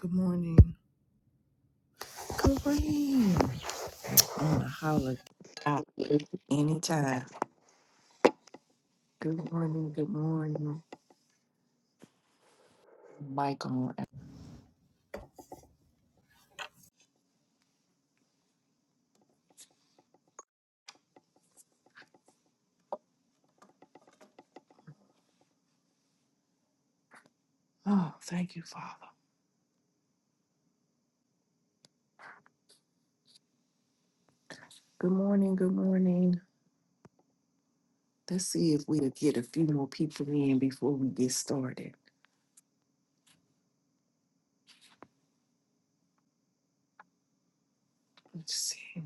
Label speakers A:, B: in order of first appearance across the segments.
A: Good morning. Good morning. On a holiday. out Anytime. Good morning. Good morning. Mic on. Oh, thank you, Father. Good morning. Good morning. Let's see if we'll get a few more people in before we get started. Let's see.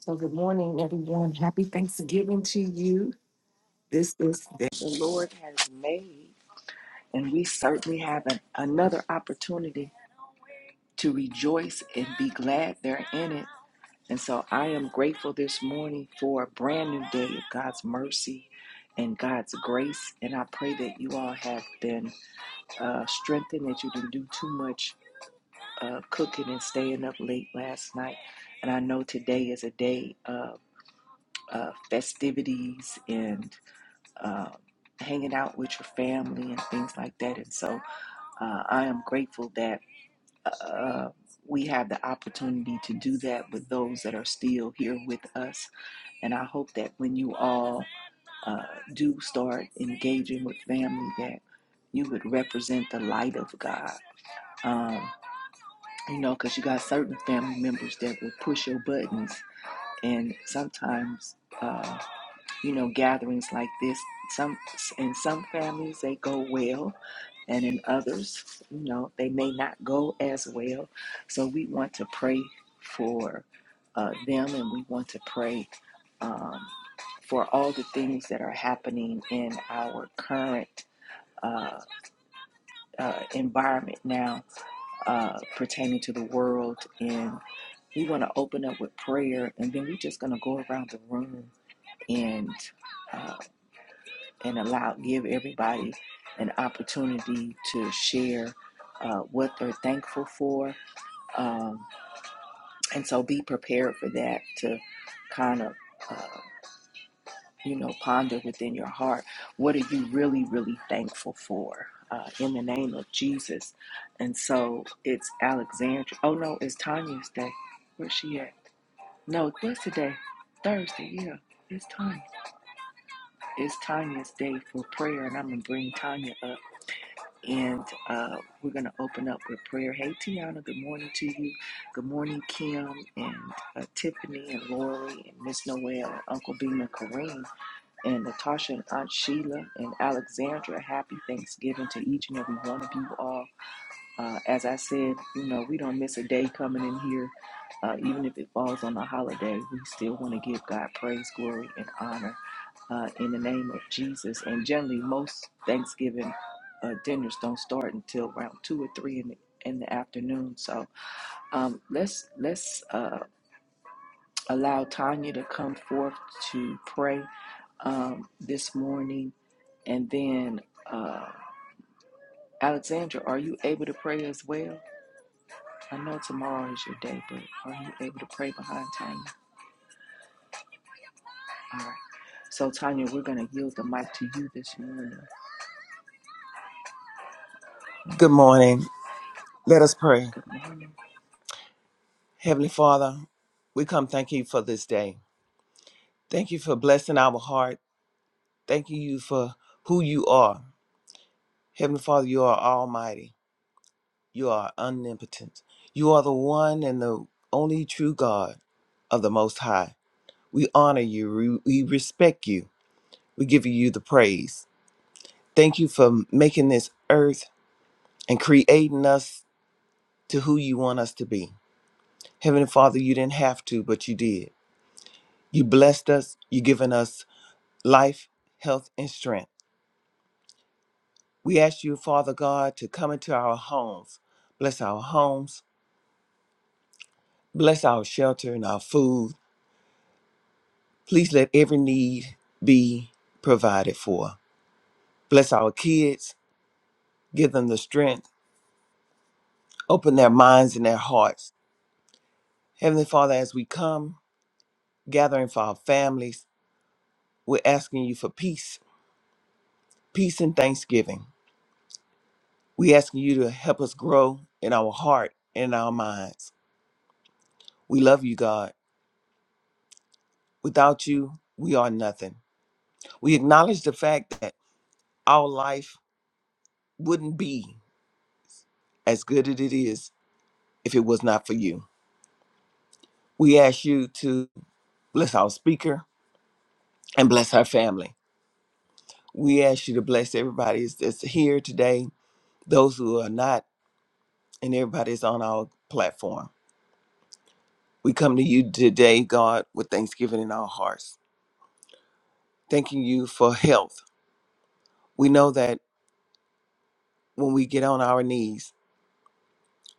A: So, good morning, everyone. Happy Thanksgiving to you. This is the day the Lord has made, and we certainly have an, another opportunity to rejoice and be glad They're in it. And so I am grateful this morning for a brand new day of God's mercy and God's grace. And I pray that you all have been uh, strengthened, that you didn't do too much uh, cooking and staying up late last night. And I know today is a day of uh, festivities and uh, hanging out with your family and things like that. And so uh, I am grateful that. Uh, uh, we have the opportunity to do that with those that are still here with us And I hope that when you all uh, do start engaging with family, that you would represent the light of God. Um, you know, because you got certain family members that will push your buttons, and sometimes. uh, you know, gatherings like this. Some in some families they go well, and in others, you know, they may not go as well. So we want to pray for uh, them, and we want to pray um, for all the things that are happening in our current uh, uh, environment now, uh, pertaining to the world. And we want to open up with prayer, and then we're just going to go around the room and. uh, and allow give everybody an opportunity to share uh, what they're thankful for um, and so be prepared for that to kind of uh, you know ponder within your heart what are you really really thankful for uh, in the name of jesus and so it's alexandra oh no it's tanya's day where's she at no what's today thursday yeah it's tanya it's tanya's day for prayer and i'm gonna bring tanya up And uh, we're going to open up with prayer. Hey, Tiana, good morning to you. Good morning, Kim and uh, Tiffany and Lori and Miss Noel and Uncle Beam and Kareem and Natasha and Aunt Sheila and Alexandra. Happy Thanksgiving to each and every one of you all. Uh, as I said, you know, we don't miss a day coming in here. Uh, even if it falls on a holiday, we still want to give God praise, glory, and honor uh, in the name of Jesus. And generally, most Thanksgiving uh, dinners don't start until around two or three in the in the afternoon. So um, let's let's uh, allow Tanya to come forth to pray um, this morning, and then uh, Alexandra, are you able to pray as well? I know tomorrow is your day, but are you able to pray behind Tanya? All right. So, Tanya, we're going to yield the mic to you this morning.
B: Good morning. Let us pray.
A: Good morning.
B: Heavenly Father, we come thank you for this day. Thank you for blessing our heart. Thank you for who you are. Heavenly Father, you are almighty. You are omnipotent. You are the one and the only true God of the Most High. We honor you. We we respect you. We give you the praise. Thank you for making this earth and creating us to who you want us to be. Heavenly Father, you didn't have to, but you did. You blessed us. You given us life, health, and strength. We ask you, Father God, to come into our homes. Bless our homes. Bless our shelter and our food. Please let every need be provided for. Bless our kids. Give them the strength. Open their minds and their hearts. Heavenly Father, as we come gathering for our families, we're asking you for peace, peace and thanksgiving. We're asking you to help us grow in our heart and our minds. We love you, God. Without you, we are nothing. We acknowledge the fact that our life wouldn't be as good as it is if it was not for you. We ask you to bless our speaker and bless our family. We ask you to bless everybody that's here today, those who are not, and everybody that's on our platform. We come to you today, God, with thanksgiving in our hearts, thanking you for health. We know that when we get on our knees,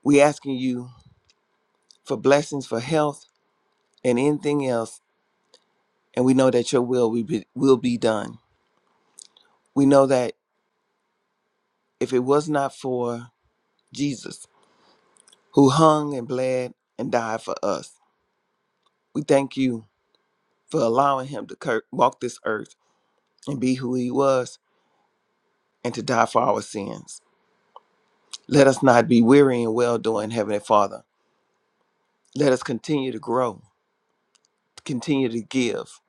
B: we asking you for blessings, for health, and anything else. And we know that your will will be, will be done. We know that if it was not for Jesus, who hung and bled and died for us, we thank you for allowing him to cur- walk this earth and be who he was and to die for our sins. Let us not be weary in well doing, Heavenly Father. Let us continue to grow, continue to give,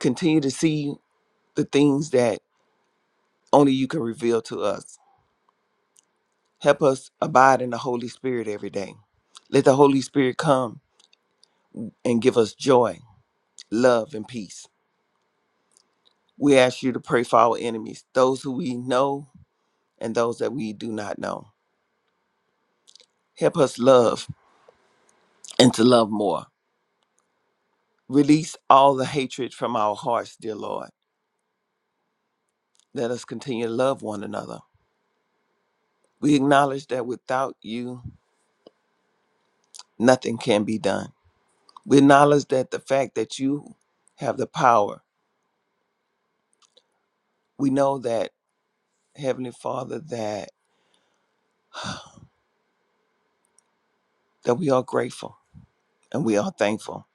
B: continue to see the things that only you can reveal to us Help us abide in the Holy Spirit every day. Let the Holy Spirit come and give us joy, love, and peace. We ask you to pray for our enemies, those who we know and those that we do not know. Help us love and to love more. Release all the hatred from our hearts, dear Lord. Let us continue to love one another. We acknowledge that without you, nothing can be done. We acknowledge that the fact that you have the power. We know that, Heavenly Father, that that we are grateful and we are thankful.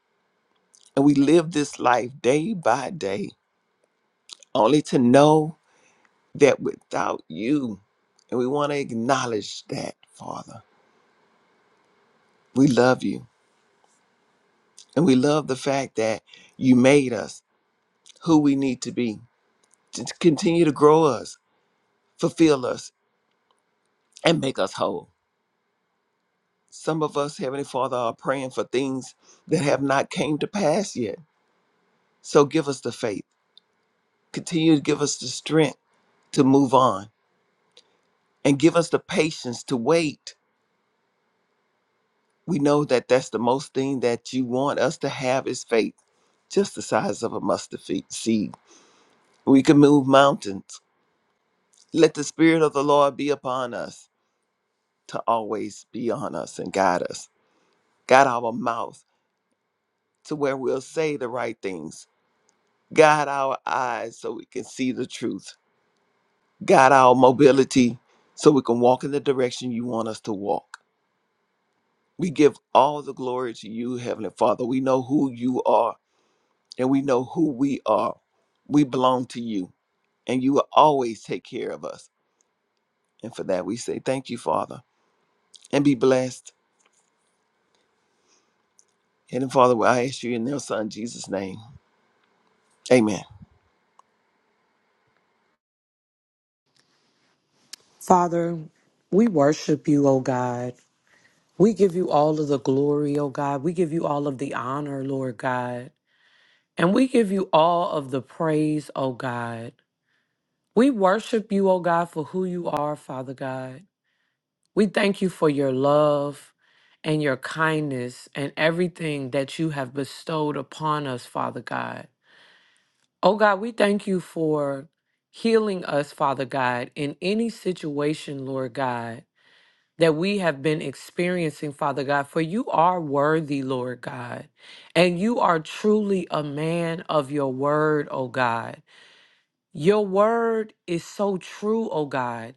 B: And we live this life day by day, only to know that without you, and we want to acknowledge that, Father, we love you. And we love the fact that you made us who we need to be to continue to grow us, fulfill us, and make us whole. Some of us, Heavenly Father, are praying for things that have not came to pass yet. So give us the faith. Continue to give us the strength to move on and give us the patience to wait. We know that that's the most thing that you want us to have is faith, just the size of a mustard fe- seed. We can move mountains. Let the Spirit of the Lord be upon us to always be on us and guide us. Guide our mouth to where we'll say the right things. Guide our eyes so we can see the truth. Guide our mobility so we can walk in the direction you want us to walk. We give all the glory to you, Heavenly Father. We know who you are. and we know who we are. We belong to you, and you will always take care of us. And for that, we say thank you, Father, and be blessed. And Father, I ask you in your Son, Jesus' name. Amen.
C: Father, we worship you, O God. We give you all of the glory, O God. We give you all of the honor, Lord God. And we give you all of the praise, O God. We worship you, O God, for who you are, Father God. We thank you for your love and your kindness and everything that you have bestowed upon us, Father God. O God, we thank you for healing us, Father God, in any situation, Lord God that we have been experiencing, Father God, for you are worthy, Lord God, and you are truly a man of your word, oh God. Your word is so true, oh God.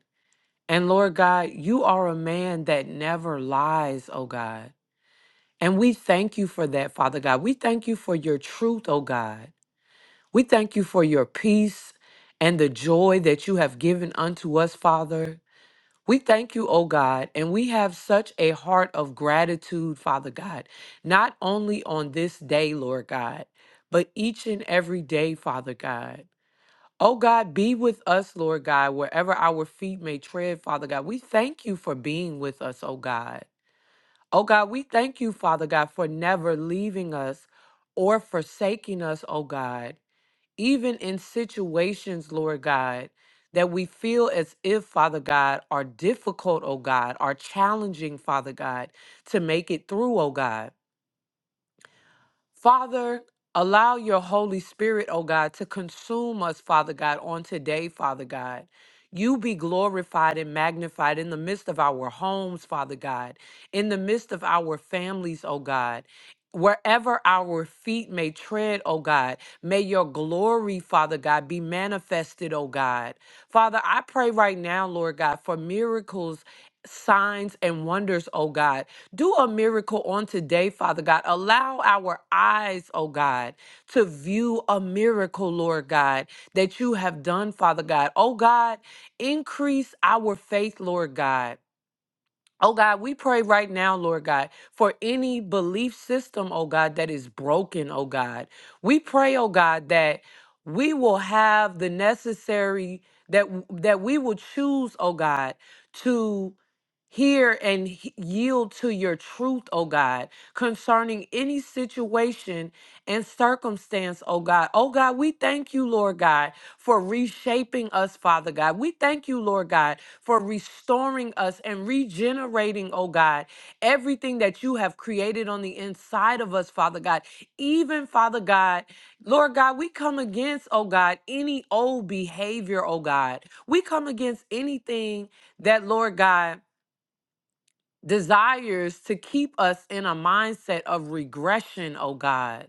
C: And Lord God, you are a man that never lies, oh God. And we thank you for that, Father God. We thank you for your truth, oh God. We thank you for your peace and the joy that you have given unto us, Father. We thank you, O God, and we have such a heart of gratitude, Father God, not only on this day, Lord God, but each and every day, Father God. Oh God, be with us, Lord God, wherever our feet may tread, Father God. We thank you for being with us, O God. Oh God, we thank you, Father God, for never leaving us or forsaking us, O God even in situations, Lord God, that we feel as if, Father God, are difficult, oh God, are challenging, Father God, to make it through, oh God. Father, allow your Holy Spirit, oh God, to consume us, Father God, on today, Father God. You be glorified and magnified in the midst of our homes, Father God, in the midst of our families, oh God. Wherever our feet may tread, oh God, may your glory, Father God, be manifested, oh God. Father, I pray right now, Lord God, for miracles, signs, and wonders, oh God. Do a miracle on today, Father God. Allow our eyes, oh God, to view a miracle, Lord God, that you have done, Father God. Oh God, increase our faith, Lord God. Oh God, we pray right now, Lord God, for any belief system, oh God, that is broken, oh God. We pray, oh God, that we will have the necessary that w- that we will choose, oh God, to hear and he- yield to your truth, oh God, concerning any situation and circumstance, oh God. Oh God, we thank you, Lord God, for reshaping us, Father God. We thank you, Lord God, for restoring us and regenerating, oh God, everything that you have created on the inside of us, Father God. Even, Father God, Lord God, we come against, oh God, any old behavior, oh God. We come against anything that, Lord God, desires to keep us in a mindset of regression, oh God.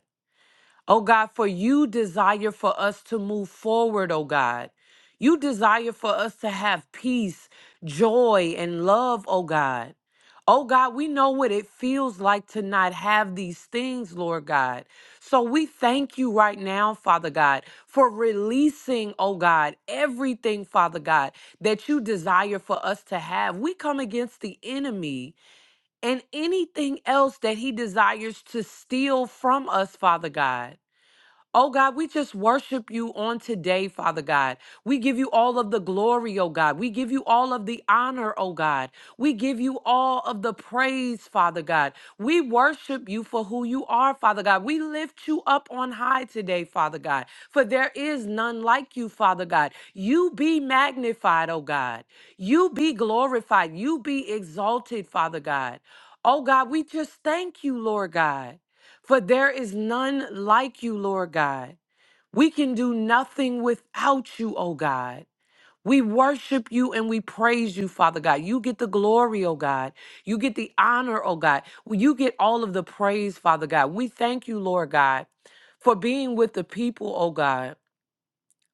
C: Oh God, for you desire for us to move forward, oh God. You desire for us to have peace, joy, and love, oh God. Oh God, we know what it feels like to not have these things, Lord God. So we thank you right now, Father God, for releasing, oh God, everything, Father God, that you desire for us to have. We come against the enemy and anything else that he desires to steal from us, Father God. Oh God, we just worship you on today, Father God. We give you all of the glory, oh God. We give you all of the honor, oh God. We give you all of the praise, Father God. We worship you for who you are, Father God. We lift you up on high today, Father God, for there is none like you, Father God. You be magnified, oh God. You be glorified. You be exalted, Father God. Oh God, we just thank you, Lord God. For there is none like you, Lord God. We can do nothing without you, O God. We worship you and we praise you, Father God. You get the glory, O God. You get the honor, O God. You get all of the praise, Father God. We thank you, Lord God, for being with the people, O God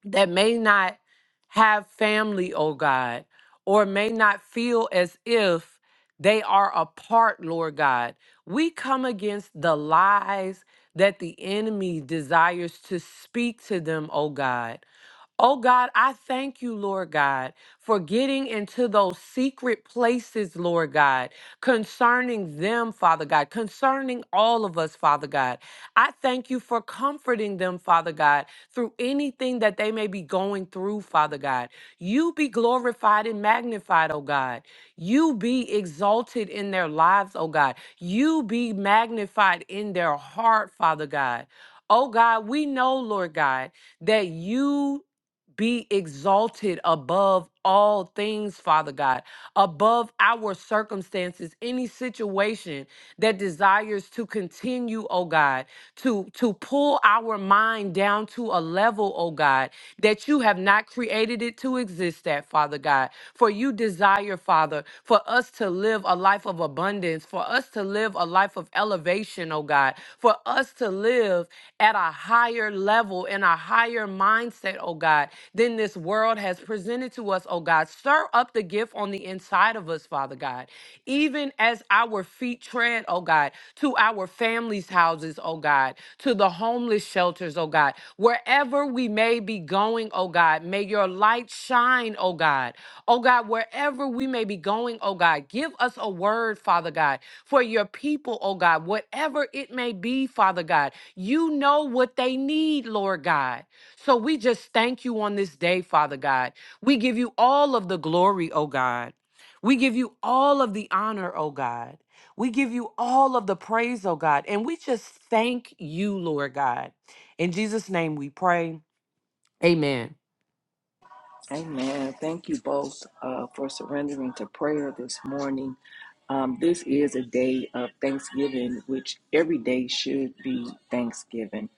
C: that may not have family, oh God, or may not feel as if they are apart, Lord God. We come against the lies that the enemy desires to speak to them, oh God. Oh God, I thank you, Lord God, for getting into those secret places, Lord God, concerning them, Father God, concerning all of us, Father God. I thank you for comforting them, Father God, through anything that they may be going through, Father God. You be glorified and magnified, oh God. You be exalted in their lives, oh God. You be magnified in their heart, Father God. Oh God, we know, Lord God, that you be exalted above all things, Father God, above our circumstances, any situation that desires to continue, oh God to to pull our mind down to a level, oh God, that you have not created it to exist at, Father God. For you desire, Father, for us to live a life of abundance, for us to live a life of elevation, oh God, for us to live at a higher level and a higher mindset, oh God, than this world has presented to us, oh God. Stir up the gift on the inside of us, Father God, even as our feet feet tread, oh God, to our families' houses, oh God, to the homeless shelters, oh God. Wherever we may be going, oh God, may your light shine, oh God. Oh God, wherever we may be going, oh God, give us a word, Father God, for your people, oh God, whatever it may be, Father God. You know what they need, Lord God. So we just thank you on this day, Father God. We give you all of the glory, oh God. We give you all of the honor, oh God. We give you all of the praise, oh God. And we just thank you, Lord God. In Jesus' name we pray. Amen.
A: Amen. Thank you both uh, for surrendering to prayer this morning. Um, this is a day of Thanksgiving, which every day should be Thanksgiving.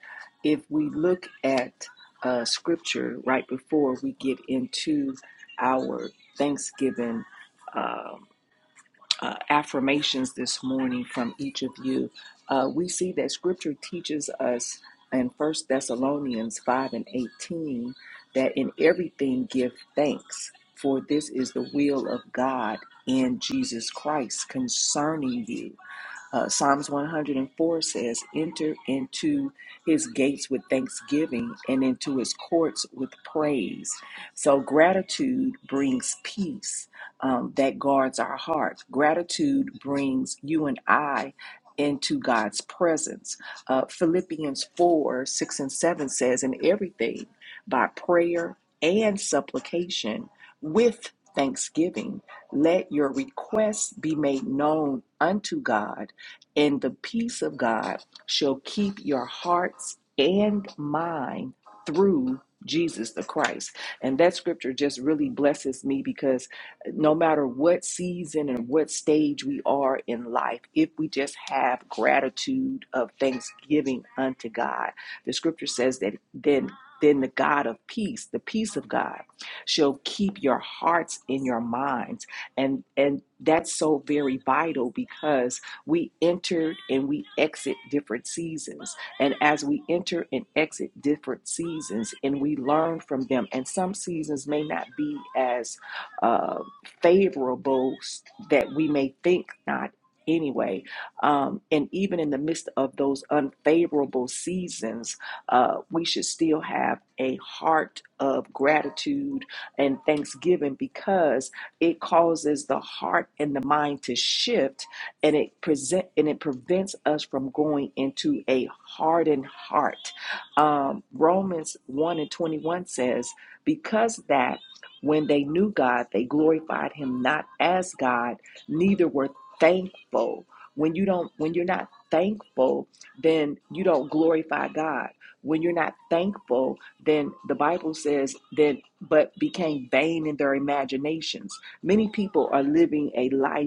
A: If we look at uh, scripture right before we get into our Thanksgiving. uh, uh, affirmations this morning from each of you. Uh, we see that scripture teaches us in First Thessalonians 5 and 18 that in everything give thanks, for this is the will of God in Jesus Christ concerning you. Uh, Psalms 104 says, Enter into his gates with thanksgiving and into his courts with praise. So, gratitude brings peace um, that guards our hearts. Gratitude brings you and I into God's presence. Uh, Philippians 4 6 and 7 says, In everything by prayer and supplication with thanksgiving, let your requests be made known unto God and the peace of God shall keep your hearts and mind through Jesus the Christ. And that scripture just really blesses me because no matter what season and what stage we are in life, if we just have gratitude of thanksgiving unto God, the scripture says that then then the God of peace, the peace of God, shall keep your hearts in your minds. And and that's so very vital because we entered and we exit different seasons. And as we enter and exit different seasons and we learn from them, and some seasons may not be as uh, favorable that we may think not anyway. Um, and even in the midst of those unfavorable seasons, uh, we should still have a heart of gratitude and thanksgiving because it causes the heart and the mind to shift and it present and it prevents us from going into a hardened heart. Um, Romans one and twenty one says, "Because that when they knew God, they glorified Him not as God, neither were thankful." When you don't, when you're not thankful, then you don't glorify God. When you're not thankful, then the Bible says, then but became vain in their imaginations. Many people are living a life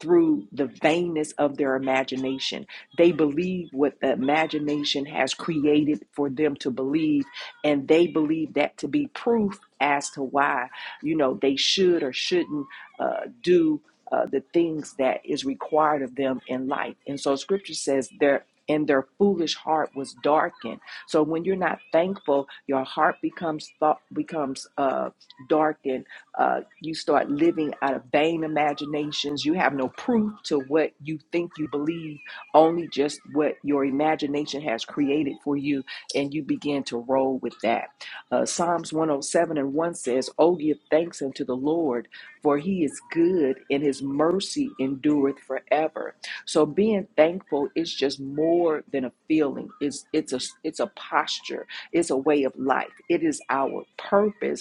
A: through the vainness of their imagination. They believe what the imagination has created for them to believe, and they believe that to be proof as to why, you know, they should or shouldn't uh, do uh, the things that is required of them in life. And so scripture says their and their foolish heart was darkened. So when you're not thankful, your heart becomes thought becomes uh, darkened uh, you start living out of vain imaginations. You have no proof to what you think you believe, only just what your imagination has created for you, and you begin to roll with that. Uh, Psalms 107 and 1 says, Oh, give thanks unto the Lord, for he is good, and his mercy endureth forever. So being thankful is just more than a feeling. It's it's a it's a posture. It's a way of life. It is our purpose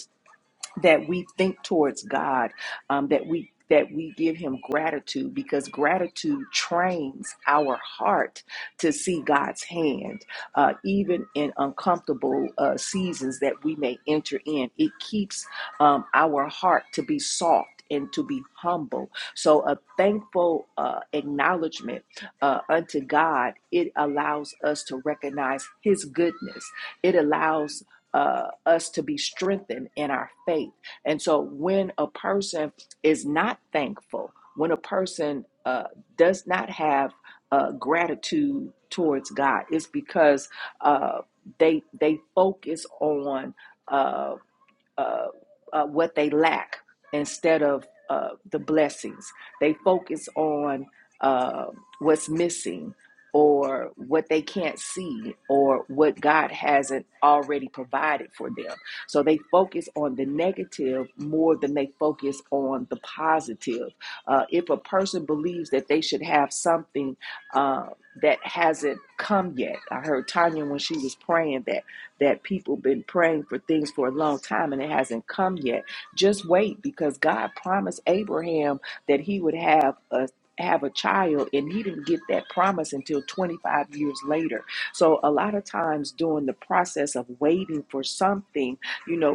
A: that we think towards God, um, that we that we give him gratitude because gratitude trains our heart to see God's hand, uh, even in uncomfortable uh, seasons that we may enter in. It keeps um, our heart to be soft and to be humble. So, a thankful uh, acknowledgement uh, unto God, it allows us to recognize His goodness. It allows uh, us to be strengthened in our faith. And so when a person is not thankful, when a person uh, does not have uh, gratitude towards God, it's because uh, they they focus on. Uh, uh, uh, what they lack instead of uh, the blessings. They focus on uh, what's missing or what they can't see or what God hasn't already provided for them. So they focus on the negative more than they focus on the positive. Uh, if a person believes that they should have something uh, that hasn't come yet, I heard Tanya when she was praying that that people been praying for things for a long time and it hasn't come yet. Just wait because God promised Abraham that he would have a have a child and he didn't get that promise until 25 years later. So a lot of times during the process of waiting for something, you know,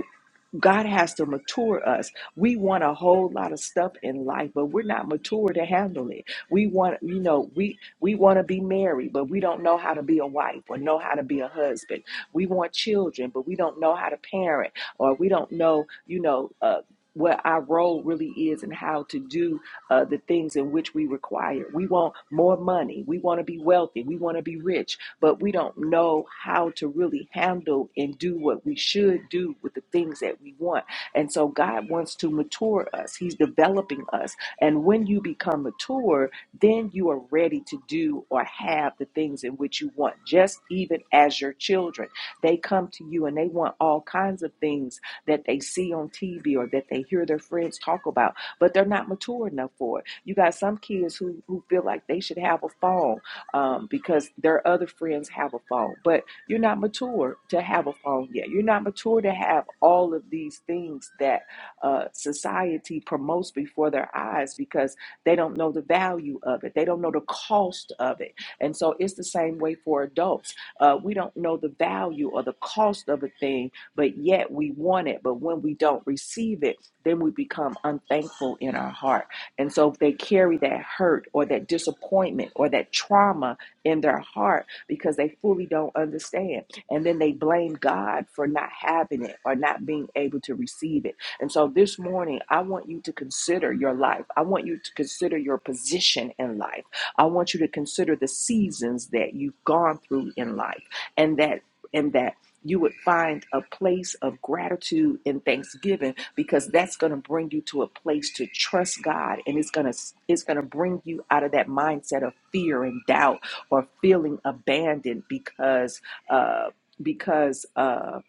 A: God has to mature us. We want a whole lot of stuff in life, but we're not mature to handle it. We want, you know, we we want to be married, but we don't know how to be a wife or know how to be a husband. We want children, but we don't know how to parent or we don't know, you know, uh, what our role really is and how to do uh, the things in which we require. We want more money. We want to be wealthy. We want to be rich but we don't know how to really handle and do what we should do with the things that we want. And so God wants to mature us, He's developing us. And when you become mature, then you are ready to do or have the things in which you want, just even as your children. They come to you and they want all kinds of things that they see on TV or that they hear their friends talk about, but they're not mature enough for it. You got some kids who, who feel like they should have a phone um, because their other friends have a phone, but you're not mature to have a phone yet. You're not mature to have all of these things that uh, society promotes before their eyes because they don't know the value of it, they don't know the cost of it. And so it's the same way for adults. Uh, we don't know the value or the cost of a thing, but yet we want it. But when we don't receive it, then we become unthankful in our heart. And so they carry that hurt or that disappointment or that trauma in their heart because they fully don't understand. And then they blame God for not having it or not being able to receive it. And so this morning, I want you to consider your life. I want you to consider your position in life. I want you to consider the seasons that you've gone through in life and that and that you would find a place of gratitude and thanksgiving because that's going to bring you to a place to trust God and it's going to it's going to bring you out of that mindset of fear and doubt or feeling abandoned because uh because uh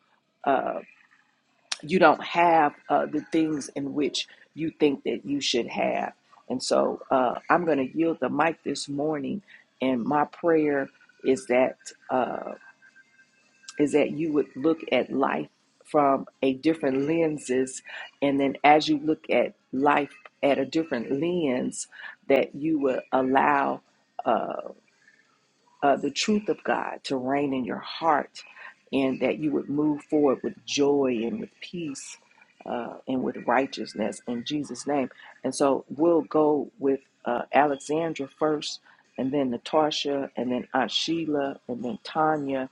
A: uh you don't have uh the things in which you think that you should have and so uh I'm going to yield the mic this morning and my prayer is that Uh, is that you would look at life from a different lenses and then as you look at life at a different lens that you would allow uh, uh, the truth of god to reign in your heart and that you would move forward with joy and with peace uh, and with righteousness in jesus name and so we'll go with uh, alexandra first and then natasha and then aunt sheila and then tanya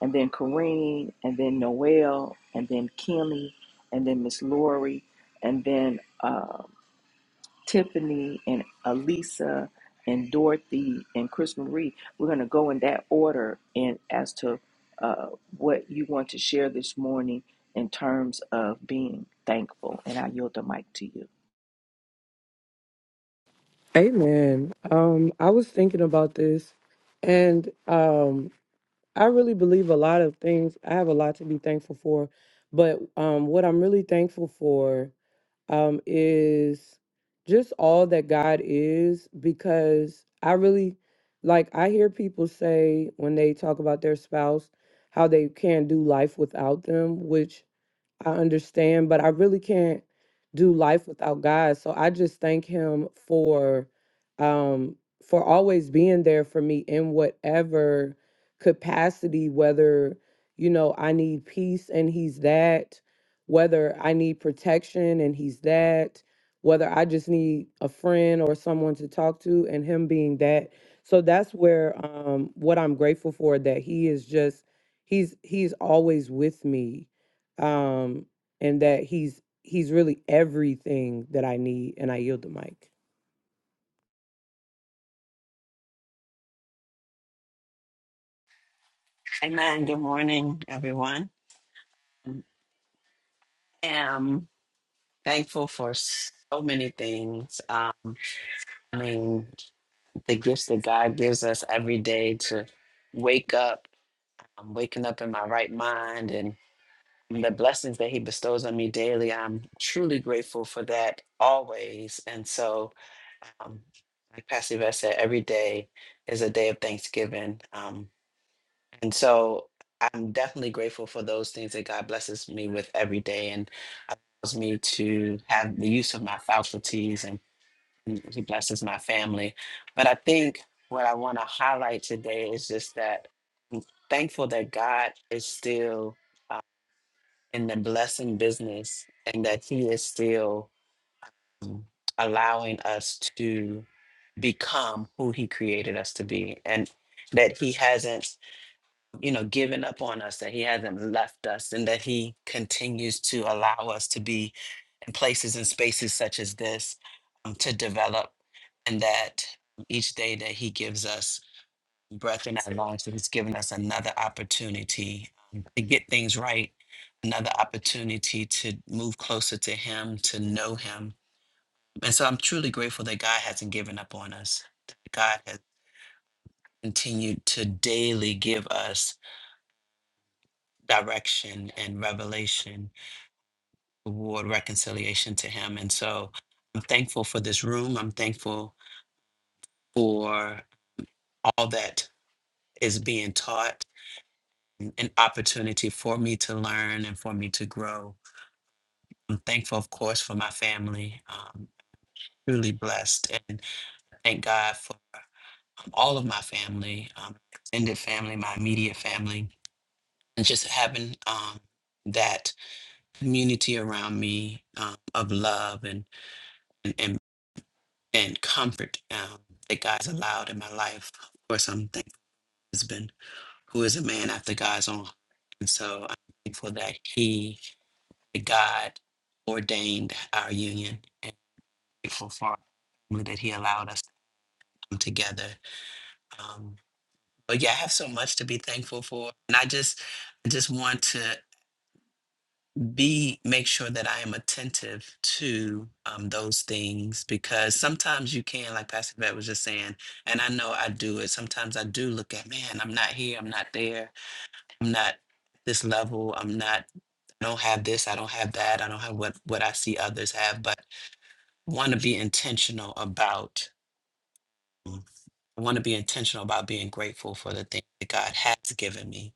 A: and then Corrine, and then Noelle, and then Kimmy, and then Miss Lori, and then uh, Tiffany, and Alisa, and Dorothy, and Chris Marie. We're going to go in that order and as to uh, what you want to share this morning in terms of being thankful. And I yield the mic to you.
C: Amen. Um, I was thinking about this, and um, I really believe a lot of things. I have a lot to be thankful for, but um, what I'm really thankful for. um, is just all that God is because I really like I hear people say when they talk about their spouse how they can't do life without them, which I understand, but I really can't do life without God. So I just thank him for um for always being there for me in whatever capacity whether you know I need peace and he's that, whether I need protection and he's that, whether I just need a friend or someone to talk to and him being that. So that's where um what I'm grateful for that he is just he's he's always with me um, and that he's he's really everything that I need. And I yield the mic.
D: Amen. Good morning, everyone. i am thankful for so many things. Um, I mean, the gifts that God gives us every day to wake up, I'm waking up in my right mind, and the blessings that He bestows on me daily. I'm truly grateful for that always. And so, um, like Pastor Yvette said, every day is a day of thanksgiving. Um, And so I'm definitely grateful for those things that God blesses me with every day and allows me to have the use of my faculties and mm, He blesses my family. But I think what I want to highlight today is just that I'm thankful that God is still in the blessing business and that He is still mm, allowing us to become who He created us to be and that He hasn't you know, given up on us, that he hasn't left us, and that he continues to allow us to be in places and spaces such as this um, to develop, and that each day that he gives us breath in our lungs, that he's given us another opportunity um, to get things right, another opportunity to move closer to him, to know him. And so I'm truly grateful that God hasn't given up on us. that God has continued to daily give us direction and revelation toward reconciliation to him. And so I'm thankful for this room. I'm thankful for all that is being taught, and an opportunity for me to learn and for me to grow. I'm thankful, of course, for my family. Um, truly blessed and thank God for all of my family, um, extended family, my immediate family, and just having um, that community around me um, of love and, and, and and comfort um, that God's allowed in my life. Of course, I'm thankful for my husband, who is a man after God's own. heart. And so I'm thankful that he, that God, ordained our union and grateful for our family that he allowed us to come together. Um, but yeah, I have so much to be thankful for. And I just, I just want to B, make sure that I am attentive to um, those things because sometimes you can, like Pastor Vet was just saying, and I know I do it. Sometimes I do look at, man, I'm not here, I'm not there, I'm not this level, I'm not, I don't have this, I don't have that, I don't have what what I see others have, but want to be intentional about. mm, I want to be intentional about being grateful for the things that God has given me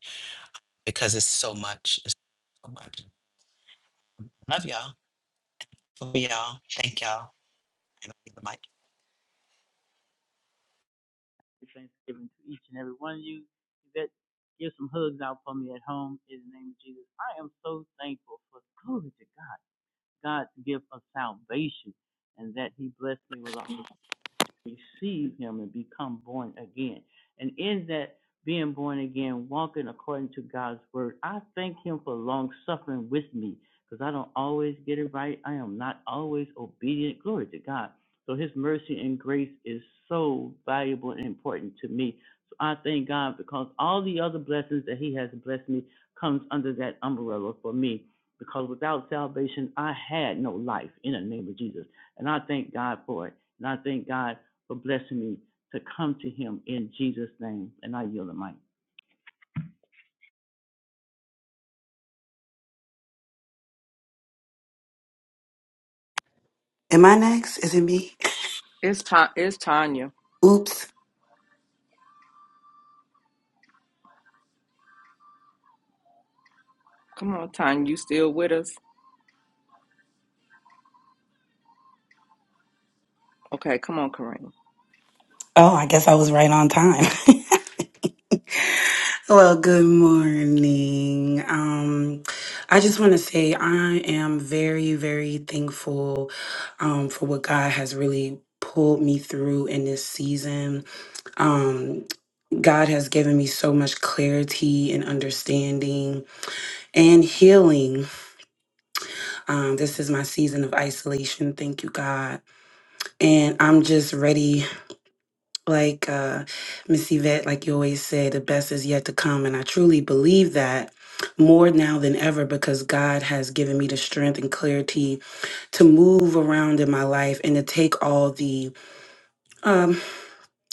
D: because it's so much. It's so much. Love y'all. For y'all. Thank y'all. And I leave the mic.
E: Happy Thanksgiving to each and every one of you. Yvette, give some hugs out for me at home in the name of Jesus. I am so thankful for glory to God, God's gift of salvation, and that He blessed me with a receive him and become born again. And in that being born again, walking according to God's word, I thank him for long suffering with me because I don't always get it right. I am not always obedient. Glory to God. So his mercy and grace is so valuable and important to me. So I thank God because all the other blessings that he has blessed me comes under that umbrella for me. Because without salvation, I had no life in the name of Jesus. And I thank God for it. And I thank God for blessing me to come to him in Jesus' name. And I yield the mic.
F: Am I next? Is it me?
A: It's, Ta- it's Tanya.
F: Oops.
A: Come on, Tanya. You still with us? Okay, come on, Corrine.
F: Oh, I guess I was right on time. well, good morning. Um, I just want to say I am very, very thankful um, for what God has really pulled me through in this season. Um, God has given me so much clarity and understanding and healing. Um, this is my season of isolation. Thank you, God. And I'm just ready. Like uh, Miss Yvette, like you always say, the best is yet to come. And I truly believe that more now than ever because God has given me the strength and clarity to move around in my life and to take all the, um,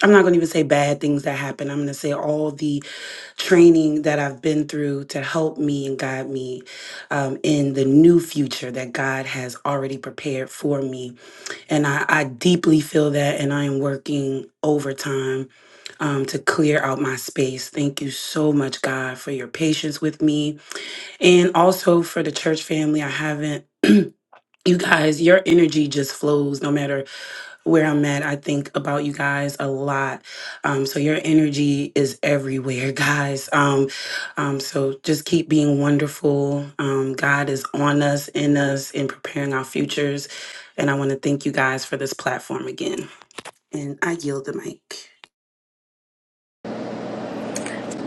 F: I'm not going to even say bad things that happen. I'm going to say all the training that I've been through to help me and guide me um, in the new future that God has already prepared for me. And I, I deeply feel that, and I am working overtime um, to clear out my space. Thank you so much, God, for your patience with me and also for the church family. I haven't. You guys, your energy just flows no matter where I'm at. I think about you guys a lot. Um, so, your energy is everywhere, guys. Um, um, so, just keep being wonderful. Um, God is on us, in us, and preparing our futures. And I want to thank you guys for this platform again. And I yield the mic.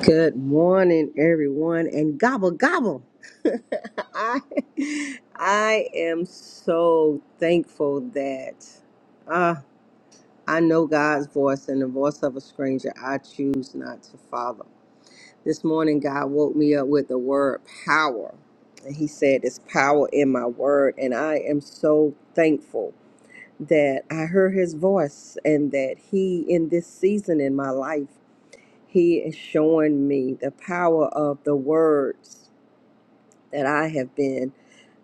G: Good morning, everyone, and gobble gobble. I, I am so thankful that uh, I know God's voice and the voice of a stranger I choose not to follow. This morning, God woke me up with the word power, and He said, There's power in my word, and I am so thankful that I heard His voice and that He, in this season in my life, he is showing me the power of the words that I have been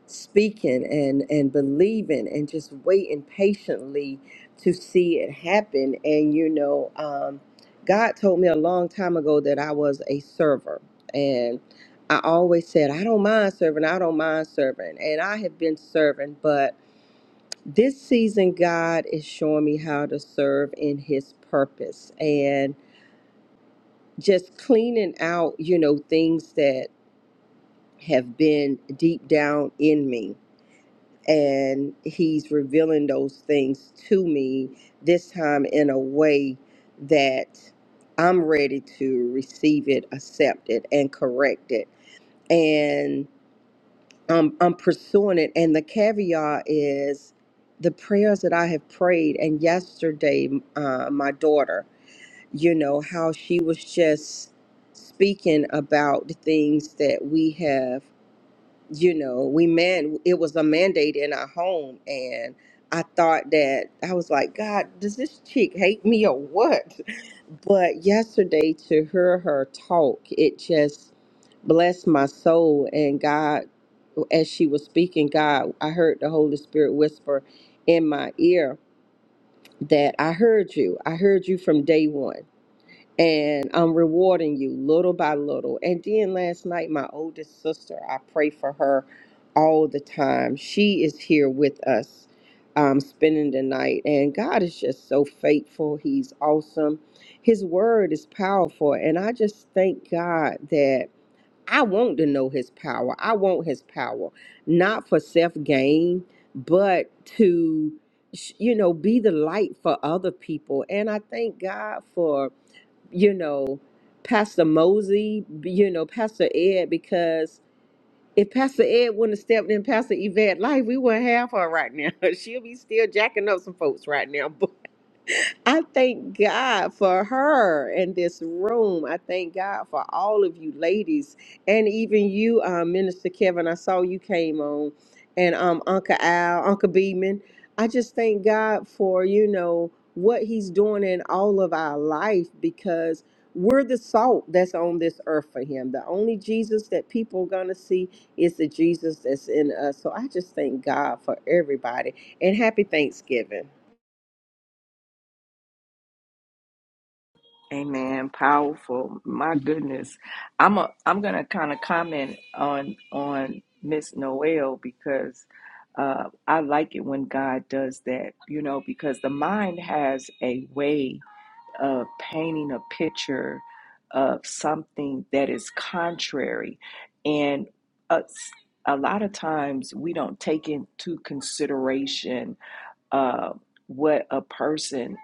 G: speaking and, and believing and just waiting patiently to see it happen. And, you know, um, God told me a long time ago that I was a server. And I always said, I don't mind serving, I don't mind serving. And I have been serving, but this season, God is showing me how to serve in His purpose. And just cleaning out, you know, things that have been deep down in me. And he's revealing those things to me, this time in a way that I'm ready to receive it, accept it, and correct it. And um, I'm pursuing it. And the caveat is the prayers that I have prayed. And yesterday, uh, my daughter, you know, how she was just speaking about the things that we have, you know, we man, it was a mandate in our home. And I thought that, I was like, God, does this chick hate me or what? But yesterday to hear her talk, it just blessed my soul. And God, as she was speaking, God, I heard the Holy Spirit whisper in my ear that I heard you. I heard you from day one and I'm rewarding you little by little. And then last night, my oldest sister, I pray for her all the time. She is here with us, um, spending the night. And God is just so faithful. He's awesome. His word is powerful. And I just thank God that I want to know His power. I want His power, not for self gain, but to, sh- you know, be the light for other people. And I thank God for you know, Pastor Mosey, you know, Pastor Ed, because if Pastor Ed wouldn't have stepped in Pastor Yvette life, we wouldn't have her right now. She'll be still jacking up some folks right now. I thank God for her in this room. I thank God for all of you ladies and even you, uh, Minister Kevin. I saw you came on, and um, Uncle Al, Uncle Beeman. I just thank God for you know what He's doing in all of our life because we're the salt that's on this earth for Him. The only Jesus that people are gonna see is the Jesus that's in us. So I just thank God for everybody and happy Thanksgiving.
A: Amen. Powerful. My goodness. I'm a I'm gonna kinda comment on on Miss Noel because uh I like it when God does that, you know, because the mind has a way of painting a picture of something that is contrary. And uh, s- a lot of times we don't take into consideration uh what a person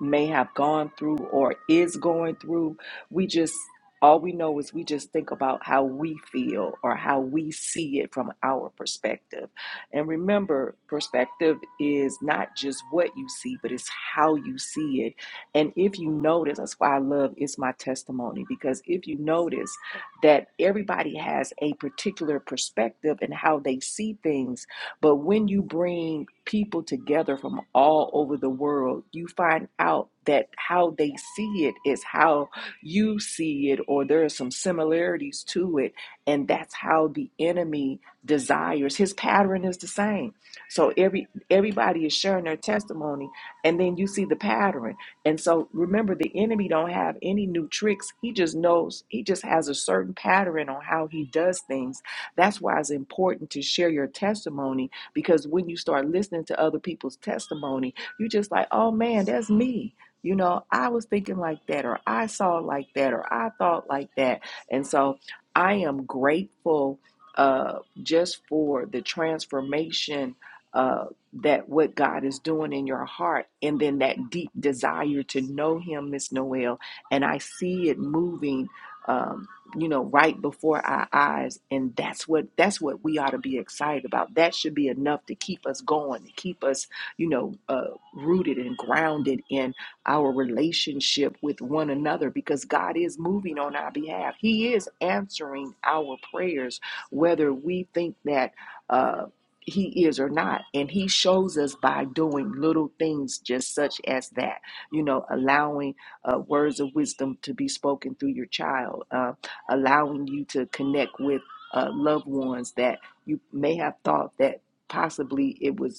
A: may have gone through or is going through. We just, all we know is we just think about how we feel or how we see it from our perspective. And remember, perspective is not just what you see, but it's how you see it. And if you notice, that's why I love It's My Testimony, because if you notice that everybody has a particular perspective and how they see things, but when you bring people together from all over the world, you find out that how they see it is how you see it, or there are some similarities to it. And that's how the enemy desires. His pattern is the same. So every everybody is sharing their testimony, and then you see the pattern. And so remember, the enemy don't have any new tricks. He just knows, he just has a certain pattern on how he does things. That's why it's important to share your testimony because when you start listening to other people's testimony, you just like, oh man, that's me. You know, I was thinking like that, or I saw it like that, or I thought like that. And so I am grateful uh, just for the transformation uh, that what God is doing in your heart, and then that deep desire to know Him, Miss Noel. And I see it moving. um, you know right before our eyes and that's what that's what we ought to be excited about that should be enough to keep us going to keep us you know uh, rooted and grounded in our relationship with one another because god is moving on our behalf he is answering our prayers whether we think that uh, he is or not and he shows us by doing little things just such as that you know allowing uh, words of wisdom to be spoken through your child uh, allowing you to connect with uh, loved ones that you may have thought that possibly it was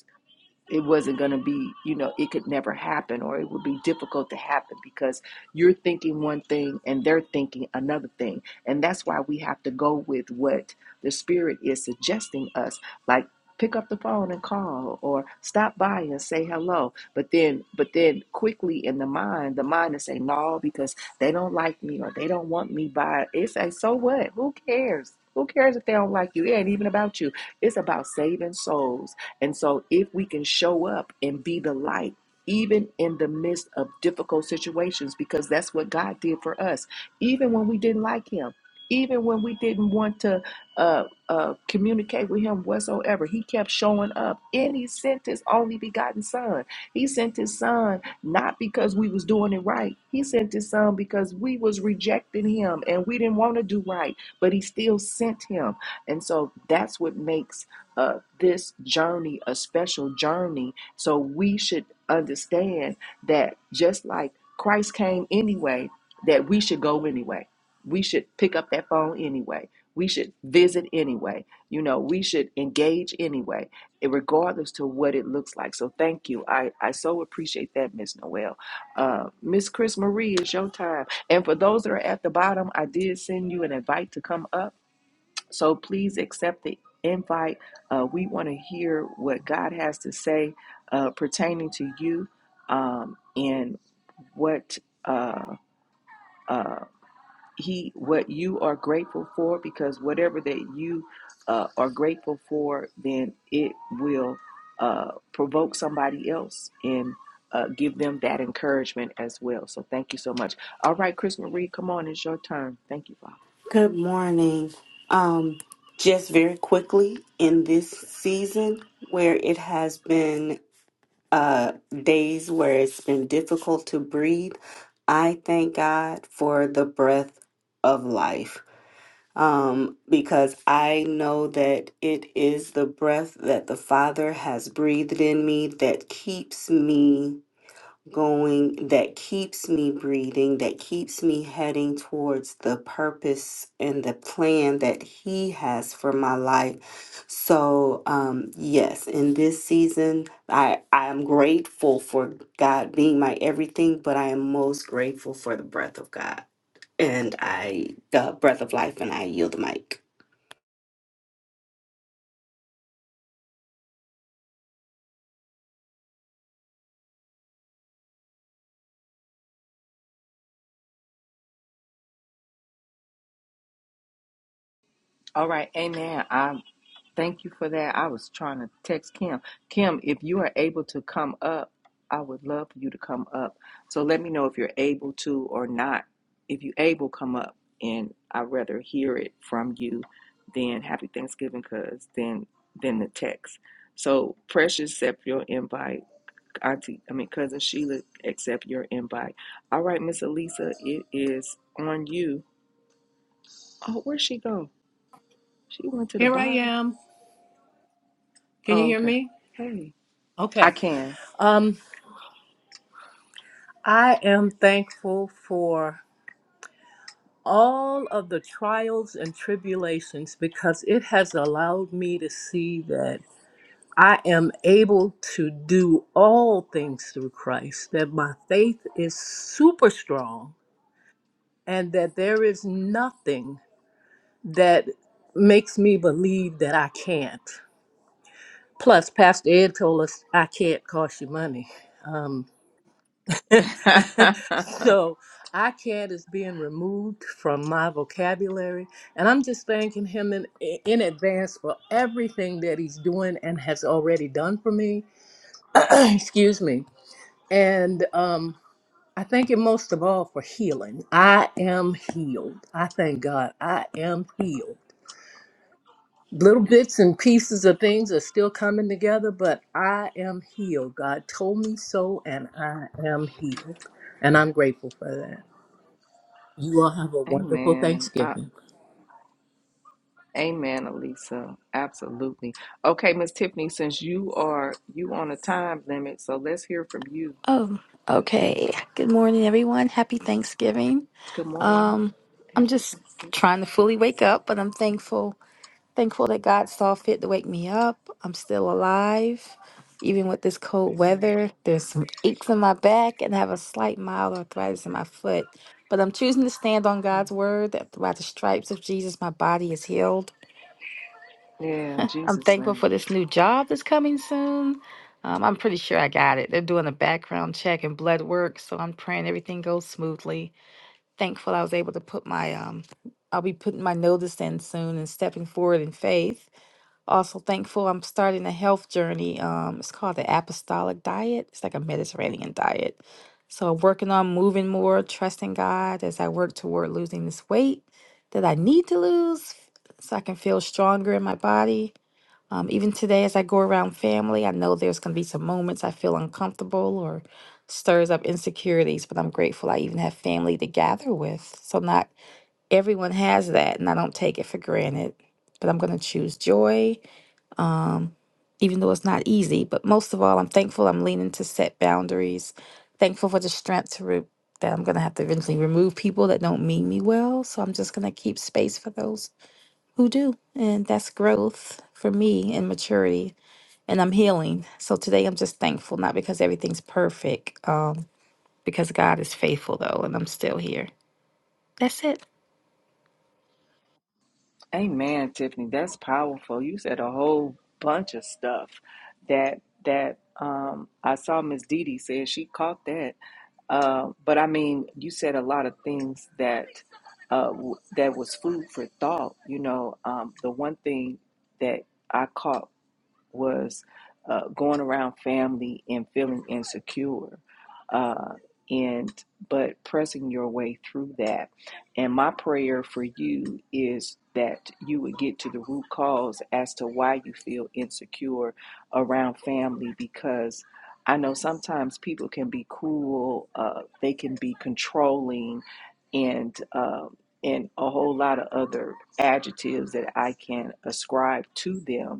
A: it wasn't going to be, you know, it could never happen or it would be difficult to happen because you're thinking one thing and they're thinking another thing. And that's why we have to go with what the Spirit is suggesting us. Like, pick up the phone and call or stop by and say hello but then but then quickly in the mind the mind is saying no because they don't like me or they don't want me by it's like so what who cares who cares if they don't like you it ain't even about you it's about saving souls and so, if we can show up and be the light, even in the midst of difficult situations, because that's what God did for us, even when we didn't like Him, even when we didn't want to uh, uh, communicate with Him whatsoever, He kept showing up. And He sent His only begotten Son. He sent His Son not because we was doing it right. He sent His Son because we was rejecting Him and we didn't want to do right, but He still sent Him. And so that's what makes uh, this journey a special journey. So we should understand that just like Christ came anyway, that we should go anyway. We should pick up that phone anyway. We should visit anyway. You know, we should engage anyway, regardless to what it looks like. So thank you. I, I so appreciate that, Miss Noel. Uh, Miss Chris Marie, it's your time. And for those that are at the bottom, I did send you an invite to come up. So please accept the invite. Uh, we want to hear what God has to say uh, pertaining to you um, and what uh, uh, He, what you are grateful for. Because whatever that you uh, are grateful for, then it will uh, provoke somebody else and uh, give them that encouragement as well. So thank you so much. All right, Chris Marie, come on, it's your turn. Thank you, Father.
H: Good morning. Um, just very quickly, in this season where it has been uh, days where it's been difficult to breathe, I thank God for the breath of life um, because I know that it is the breath that the Father has breathed in me that keeps me going that keeps me breathing, that keeps me heading towards the purpose and the plan that He has for my life. So, um, yes, in this season, I, I am grateful for God being my everything, but I am most grateful for the breath of God and I, the breath of life, and I yield the mic.
A: All right, amen. I thank you for that. I was trying to text Kim. Kim, if you are able to come up, I would love for you to come up. So let me know if you're able to or not. If you able, come up, and I'd rather hear it from you than Happy Thanksgiving, cause then than the text. So Precious, accept your invite. Auntie, I mean cousin Sheila, accept your invite. All right, Miss Elisa, it is on you. Oh, where'd she go? She went to the
I: Here I
A: bottom.
I: am. Can you
A: Oh,
I: hear
A: okay.
I: me?
A: Hey,
I: Okay.
A: I can.
I: Um, I am thankful for all of the trials and tribulations because it has allowed me to see that I am able to do all things through Christ, that my faith is super strong, and that there is nothing that makes me believe that I can't. Plus, Pastor Ed told us I can't cost you money. Um. so I iCAD is being removed from my vocabulary, and I'm just thanking him in in advance for everything that he's doing and has already done for me. Excuse me. And um, I thank him most of all for healing. I am healed. I thank God. I am healed. Little bits and pieces of things are still coming together, but I am healed. God told me so, and I am healed. And I'm grateful for that. You all have a wonderful
A: amen. I,
I: Thanksgiving.
A: amen, Elisa. Absolutely. Okay, Miss Tiffany, since you are you on a time limit, so let's hear from you.
J: Oh, okay. Good morning, everyone. Happy Thanksgiving.
A: Good morning.
J: Um, I'm
A: Happy
J: just
A: Thanksgiving.
J: trying to fully wake up, but I'm thankful, thankful that God saw fit to wake me up. I'm still alive, even with this cold
A: Amen.
J: weather. There's some aches in my back, and I have a slight mild arthritis in my foot. But I'm choosing to stand on God's word that by the stripes of Jesus, my body is healed.
A: Yeah, in
J: I'm
A: Jesus'
J: thankful
A: name.
J: for this new job that's coming soon. Um, I'm pretty sure I got it. They're doing a background check and blood work, so I'm praying everything goes smoothly. Thankful I was able to put my um, I'll be putting my notice in soon and stepping forward in faith. Also thankful I'm starting a health journey. Um, it's called the Apostolic Diet. It's like a Mediterranean diet. So I'm working on moving more, trusting God as I work toward losing this weight that I need to lose so I can feel stronger in my body um, even today, as I go around family, I know there's going to be some moments I feel uncomfortable or stirs up insecurities, but I'm grateful I even have family to gather with. So, not everyone has that, and I don't take it for granted. But I'm going to choose joy, even though it's not easy. But most of all, I'm thankful I'm leaning to set boundaries, thankful for the strength to re- that I'm going to have to eventually remove people that don't mean me well. So, I'm just going to keep space for those who do. And that's growth for me and maturity and I'm healing. So today I'm just thankful, not because everything's perfect, um, because God is faithful though, and I'm still here. That's it.
A: Amen, Tiffany. That's powerful. You said a whole bunch of stuff that that um, I saw Miss Dee Dee said she caught that. Uh, but I mean, you said a lot of things that uh, w- that was food for thought. You know, um, the one thing that I caught was uh, going around family and feeling insecure. Uh, and but pressing your way through that. And my prayer for you is that you would get to the root cause as to why you feel insecure around family because I know sometimes people can be cruel, uh, they can be controlling, and um and a whole lot of other adjectives that I can ascribe to them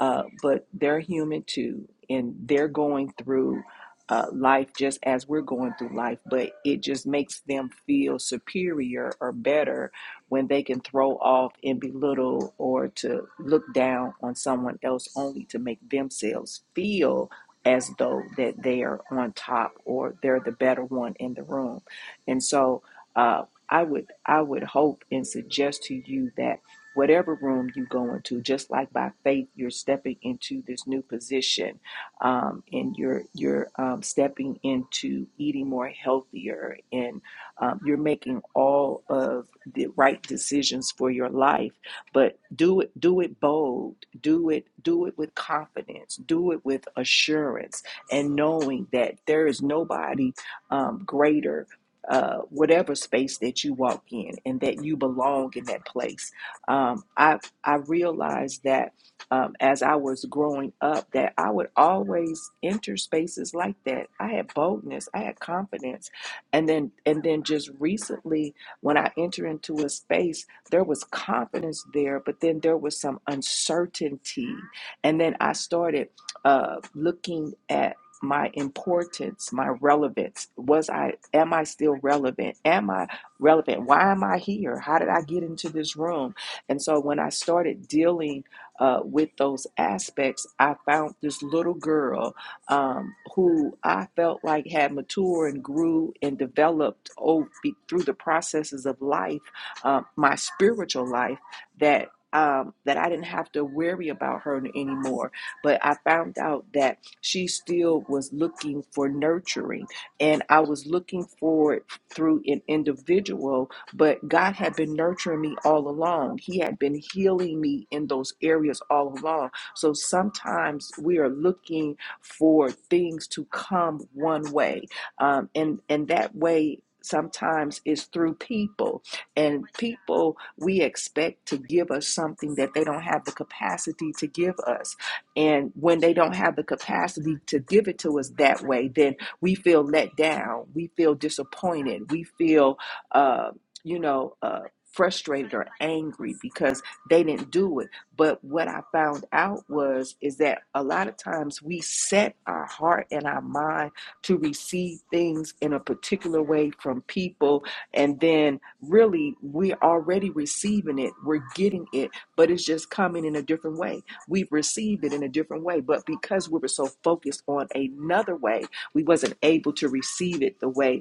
A: uh, but they're human too, and they're going through uh, life just as we're going through life. But it just makes them feel superior or better when they can throw off and belittle or to look down on someone else only to make themselves feel as though that they are on top or they're the better one in the room. And so uh, I would I would hope and suggest to you that whatever room you go into, just like by faith, you're stepping into this new position, um, and you're you're um, stepping into eating more healthier, and um, you're making all of the right decisions for your life. But do it do it bold, do it do it with confidence, do it with assurance, and knowing that there is nobody um, greater uh, whatever space that you walk in and that you belong in that place um, I I realized that um, as I was growing up, that I would always enter spaces like that. I had boldness, I had confidence, and then and then just recently, when I enter into a space, there was confidence there, but then there was some uncertainty, and then I started uh, looking at my importance my relevance was i am i still relevant am i relevant why am i here how did i get into this room and so when I started dealing uh, with those aspects, I found this little girl um, who I felt like had matured and grew and developed oh, through the processes of life, um, my spiritual life, that. Um, that I didn't have to worry about her anymore. But I found out that she still was looking for nurturing, and I was looking for it through an individual but God had been nurturing me all along. He had been healing me in those areas all along. So sometimes we are looking for things to come one way, um, and and that way. Sometimes is through people, and people we expect to give us something that they don't have the capacity to give us. And when they don't have the capacity to give it to us that way, then we feel let down, we feel disappointed, we feel uh, you know, uh, frustrated or angry because they didn't do it. But what I found out was is that a lot of times we set our heart and our mind to receive things in a particular way from people, and then really we're already receiving it, we're getting it, but it's just coming in a different way. We've received it in a different way, but because we were so focused on another way, we wasn't able to receive it the way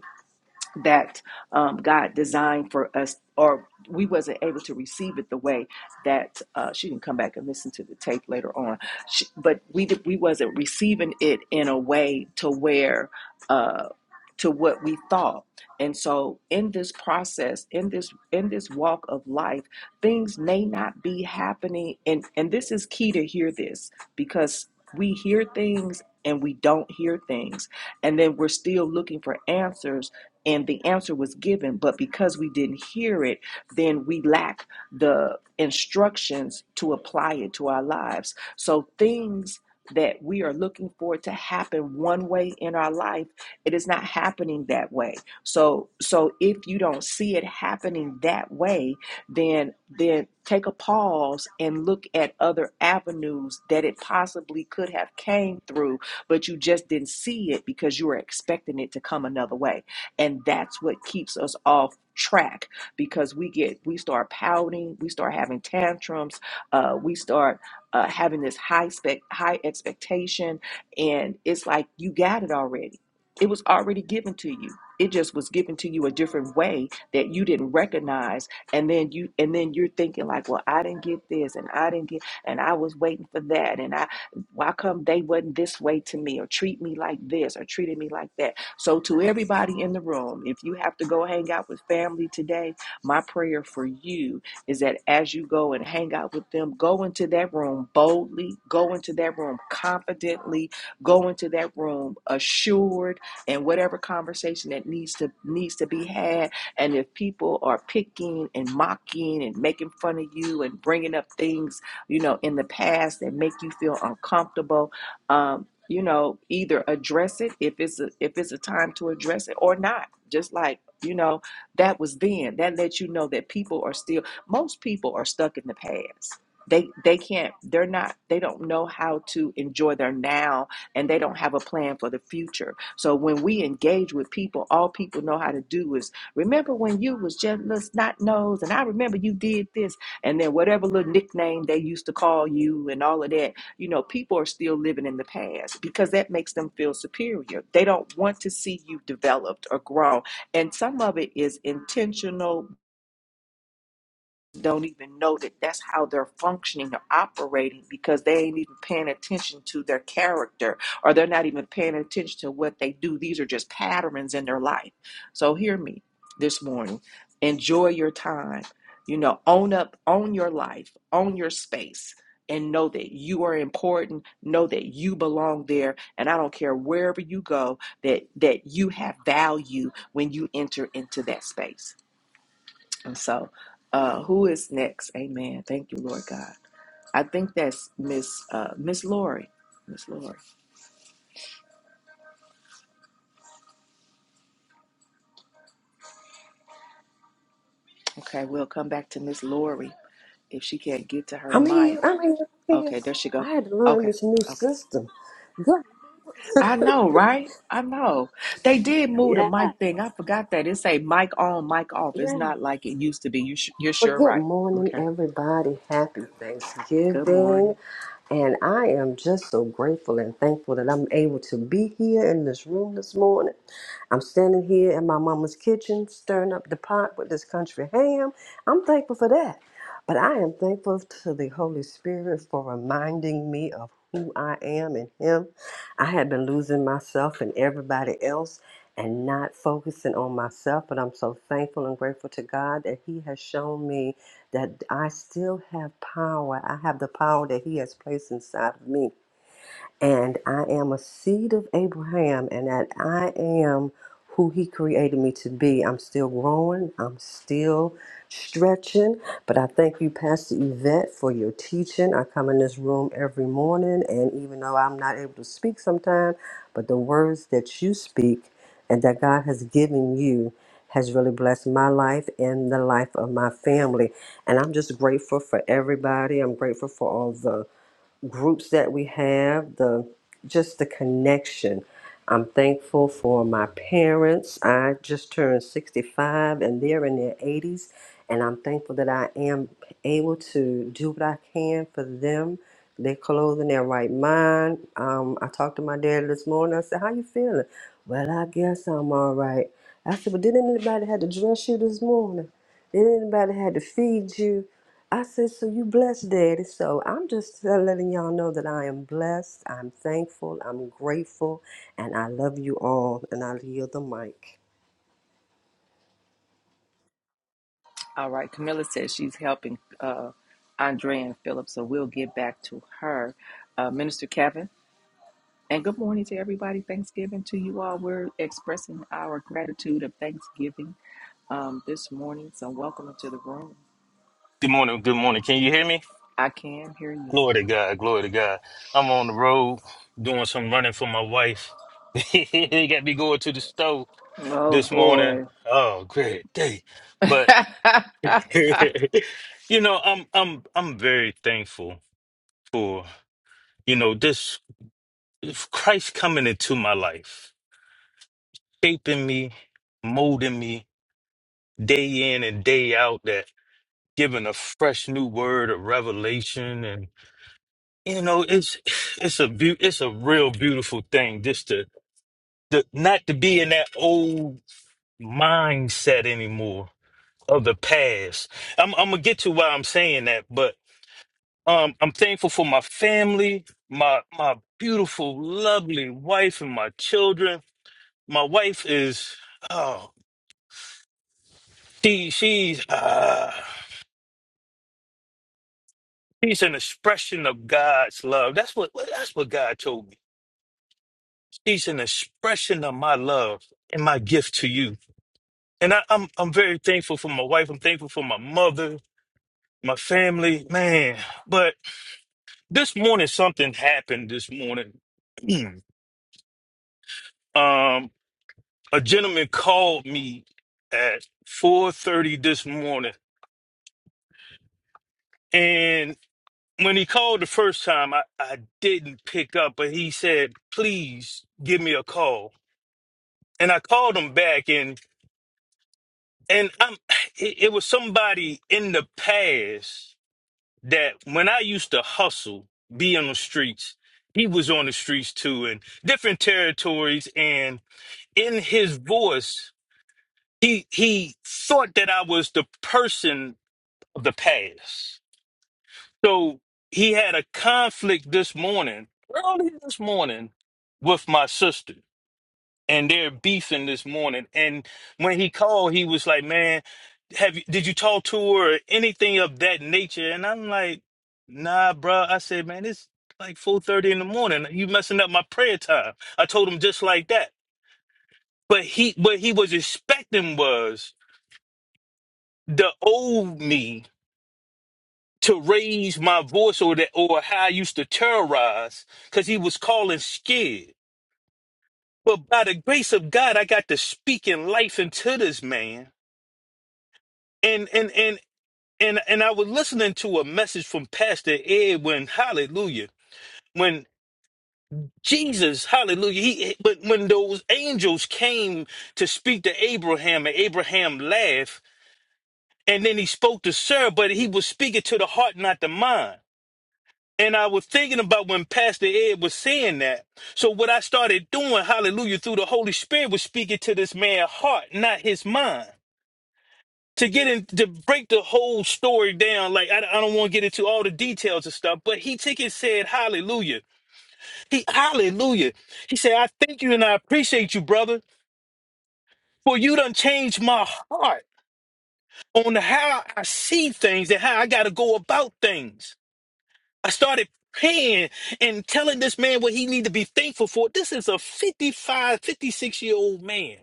A: that um, God designed for us, or we wasn't able to receive it the way that uh, she can come back and listen to the tape later on. She, but we did, we wasn't receiving it in a way to where uh, to what we thought. And so in this process, in this in this walk of life, things may not be happening. And and this is key to hear this because we hear things and we don't hear things and then we're still looking for answers and the answer was given but because we didn't hear it then we lack the instructions to apply it to our lives so things that we are looking for to happen one way in our life it is not happening that way so so if you don't see it happening that way then then take a pause and look at other avenues that it possibly could have came through but you just didn't see it because you were expecting it to come another way and that's what keeps us off track because we get we start pouting we start having tantrums uh, we start uh, having this high spec high expectation and it's like you got it already it was already given to you it just was given to you a different way that you didn't recognize and then you and then you're thinking like well i didn't get this and i didn't get and i was waiting for that and i why come they wasn't this way to me or treat me like this or treated me like that so, to everybody in the room, if you have to go hang out with family today, my prayer for you is that as you go and hang out with them, go into that room boldly, go into that room confidently, go into that room assured, and whatever conversation that needs to needs to be had. And if people are picking and mocking and making fun of you and bringing up things, you know, in the past that make you feel uncomfortable, um you know either address it if it's a, if it's a time to address it or not just like you know that was then that lets you know that people are still most people are stuck in the past they they can't they're not they don't know how to enjoy their now and they don't have a plan for the future so when we engage with people all people know how to do is remember when you was just little snot nose and i remember you did this and then whatever little nickname they used to call you and all of that you know, people are still living in the past because that makes them feel superior. They don't want to see you developed or grown. And some of it is intentional don't even know that that's how they're functioning or operating because they ain't even paying attention to their character or they're not even paying attention to what they do. These are just patterns in their life. So hear me this morning. Enjoy your time. You know, own up, own your life, own your space. And know that you are important. Know that you belong there, and I don't care wherever you go. That that you have value when you enter into that space. And so, uh, who is next? Amen. Thank you, Lord God. I think that's Miss uh, Miss Lori. Miss Lori. Okay, we'll come back to Miss Lori if she can't get to her
K: I'm here.
A: mic.
K: I'm here. I'm here.
A: Okay, there she go.
K: I had to learn
A: Okay,
K: this new
A: okay.
K: system. Good.
A: I know, right? I know. They did move the
K: yeah.
A: mic thing. I forgot that. It say mic on, mic off. It's
K: Yeah.
A: not like it used to be. You sh- you're
K: Well,
A: sure
K: good
A: right.
K: morning,
A: Okay.
K: everybody. Happy
A: Good
K: Thanksgiving.
A: morning.
K: And I am just so grateful and thankful that I'm able to be here in this room this morning. I'm standing here in my mama's kitchen stirring up the pot with this country ham. I'm thankful for that. But I am thankful to the Holy Spirit for reminding me of who I am in Him. I had been losing myself and everybody else and not focusing on myself, but I'm so thankful and grateful to God that He has shown me that I still have power. I have the power that He has placed inside of me and I am a seed of Abraham, and that I am who He created me to be. I'm still growing, I'm still stretching, but I thank you, Pastor Yvette, for your teaching. I come in this room every morning, and even though I'm not able to speak sometimes, but the words that you speak and that God has given you. Has really blessed my life and the life of my family. And I'm just grateful for everybody. I'm grateful for all the groups that we have, the just the connection. I'm thankful for my parents. I just turned 65 and they're in their 80s and I'm thankful that I am able to do what I can for them. They're clothing their right mind. Um, I talked to my dad this morning. I said, "How you feeling?" Well, I guess I'm all right. I said, "But did anybody have to dress you this morning?" Then anybody had to feed you. I said, so you blessed, Daddy. So I'm just letting y'all know that I am blessed. I'm thankful. I'm grateful. And I love you all. And I yield the mic.
A: All right. Camilla says she's helping uh, Andrea and Phillips, so we'll get back to her. Uh, Minister Kevin. And good morning to everybody. Thanksgiving to you all. We're expressing our gratitude of Thanksgiving um, this morning. So, welcome into the room.
L: Good morning. Good morning. Can you hear me?
A: I can hear you.
L: Glory to God. Glory to God. I'm on the road doing some running for my wife. they got me going to the store
A: Oh
L: this morning.
A: boy.
L: Oh, great day. But you know, I'm I'm I'm very thankful for, you know, this Christ coming into my life, shaping me, molding me day in and day out, that giving a fresh new word of revelation You know, it's it's a beau- it's a real beautiful thing just to, to not to be in that old mindset anymore of the past. I'm I'm gonna get to why I'm saying that, but um, I'm thankful for my family, my my beautiful, lovely wife, and my children. My wife is oh, she she's uh, she's an expression of God's love. That's what that's what God told me. She's an expression of my love and my gift to you And I, I'm I'm very thankful for my wife. I'm thankful for my mother, my family, man. But this morning something happened. This morning, um, a gentleman called me at 4:30 this morning, and when he called the first time, I, I didn't pick up, but he said, "Please give me a call." And I called him back, and and I'm it, it was somebody in the past that when I used to hustle, be on the streets, he was on the streets too, in different territories. And in his voice, he he thought that I was the person of the past. So he had a conflict this morning, early this morning, with my sister and they're beefing this morning. And when he called, he was like, "Man, have you did you talk to her or anything of that nature?" And I'm like, "Nah, bruh. I said, "Man, it's like 4:30 in the morning. You messing up my prayer time." I told him just like that. But he, what he was expecting was the old me to raise my voice or that or how I used to terrorize because he was calling scared. But by the grace of God, I got to speak in life into this man and and and and and I was listening to a message from Pastor Ed when Hallelujah, when Jesus, Hallelujah, he when when those angels came to speak to Abraham and Abraham laughed, and then he spoke to Sarah, but he was speaking to the heart, not the mind. And I was thinking about when Pastor Ed was saying that. So what I started doing, Hallelujah, through the Holy Spirit was speaking to this man's heart, not his mind. to get in to break the whole story down like i, I don't want to get into all the details and stuff but he took it said hallelujah he hallelujah he said i thank you and i appreciate you brother for you done changed my heart on how i see things and how i gotta go about things i started praying and telling this man what he need to be thankful for this is a 55, 56 year old man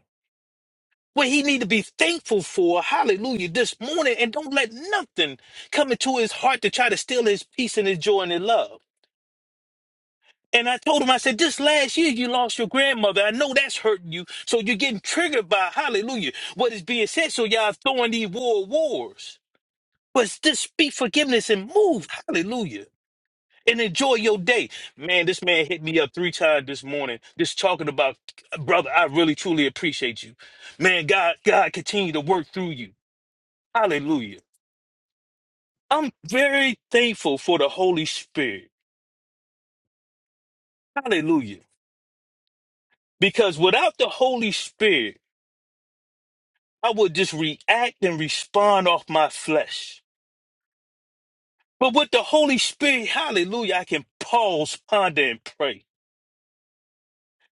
L: what he need to be thankful for hallelujah this morning and don't let nothing come into his heart to try to steal his peace and his joy and his love and i told him i said this last year you lost your grandmother i know that's hurting you so you're getting triggered by hallelujah what is being said so y'all throwing these war wars but just speak forgiveness and move hallelujah and enjoy your day man this man hit me up three times this morning just talking about brother i really truly appreciate you man god god continue to work through you Hallelujah. I'm very thankful for the Holy Spirit. Hallelujah. Because without the Holy Spirit, I would just react and respond off my flesh. But with the Holy Spirit, hallelujah, I can pause, ponder, and pray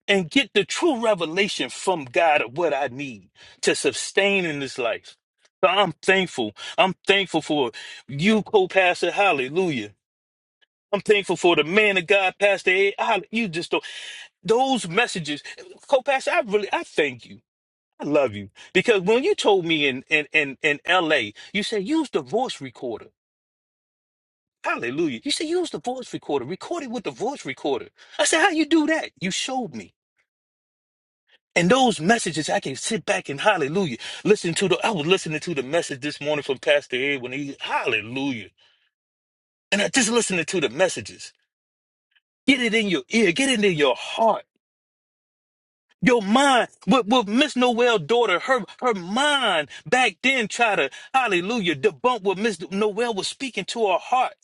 L: and get the true revelation from God of what I need to sustain in this life. So I'm thankful. I'm thankful for you, co-pastor. Hallelujah. I'm thankful for the man of God, Pastor. A. Hall- You just don't. those messages Co-Pastor, i really i thank you i love you because when you told me in in in, in la you said use the voice recorder hallelujah you said use the voice recorder record it with the voice recorder i said how you do that you showed me and those messages i can sit back and hallelujah listen to the i was listening to the message this morning from pastor ed when he hallelujah and i just listening to the messages get it in your ear get it in your heart Your mind with, with Miss Noel's daughter, her her mind back then try to hallelujah debunk what Miss Noel was speaking to her heart.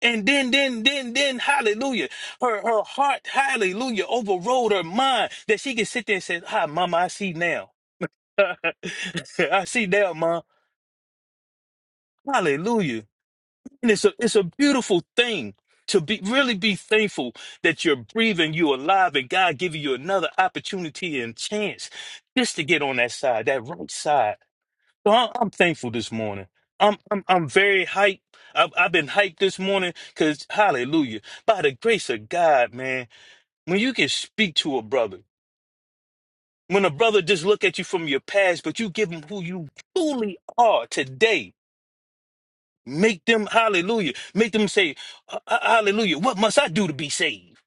L: And then then then then hallelujah. Her her heart, hallelujah, overrode her mind that she could sit there and say, Hi mama, I see now. I see now, mom. Hallelujah. And it's a it's a beautiful thing to be really be thankful that you're breathing, you're alive, and God giving you another opportunity and chance just to get on that side, that right side. So I'm, I'm thankful this morning. I'm I'm I'm very hyped. I've, I've been hyped this morning because Hallelujah! By the grace of God, man, when you can speak to a brother, when a brother just look at you from your past, but you give him who you truly are today Make them hallelujah. Make them say "Ha- ha- hallelujah. What must I do to be saved?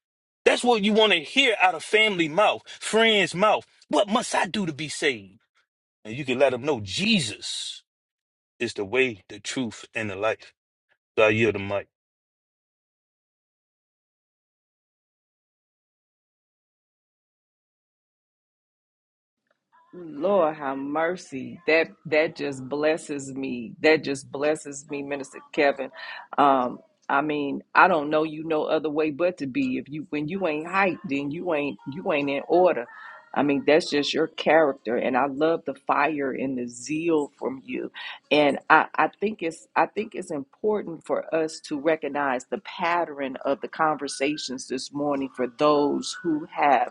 L: That's what you want to hear out of family mouth, friends mouth. What must I do to be saved? And you can let them know Jesus is the way, the truth, and the life. So I yield the mic.
A: Lord have mercy. That that just blesses me. That just blesses me, Minister Kevin. Um, I mean, I don't know you no other way but to be. If you when you ain't hyped, then you ain't you ain't in order. I mean, that's just your character. And I love the fire and the zeal from you. And I, I think it's I think it's important for us to recognize the pattern of the conversations this morning for those who have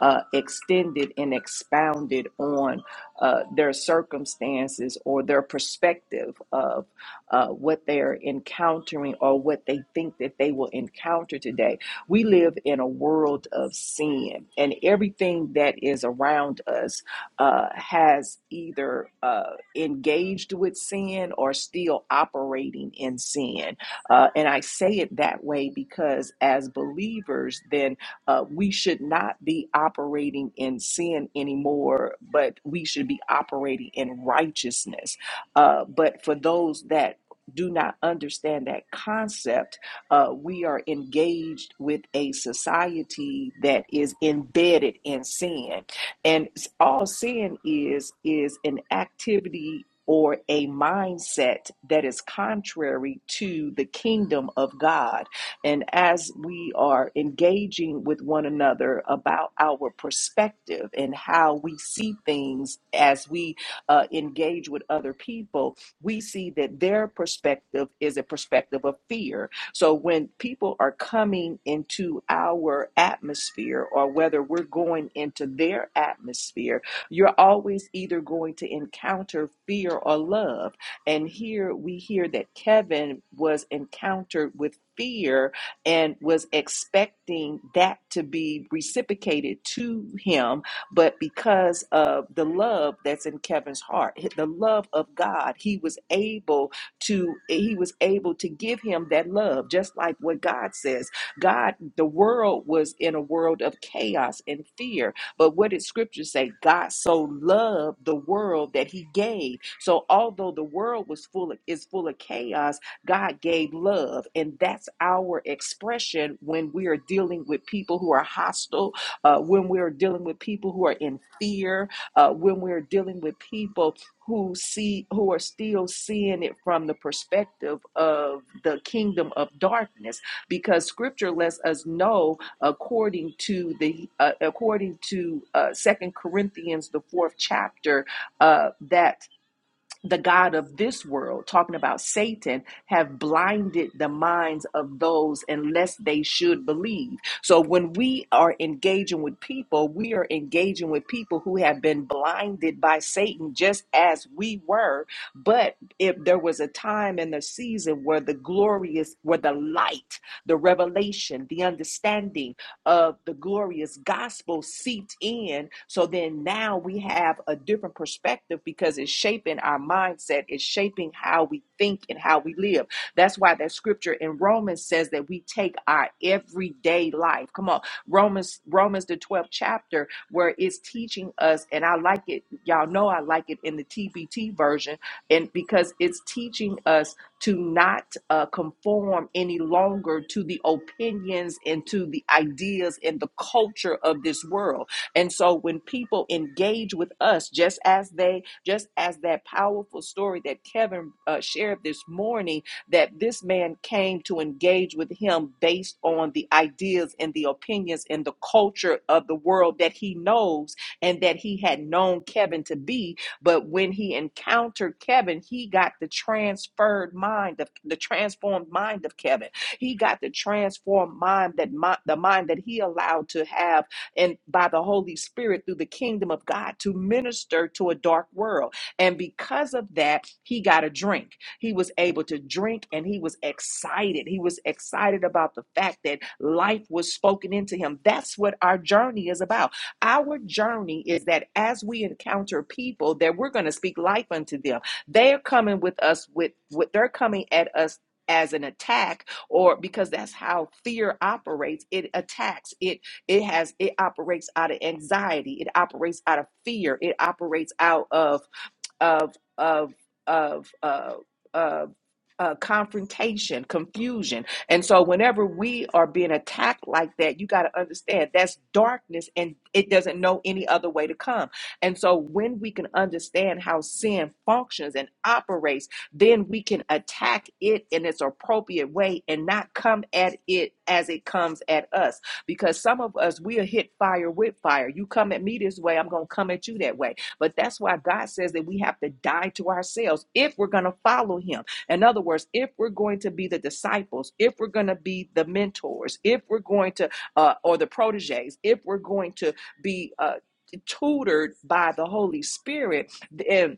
A: uh, extended and expounded on uh, their circumstances or their perspective of uh, what they're encountering or what they think that they will encounter today. We live in a world of sin, and everything that is around us uh, has either uh, engaged with sin or still operating in sin. Uh, and I say it that way because as believers, then uh, we should not be operating in sin anymore, but we should be operating in righteousness. Uh, but for those that do not understand that concept, uh, we are engaged with a society that is embedded in sin. And s- all sin is, is an activity or a mindset that is contrary to the kingdom of God and as we are engaging with one another about our perspective and how we see things as we uh, engage with other people, we see that their perspective is a perspective of fear. So when people are coming into our atmosphere, or whether we're going into their atmosphere, you're always either going to encounter fear or love. And here we hear that Kevin was encountered with fear and was expecting that to be reciprocated to him. But because of the love that's in Kevin's heart, the love of God, he was able to he was able to give him that love, just like what God says. God, the world was in a world of chaos and fear. But what did scripture say? God so loved the world that he gave. So although the world was full of, is full of chaos, God gave love, and that's our expression when we are dealing with people who are hostile, uh, when we are dealing with people who are in fear, uh, when we are dealing with people who see who are still seeing it from the perspective of the kingdom of darkness because scripture lets us know according to the uh, according to uh, second corinthians the fourth chapter uh, that the God of this world, talking about Satan, have blinded the minds of those unless they should believe. So when we are engaging with people, we are engaging with people who have been blinded by Satan just as we were. But if there was a time and a season where the glorious, where the light, the revelation, the understanding, of the glorious gospel seeped in. So then now we have a different perspective because it's shaping our mindset, it's shaping how we think and how we live. That's why that scripture in Romans says that we take our everyday life. Come on, Romans, Romans the 12th chapter, where it's teaching us, and I like it, y'all know I like it in the TBT version, and because it's teaching us to not uh, conform any longer to the opinions and to the ideas and the culture of this world. And so when people engage with us, just as they, just as that powerful story that Kevin uh, shared this morning, that this man came to engage with him based on the ideas and the opinions and the culture of the world that he knows and that he had known Kevin to be, but when he encountered Kevin, he got the transferred mind of the transformed mind of Kevin. He got the transformed mind that mi- the mind that he allowed to have and by the Holy Spirit through the kingdom of God to minister to a dark world. And because of that, he got a drink. He was able to drink and he was excited. He was excited about the fact that life was spoken into him. That's what our journey is about. Our journey is that as we encounter people, that we're going to speak life unto them. They're coming with us with what they're coming at us as an attack or because that's how fear operates it attacks it it has it operates out of anxiety it operates out of fear it operates out of of of of uh, of uh, confrontation, confusion, and so whenever we are being attacked like that, you got to understand that's darkness, and it doesn't know any other way to come. And so when we can understand how sin functions and operates, then we can attack it in its appropriate way and not come at it as it comes at us. Because some of us we are hit fire with fire. You come at me this way, I'm gonna come at you that way but that's why God says that we have to die to ourselves if we're going to follow Him. In other words, if we're going to be the disciples, if we're going to be the mentors, if we're going to, uh, or the proteges, if we're going to be uh, tutored by the Holy Spirit, then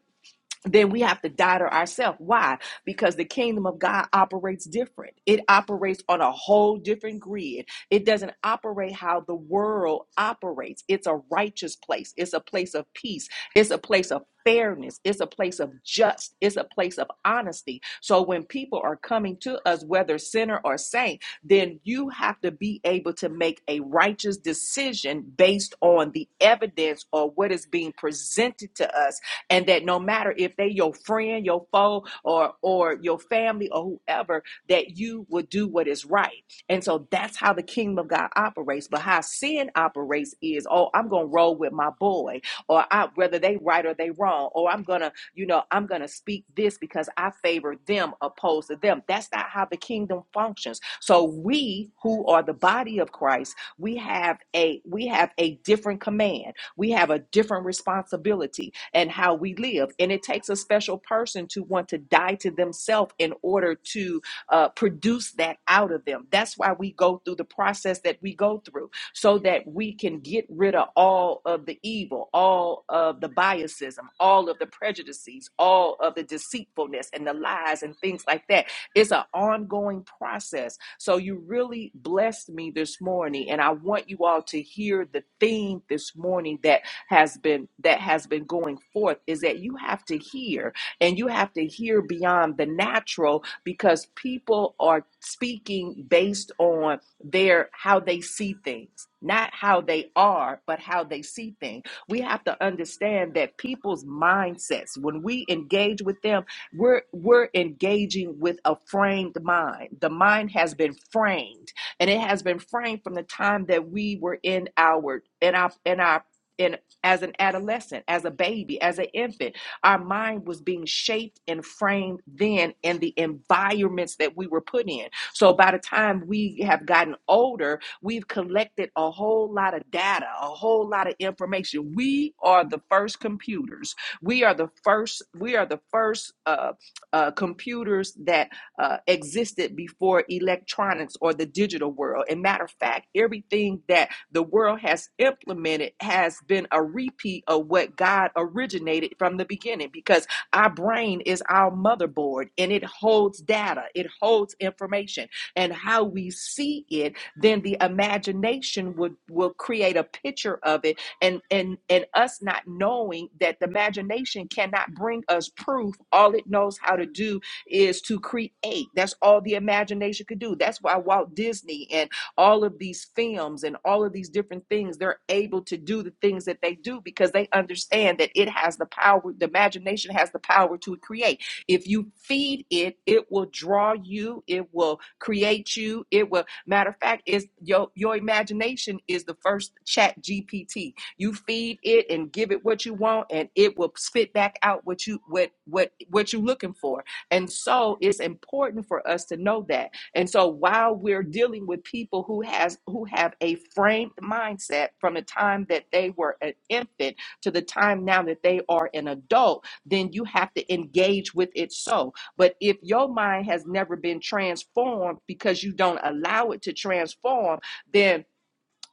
A: then we have to die to ourselves. Why? Because the kingdom of God operates different. It operates on a whole different grid. It doesn't operate how the world operates. It's a righteous place. It's a place of peace. It's a place of fairness. It's a place of just. It's a place of honesty. So when people are coming to us, whether sinner or saint, then you have to be able to make a righteous decision based on the evidence or what is being presented to us and that no matter if they your friend, your foe, or or your family or whoever, that you will do what is right. And so that's how the kingdom of God operates. But how sin operates is, oh, I'm gonna roll with my boy, or I whether they right or they wrong, or I'm gonna, you know, I'm gonna speak this because I favor them opposed to them. That's not how the kingdom functions. So we who are the body of Christ, we have a we have a different command we have a different responsibility and how we live. And it takes a special person to want to die to themselves in order to uh, produce that out of them. That's why we go through the process that we go through so that we can get rid of all of the evil, all of the biasism, all of the prejudices, all of the deceitfulness and the lies and things like that. It's an ongoing process so you really blessed me this morning, and I want you all to hear the theme this morning that has been that has been going forth is that you have to hear, and you have to hear beyond the natural because people are speaking based on their how they see things, not how they are, but how they see things. We have to understand that people's mindsets when we engage with them we're we're engaging with a framed mind. The mind has been framed, and it has been framed from the time that we were in our in our in our in as an adolescent, as a baby, as an infant. Our mind was being shaped and framed then in the environments that we were put in. So by the time we have gotten older, we've collected a whole lot of data, a whole lot of information. We are the first computers we are the first. We are the first uh, uh, computers that uh, existed before electronics or the digital world. And matter of fact, everything that the world has implemented has been a repeat of what God originated from the beginning. Because our brain is our motherboard, and it holds data. It holds information, and how we see it then the imagination would will create a picture of it and and and us not knowing that the imagination cannot bring us proof all it knows how to do is to create that's all the imagination could do that's why walt disney and all of these films and all of these different things they're able to do the things that they do because they understand that it has the power the imagination has the power to create if you feed it it will draw you it will create you it will Matter of fact, it's your your imagination is the first chat GPT. You feed it and give it what you want, and it will spit back out what you what what what you're looking for. And so it's important for us to know that. And so while we're dealing with people who has who have a framed mindset from the time that they were an infant to the time now that they are an adult, then you have to engage with it so. But if your mind has never been transformed because you don't allow it to transform, then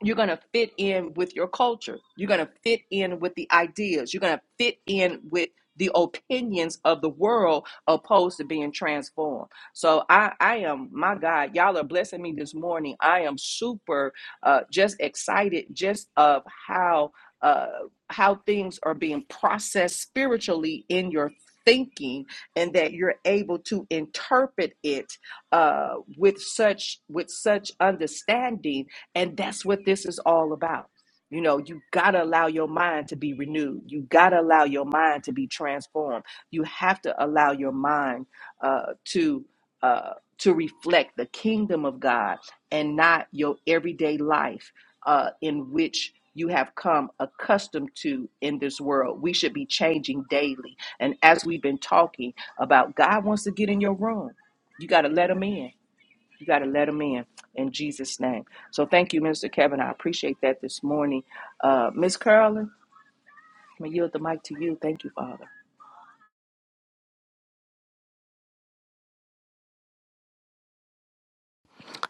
A: you're going to fit in with your culture. You're going to fit in with the ideas. You're going to fit in with the opinions of the world opposed to being transformed. So I I am my God, y'all are blessing me this morning. I am super uh just excited just of how uh how things are being processed spiritually in your thinking and that you're able to interpret it uh with such with such understanding and that's what this is all about. You know, you got to allow your mind to be renewed. You got to allow your mind to be transformed. You have to allow your mind uh, to uh, to reflect the kingdom of God and not your everyday life uh, in which you have come accustomed to in this world. We should be changing daily. And as we've been talking about, God wants to get in your room. You got to let him in. You got to let them in in Jesus' name. So thank you, Minister Kevin. I appreciate that this morning. Uh, Miss Carolyn, I'm going to yield the mic to you. Thank you, Father.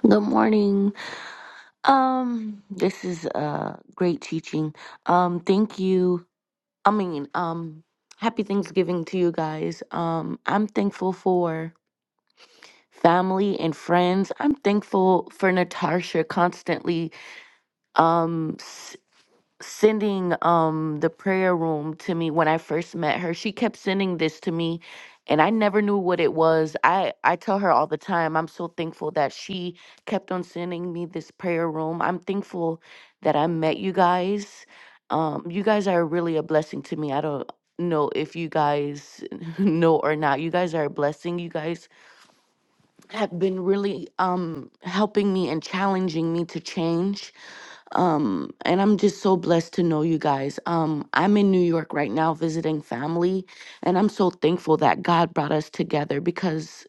M: Good morning. Um, this is uh great teaching. Um, thank you. I mean, um, happy Thanksgiving to you guys. Um, I'm thankful for family and friends. I'm thankful for Natasha constantly. Um, sending um the prayer room to me when I first met her. She kept sending this to me and I never knew what it was. I I tell her all the time I'm so thankful that she kept on sending me this prayer room. I'm thankful that I met you guys. Um you guys are really a blessing to me. I don't know if you guys know or not. You guys are a blessing. You guys have been really um helping me and challenging me to change um and i'm just so blessed to know you guys um i'm in new york right now visiting family and i'm so thankful that god brought us together because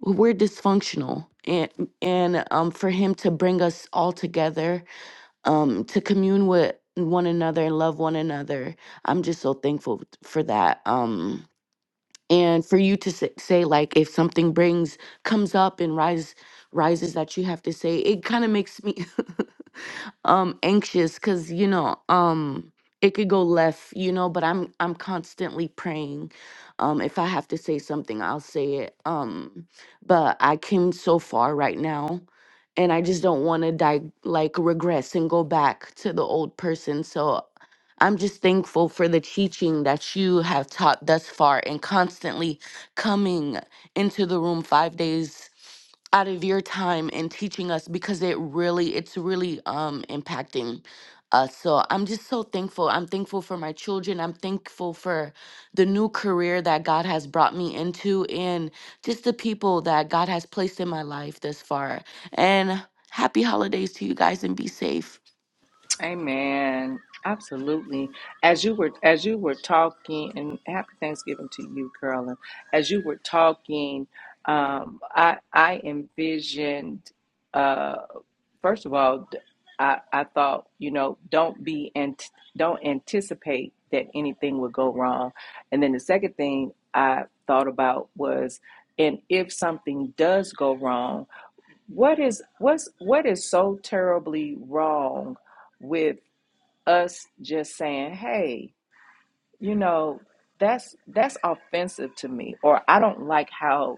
M: we're dysfunctional and and um for him to bring us all together um to commune with one another and love one another i'm just so thankful for that um and for you to say, say like if something brings comes up and rise rises that you have to say it kind of makes me um anxious cuz you know um it could go left you know but i'm i'm constantly praying um if i have to say something i'll say it um but i came so far right now and i just don't want to die, like regress and go back to the old person so i'm just thankful for the teaching that you have taught thus far and constantly coming into the room 5 days out of your time and teaching us because it really it's really um impacting us so i'm just so thankful i'm thankful for my children i'm thankful for the new career that god has brought me into and just the people that god has placed in my life this far and happy holidays to you guys and be safe
A: Amen. Absolutely. As you were as you were talking, and happy Thanksgiving to you, Carolyn. As you were talking, um, I I envisioned. Uh, first of all, d- I I thought you know don't be and don't anticipate that anything would go wrong, and then the second thing I thought about was, and if something does go wrong, what is what's what is so terribly wrong? us just saying, hey, you know that's that's offensive to me or i don't like how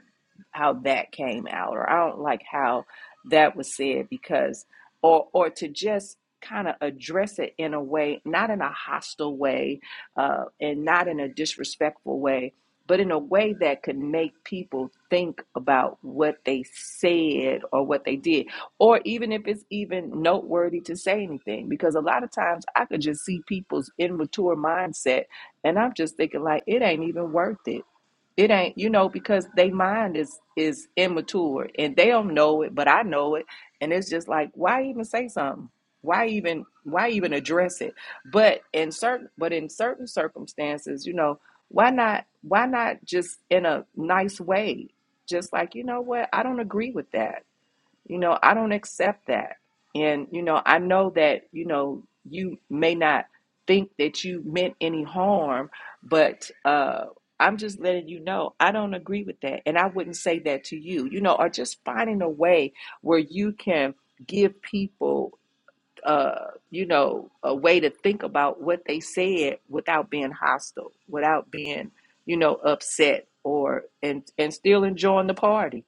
A: how that came out or i don't like how that was said because or or to just kind of address it in a way not in a hostile way uh, and not in a disrespectful way but in a way that could make people think about what they said or what they did or even if it's even noteworthy to say anything because a lot of times i could just see people's immature mindset and I'm just thinking like it ain't even worth it. It ain't, you know, because they mind is is immature and they don't know it, but I know it. And it's just like, why even say something? Why even why even address it? But in certain but in certain circumstances, you know, why not why not just in a nice way? Just like, you know what, I don't agree with that you know, I don't accept that. And, you know, I know that, you know, you may not think that you meant any harm, but uh, I'm just letting you know I don't agree with that. And I wouldn't say that to you, you know, or just finding a way where you can give people, uh, you know, a way to think about what they said without being hostile, without being, you know, upset or, and, and still enjoying the party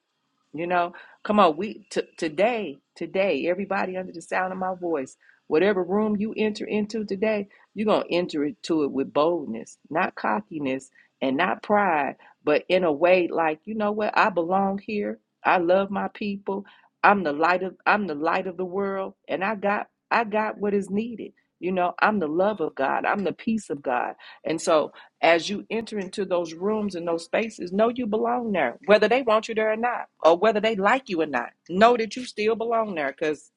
A: you know, come on, we t- today, today, everybody under the sound of my voice, whatever room you enter into today, you're gonna enter into it with boldness, not cockiness and not pride, but in a way like, you know what, I belong here. I love my people. I'm the light of I'm the light of the world, and I got I got what is needed. You know, I'm the love of God. I'm the peace of God. And so as you enter into those rooms and those spaces, know you belong there, whether they want you there or not, or whether they like you or not. Know that you still belong there because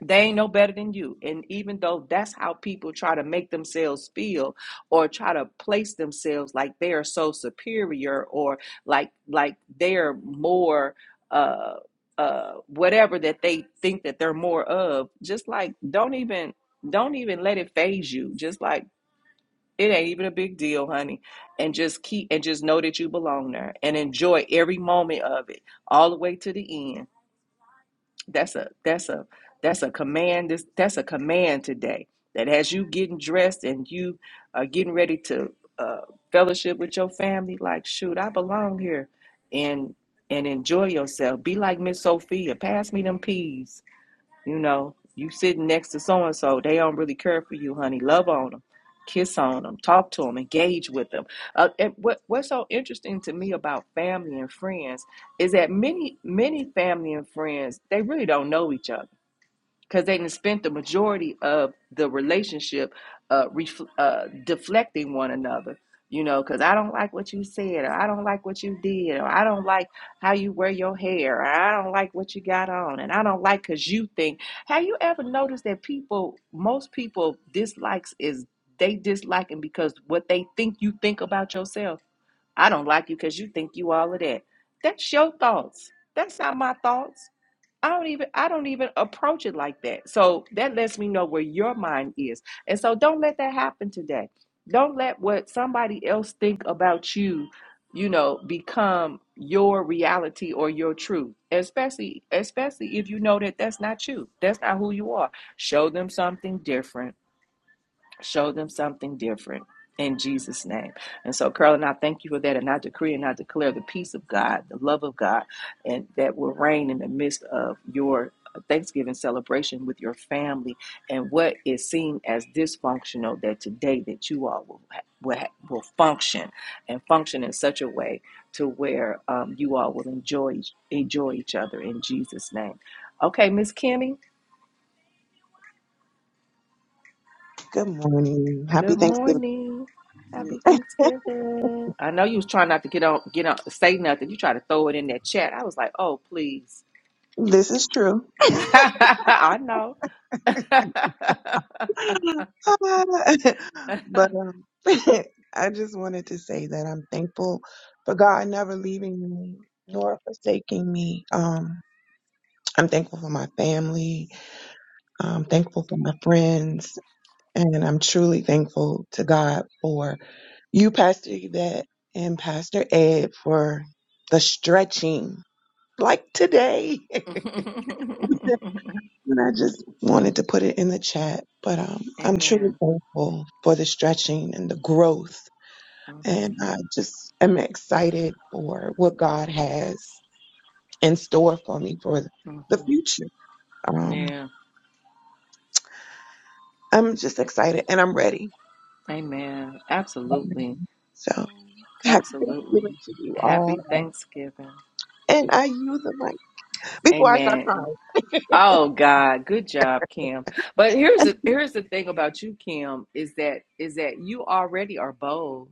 A: they ain't no better than you. And even though that's how people try to make themselves feel or try to place themselves like they are so superior or like like they're more uh uh whatever that they think that they're more of, just like don't even don't even let it phase you. Just like it ain't even a big deal, honey. And just keep and just know that you belong there and enjoy every moment of it all the way to the end. That's a that's a that's a command. This that's a command today. That as you getting dressed and you are getting ready to uh, fellowship with your family, like shoot, I belong here, and and enjoy yourself. Be like Miss Sophia. Pass me them peas. You know, you sitting next to so and so, they don't really care for you, honey. Love on them, kiss on them, talk to them, engage with them. Uh, and what what's so interesting to me about family and friends is that many many family and friends they really don't know each other because they did spent the majority of the relationship uh, refl- uh, deflecting one another. You know, because I don't like what you said, or I don't like what you did, or I don't like how you wear your hair, or I don't like what you got on, and I don't like because you think. Have you ever noticed that people, most people, dislikes is they disliking because what they think you think about yourself? I don't like you because you think you all of that. That's your thoughts. That's not my thoughts. I don't even I don't even approach it like that. So that lets me know where your mind is. And so don't let that happen today. Don't let what somebody else think about you, you know, become your reality or your truth. Especially especially if you know that that's not you. That's not who you are. Show them something different Show them something different in Jesus' name. And so, Carolyn, I thank you for that. And I decree and I declare the peace of God, the love of God, and that will reign in the midst of your Thanksgiving celebration with your family and what is seen as dysfunctional that today that you all will will, will function and function in such a way to where um, you all will enjoy enjoy each other in Jesus name. Okay, Miss Kimmy,
N: Good morning. Happy
A: Good
N: Thanksgiving.
A: morning. Happy Thanksgiving. I know you was trying not to get on, get on, say nothing. You tried to throw it in that chat. I was like, oh, please.
N: This is true.
A: I know.
N: but um, I just wanted to say that I'm thankful for God never leaving me nor forsaking me. Um, I'm thankful for my family. I'm thankful for my friends. And I'm truly thankful to God for you, Pastor Yvette, and Pastor Ed for the stretching like today.
A: Mhm.
N: And I just wanted to put it in the chat, but um, I'm truly
A: Amen.
N: thankful for the stretching and the growth.
A: hmm
N: And I just am excited for what God has in store for me for the
A: hmm
N: future. Um,
A: Yeah.
N: I'm just excited and I'm ready.
A: Amen. Absolutely.
N: So happy
A: Absolutely.
N: Thanksgiving to you
A: Happy
N: all.
A: Thanksgiving.
N: And I use the mic before I start
A: Amen.
N: crying.
A: Oh God, good job, Kim. But here's the here's the thing about you, Kim, is that is that you already are bold,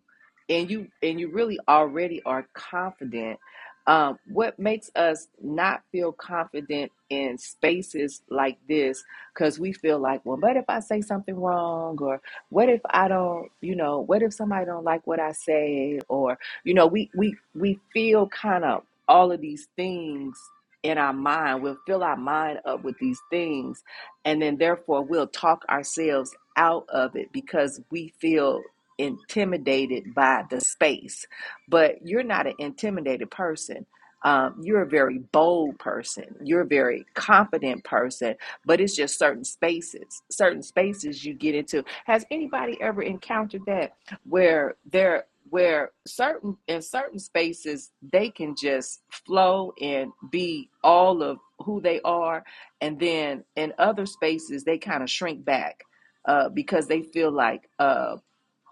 A: and you and you really already are confident. Um, what makes us not feel confident in spaces like this? Because we feel like, well, what if I say something wrong, or what if I don't, you know, what if somebody don't like what I say, or you know, we we we feel kind of all of these things in our mind. We'll fill our mind up with these things, and then therefore we'll talk ourselves out of it because we feel intimidated by the space. But you're not an intimidated person. Um, you're a very bold person. You're a very confident person, but it's just certain spaces. Certain spaces you get into. Has anybody ever encountered that? where there where certain in certain spaces they can just flow and be all of who they are and then in other spaces they kind of shrink back uh, because they feel like uh,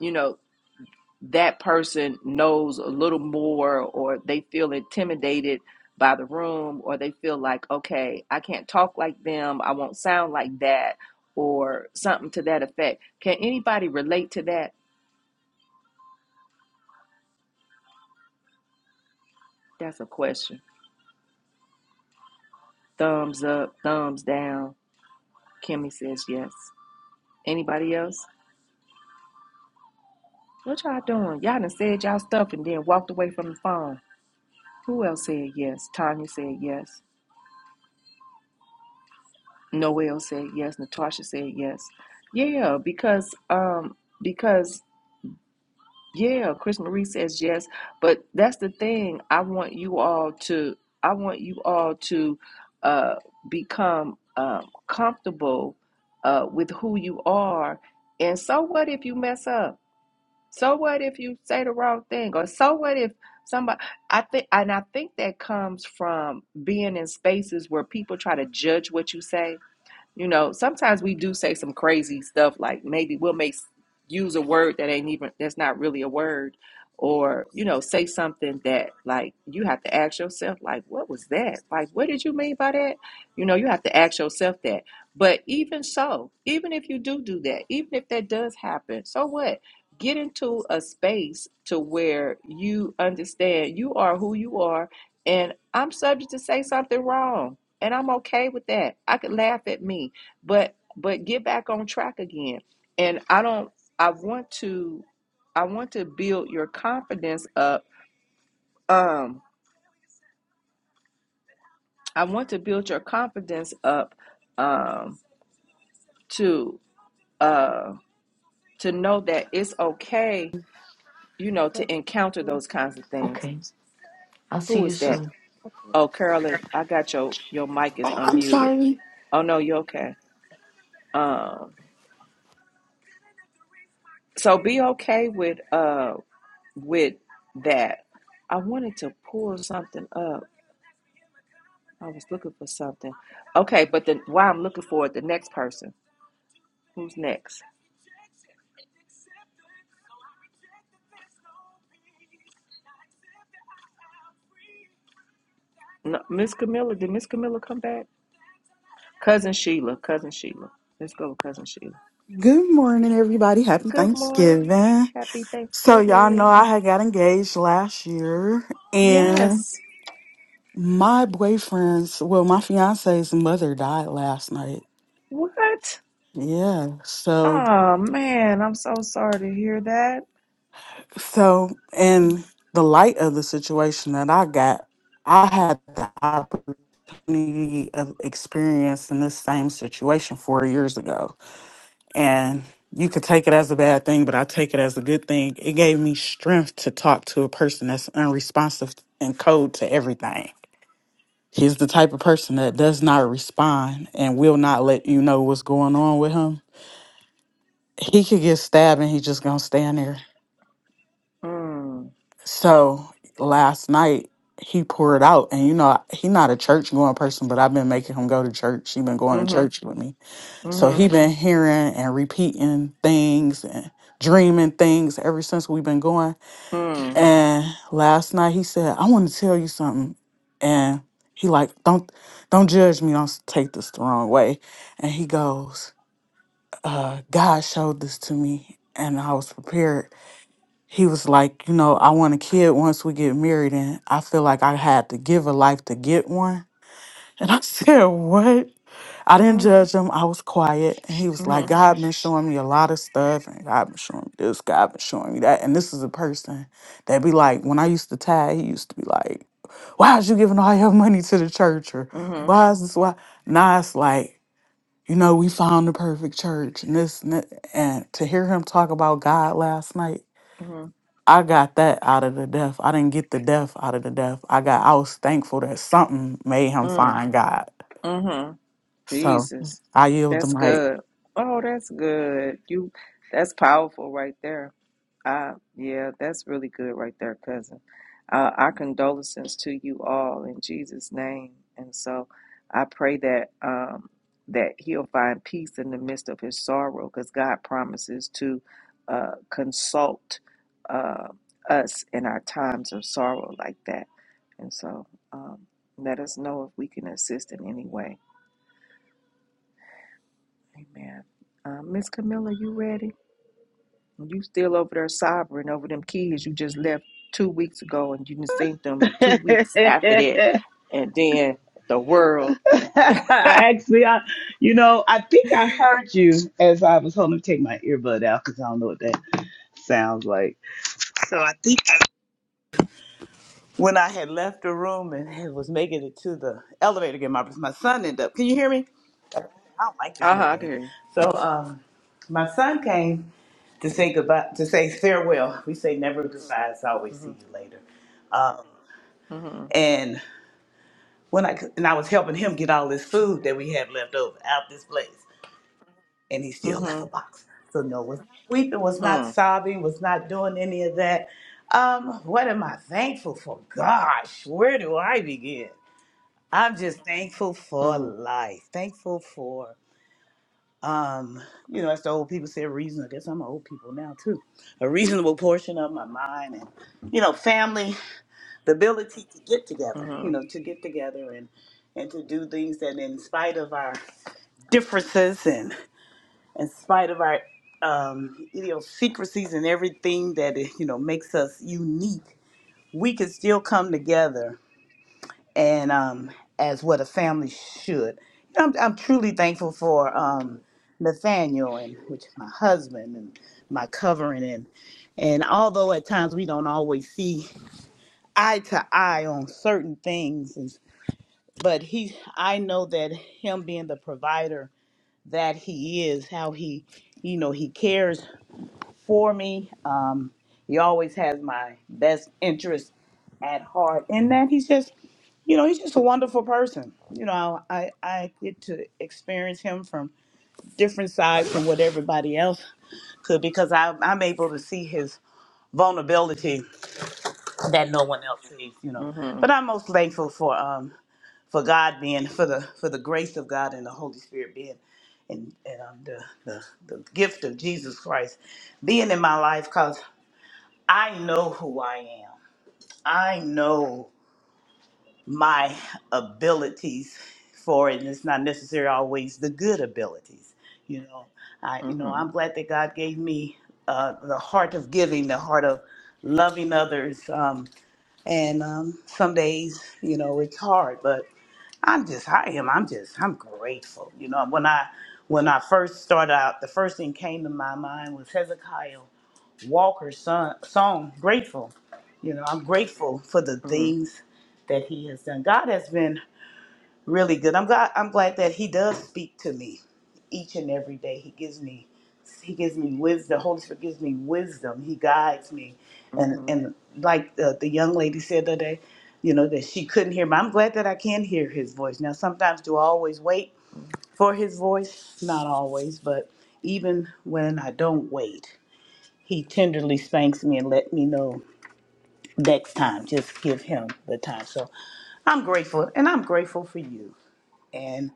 A: you know that person knows a little more or they feel intimidated by the room or they feel like okay i can't talk like them i won't sound like that or something to that effect can anybody relate to that that's a question Thumbs up, thumbs down. Kimmy says yes. Anybody else? What y'all doing? Y'all done said y'all stuff and then walked away from the phone. Who else said yes? Tanya said yes. Noel said yes. Natasha said yes. Yeah, because um because yeah, Chris Marie says yes. But that's the thing. I want you all to I want you all to uh become um comfortable uh with who you are and so what if you mess up? So what if you say the wrong thing? Or so what if somebody I think and I think that comes from being in spaces where people try to judge what you say you know, sometimes we do say some crazy stuff like maybe we'll make use a word that ain't even that's not really a word or you know say something that like you have to ask yourself like what was that like what did you mean by that you know you have to ask yourself that but even so even if you do do that even if that does happen so what get into a space to where you understand you are who you are and i'm subject to say something wrong and I'm okay with that. I could laugh at me, but but get back on track again. And I don't I want to I want to build your confidence up. Um I want to build your confidence up um to uh to know that it's okay, you know, to encounter those kinds of things.
M: Okay. I'll see
A: Who
M: you
A: is that?
M: soon.
A: Oh, Carolyn, I got your your mic is
M: oh i'm
A: unmuted.
M: sorry
A: Oh no, you're okay. Um so be okay with uh. with that. I wanted to pull something up. I was looking for something. Okay, but then while I'm looking for it, the next person. Who's next? No, Miss Camilla. Did Miss Camilla come back? Cousin Sheila. Cousin Sheila. Let's go with Cousin Sheila.
O: Good morning, everybody. Happy
A: Good morning.
O: Thanksgiving.
A: Happy
O: So, y'all know
A: Thanksgiving.
O: I had got engaged last year, and
A: Yes.
O: my boyfriend's, well, my fiance's mother died last night.
A: What?
O: Yeah. So,
A: Oh man, I'm so sorry to hear that.
O: so in the light of the situation that I got, I had the opportunity of experiencing this same situation four years ago. And you could take it as a bad thing, but I take it as a good thing. It gave me strength to talk to a person that's unresponsive and cold to everything. He's the type of person that does not respond and will not let you know what's going on with him. He could get stabbed and he's just gonna stand there.
A: Mm.
O: So last night he poured out, and you know he not a church going person, but I've been making him go to church. He been going to
A: Mm-hmm.
O: church with me So he
A: Mm-hmm.
O: been hearing and repeating things and dreaming things ever since we've been going.
A: Mm.
O: And last night he said, "I want to tell you something," and he like, "Don't, don't judge me. Don't s- take this the wrong way." And he goes, uh, "God showed this to me, and I was prepared." He was like, "You know, I want a kid once we get married, and I feel like I had to give a life to get one." And I said, What? I didn't
A: Mm.
O: judge him. I was quiet. And he was like,
A: Mm-hmm.
O: God been showing me a lot of stuff. And God been showing me this. God been showing me that. And this is a person that be like, when I used to tag, he used to be like, Why is you giving all your money to the church? Or
A: Mm-hmm.
O: why is this why? Now it's like, you know, we found the perfect church and this and that. And to hear him talk about God last night, I got that out of the death. I didn't get the death out of the death. I got I was thankful that something made him
A: Mm-hmm.
O: find God.
A: Mm-hmm.
O: So
A: Jesus.
O: I yield the
A: That's
O: mic.
A: good. Oh, that's good. You that's powerful right there. Uh yeah, that's really good right there, cousin. Uh our condolences to you all in Jesus' name. And so I pray that um that he'll find peace in the midst of his sorrow because God promises to uh consult uh us in our times of sorrow like that. And so um let us know if we can assist in any way. Amen. Uh, Miss Camilla, you ready? You still over there sobbing over them kids you just left two weeks ago, and you didn't seen them two weeks after that, and then the world.
P: Actually, I, you know, I think I heard you as I was holding to take my earbud out because I don't know what that sounds like. So I think I- when I had left the room and had- was making it to the elevator again, my my son ended up. Can you hear me? I don't like this
A: Uh huh.
P: new
A: I can
P: thing.
A: hear you.
P: So um, my son came to say goodbye, to say farewell. We say never goodbye. It's always see
A: Mhm.
P: you later.
A: Mhm.
P: Um, when I and I was helping him get all this food that we had left over out this place, and he still left a
A: Mhm.
P: box. So no, was not weeping, was not
A: Mm.
P: sobbing, was not doing any of that. Um, what am I thankful for? Gosh, where do I begin? I'm just thankful for
A: Mm.
P: life. Thankful for um, you know, as the old people say, a reason. I guess I'm old people now too. A reasonable portion of my mind, and you know, family the ability to get together, you
A: Mhm.
P: know, to get together and and to do things that, in spite of our differences and in spite of our um, idiosyncrasies and everything that you know makes us unique, we can still come together and um, as what a family should. You know, I'm, I'm truly thankful for um, Nathaniel and which is my husband and my covering and and although at times we don't always see eye to eye on certain things and. but he i know that him being the provider that he is how he you know he cares for me um he always has my best interest at heart and that he's just you know he's just a wonderful person you know i i get to experience him from different sides from what everybody else could because I, i'm able to see his vulnerability that no one else sees you know
A: Mhm.
P: but i'm most thankful for Um, for God being for the for the grace of God and the Holy Spirit being and and um, the, the the gift of Jesus Christ being in my life because I know who I am. I know my abilities for it, and it's not necessarily always the good abilities. You know, I you know
A: Mhm.
P: I'm glad that God gave me uh, the heart of giving, the heart of loving others. Um, and um, some days, you know, it's hard, I'm just I am I'm just I'm grateful. You know, when I when I first started out, the first thing came to my mind was Hezekiah Walker's son, song "Grateful." You know, I'm grateful for the
A: Mhm.
P: things that he has done. God has been really good. I'm glad I'm glad that he does speak to me each and every day. He gives me he gives me wisdom. The Holy Spirit gives me wisdom. He guides me, and
A: Mhm.
P: and like the, the young lady said the other day, you know that she couldn't hear. me. I'm glad that I can hear his voice now. Sometimes do I always wait
A: Mhm.
P: for his voice? Not always, but even when I don't wait, he tenderly spanks me and let me know next time. Just give him the time. So I'm grateful, and I'm grateful for you. and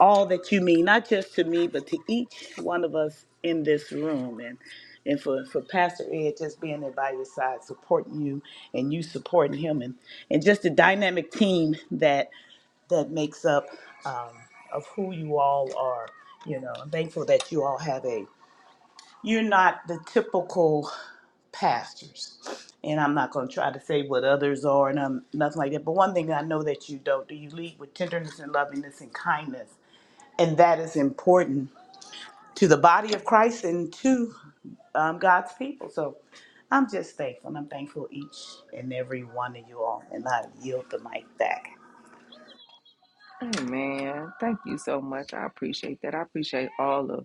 P: all that you mean, not just to me, but to each one of us in this room. And and for, for Pastor Ed just being there by your side, supporting you and you supporting him and, and just the dynamic team that that makes up um, of who you all are. You know, I'm thankful that you all have a you're not the typical pastors. And I'm not going to try to say what others are and I'm nothing like that. But one thing I know that you don't do, you lead with tenderness and lovingness and kindness and that is important to the body of Christ and to um, God's people. So I'm just thankful. and I'm thankful each and every one of you all. And I yield the mic back.
A: Hey man, thank you so much. I appreciate that. I appreciate all of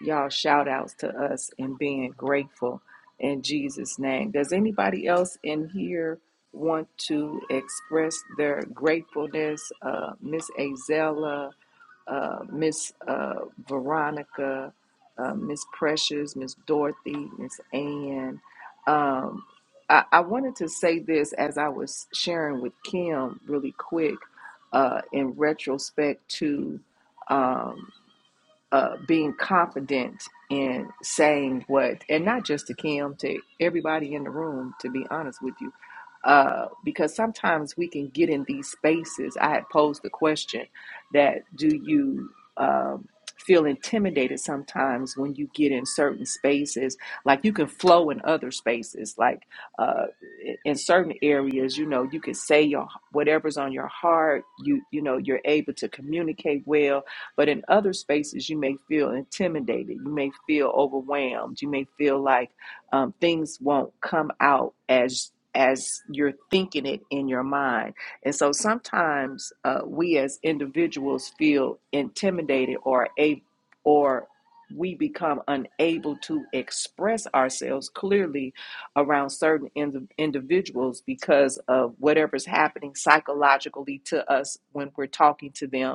A: y'all shout outs to us and being grateful in Jesus name. Does anybody else in here want to express their gratefulness? Uh, Miss Azella, uh, Miss uh, Veronica, uh, Miss Precious, Miss Dorothy, Miss Ann. Um, I, I wanted to say this as I was sharing with Kim really quick uh, in retrospect to um, uh, being confident in saying what, and not just to Kim, to everybody in the room, to be honest with you. Uh, because sometimes we can get in these spaces. I had posed the question that do you um, feel intimidated sometimes when you get in certain spaces? Like you can flow in other spaces, like uh, i- in certain areas, you know, you can say your whatever's on your heart. You you know, you're able to communicate well but in other spaces, you may feel intimidated. You may feel overwhelmed. You may feel like um, things won't come out as as you're thinking it in your mind. And so sometimes uh, we as individuals feel intimidated or a or we become unable to express ourselves clearly around certain indi- individuals because of whatever's happening psychologically to us when we're talking to them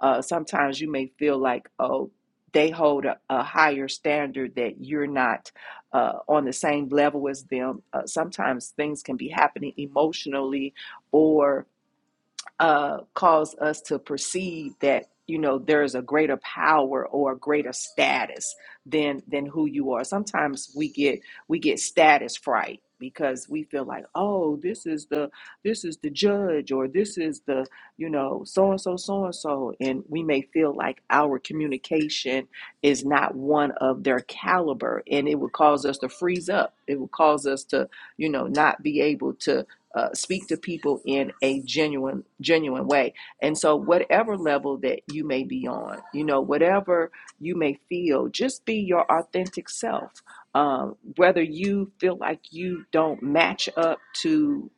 A: uh, sometimes you may feel like, oh, they hold a, a higher standard that you're not uh, on the same level as them. Uh, sometimes things can be happening emotionally, or uh, cause us to perceive that you know there is a greater power or a greater status than than who you are. Sometimes we get we get status fright because we feel like oh this is the this is the judge or this is the you know so and so so and so and we may feel like our communication is not one of their caliber and it would cause us to freeze up it would cause us to you know not be able to uh, speak to people in a genuine genuine way and so whatever level that you may be on you know whatever you may feel just be your authentic self um, whether you feel like you don't match up to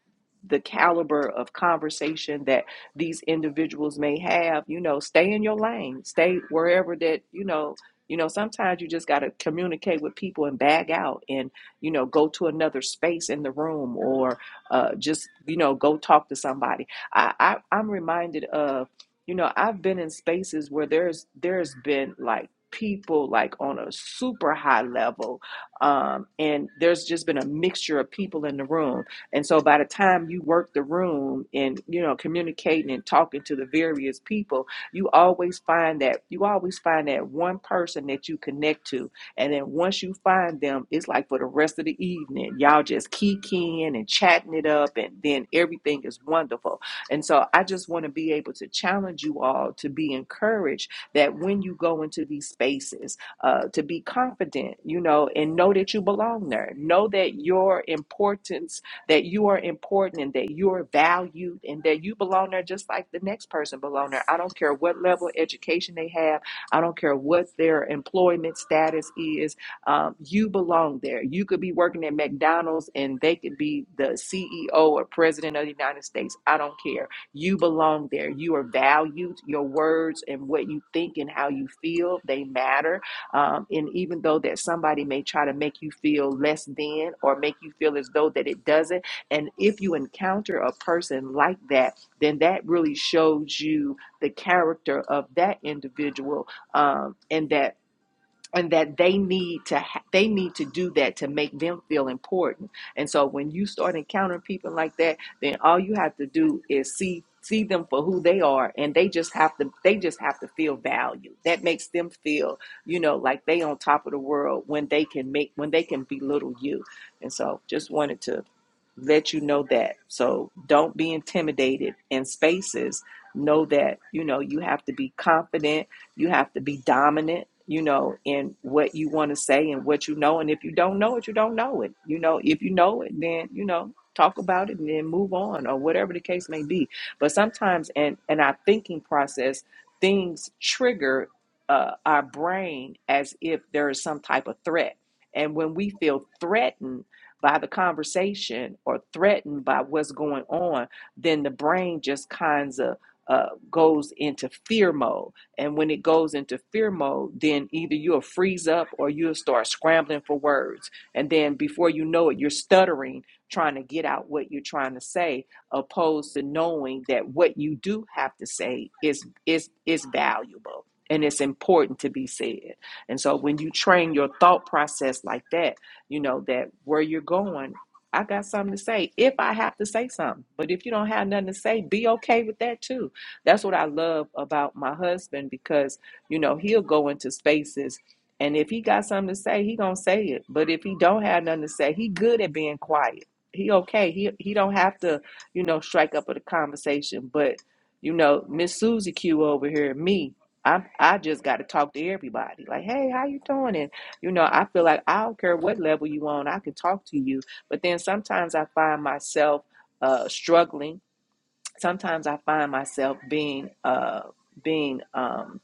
A: the caliber of conversation that these individuals may have you know stay in your lane stay wherever that you know you know sometimes you just got to communicate with people and bag out and you know go to another space in the room or uh, just you know go talk to somebody I, I i'm reminded of you know i've been in spaces where there's there's been like people like on a super high level um, and there's just been a mixture of people in the room and so by the time you work the room and you know communicating and talking to the various people you always find that you always find that one person that you connect to and then once you find them, it's like for the rest of the evening, y'all just kicking and chatting it up, and then everything is wonderful. And so I just want to be able to challenge you all to be encouraged that when you go into these spaces, uh, to be confident, you know, and know that you belong there. Know that your importance, that you are important and that you are valued and that you belong there just like the next person belong there. I don't care what level of education they have. I don't care what their employment status is. Um, you belong there. You could be working at McDonald's and they could be the CEO or president of the United States. I don't care. You belong there. You are valued. Your words and what you think and how you feel, they matter. Um, and even though that somebody may try to make you feel less than or make you feel as though that it doesn't, and if you encounter a person like that, then that really shows you the character of that individual um, and that and that they need to ha- they need to do that to make them feel important. And so when you start encountering people like that, then all you have to do is see see them for who they are and they just have to they just have to feel valued. That makes them feel, you know, like they on top of the world when they can make when they can belittle you. And so just wanted to let you know that. So don't be intimidated in spaces. Know that, you know, you have to be confident you have to be dominant, you know, in what you want to say and what you know. And if you don't know it, you don't know it. You know, if you know it, then, you know, talk about it and then move on or whatever the case may be. But sometimes in, in our thinking process, things trigger uh, our brain as if there is some type of threat. And when we feel threatened by the conversation or threatened by what's going on, then the brain just kinds of uh, goes into fear mode and when it goes into fear mode, then either you'll freeze up or you'll start scrambling for words. And then before you know it, you're stuttering, trying to get out what you're trying to say, opposed to knowing that what you do have to say is is is valuable and it's important to be said. And so when you train your thought process like that, you know that where you're going, I got something to say if I have to say something. But if you don't have nothing to say, be okay with that too that's what I love about my husband because, you know, he'll go into spaces and if he got something to say, he gonna say it. But if he don't have nothing to say, he good at being quiet. He okay. He he don't have to, you know, strike up a conversation. But, you know, Miss Susie Q over here, me, I I just gotta talk to everybody. Like, hey, how you doing? And you know, I feel like I don't care what level you on, I can talk to you. But then sometimes I find myself uh struggling sometimes I find myself being uh being um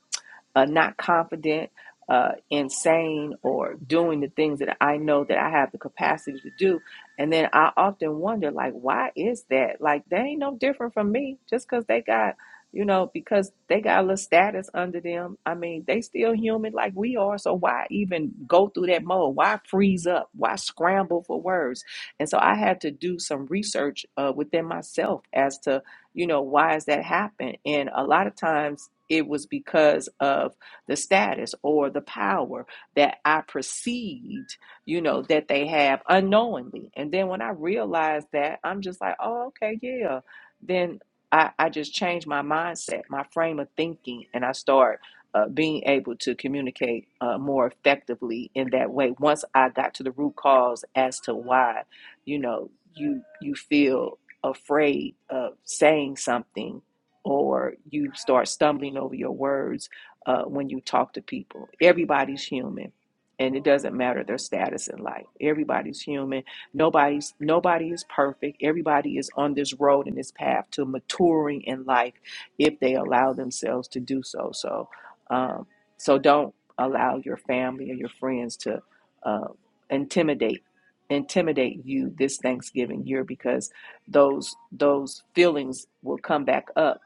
A: uh, not confident, uh insane or doing the things that I know that I have the capacity to do. And then I often wonder like why is that? Like they ain't no different from me just cuz they got you know because they got a little status under them. I mean, they still human like we are, so why even go through that mode? Why freeze up? Why scramble for words? And so I had to do some research uh, within myself as to you know, why has that happened? And a lot of times it was because of the status or the power that I perceived, you know, that they have unknowingly. And then when I realized that, I'm just like, oh, okay, yeah. Then I, I just changed my mindset, my frame of thinking, and I start uh, being able to communicate uh, more effectively in that way. Once I got to the root cause as to why, you know, you you feel afraid of saying something or you start stumbling over your words uh, when you talk to people. Everybody's human and it doesn't matter their status in life. Everybody's human. Nobody's nobody is perfect. Everybody is on this road and this path to maturing in life if they allow themselves to do so. So um, so don't allow your family or your friends to uh, intimidate intimidate you this Thanksgiving year because those those feelings will come back up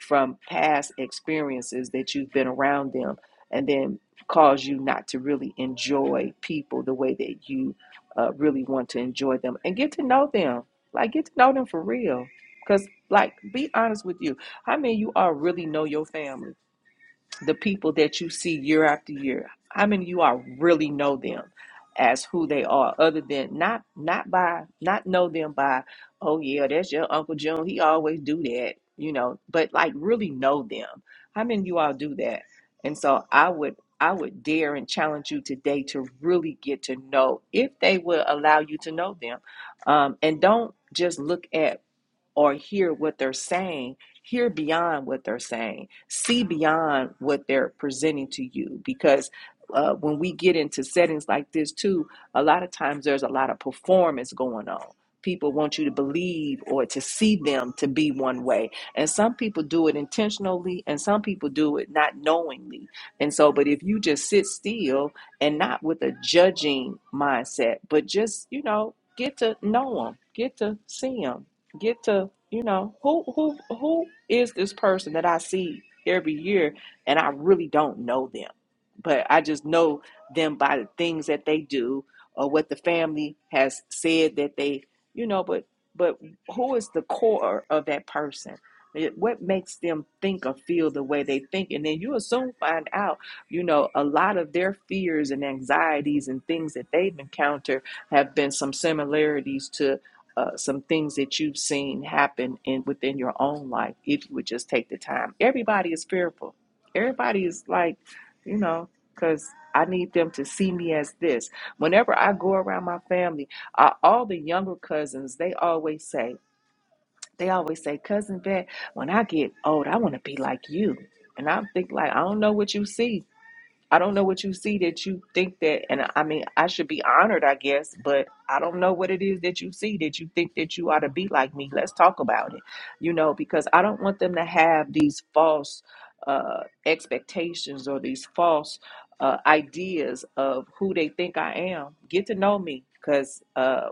A: from past experiences that you've been around them and then cause you not to really enjoy people the way that you uh, really want to enjoy them and get to know them like get to know them for real because like be honest with you how many of you all really know your family the people that you see year after year how many of you all really know them as who they are other than not not by not know them by oh yeah that's your uncle june he always do that you know but like really know them how many of you all do that and so i would i would dare and challenge you today to really get to know if they will allow you to know them um, and don't just look at or hear what they're saying, hear beyond what they're saying, see beyond what they're presenting to you. Because uh, when we get into settings like this, too, a lot of times there's a lot of performance going on. People want you to believe or to see them to be one way. And some people do it intentionally and some people do it not knowingly. And so, but if you just sit still and not with a judging mindset, but just, you know, get to know them, get to see them get to you know who who who is this person that I see every year and I really don't know them but I just know them by the things that they do or what the family has said that they you know but but who is the core of that person It- what makes them think or feel the way they think and then you'll soon find out you know a lot of their fears and anxieties and things that they've encountered have been some similarities to uh, some things that you've seen happen in within your own life if you would just take the time. Everybody is fearful. Everybody is like, you know, because I need them to see me as this. Whenever I go around my family, uh, all the younger cousins, they always say, they always say, cousin Bet, when I get old, I want to be like you. And i think like, I don't know what you see, I don't know what you see that you think that, and I mean, I should be honored, I guess, but I don't know what it is that you see that you think that you ought to be like me. Let's talk about it, you know, because I don't want them to have these false uh, expectations or these false uh, ideas of who they think I am. Get to know me, because uh,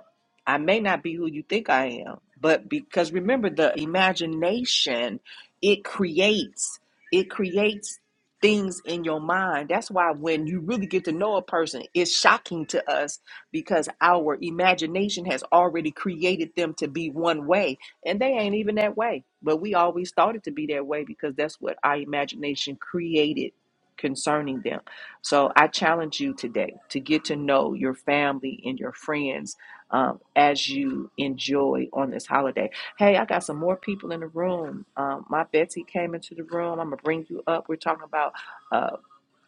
A: I may not be who you think I am, but because remember, the imagination it creates. It creates things in your mind. That's why when you really get to know a person, it's shocking to us because our imagination has already created them to be one way, and they ain't even that way. But we always thought it to be that way because that's what our imagination created concerning them. So I challenge you today to get to know your family and your friends um, as you enjoy on this holiday. Hey, I got some more people in the room. Um, my Betsy came into the room. I'm gonna bring you up. We're talking about uh,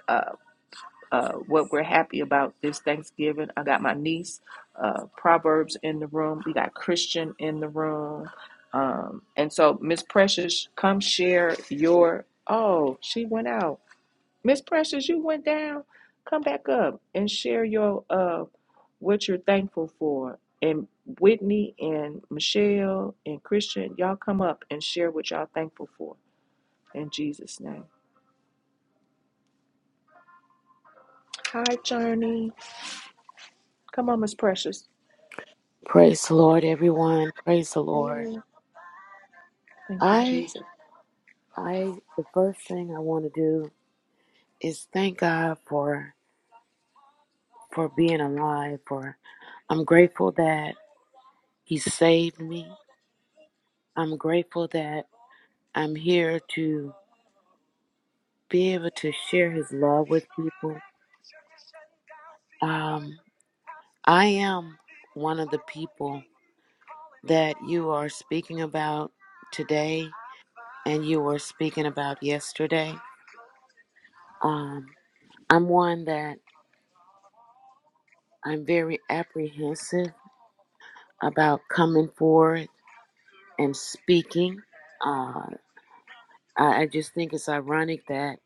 A: uh, uh, what we're happy about this Thanksgiving. I got my niece, uh, Proverbs in the room. We got Christian in the room. Um, and so, Miss Precious, come share your. Oh, she went out. Miss Precious, you went down. Come back up and share your uh, what you're thankful for. And Whitney and Michelle and Christian, y'all come up and share what y'all thankful for in Jesus' name. Hi, Journey. Come on, Miss Precious.
Q: Praise the Lord, everyone. Praise the
A: Hey,
Q: Lord.
A: thank you,
Q: I,
A: Jesus.
Q: I, the first thing I want to do is thank God for for being alive. For I'm grateful that He saved me. I'm grateful that I'm here to be able to share His love with people. Um, I am one of the people that you are speaking about today, and you were speaking about yesterday. Um, I'm one that I'm very apprehensive about coming forward and speaking. Uh, I, I just think it's ironic that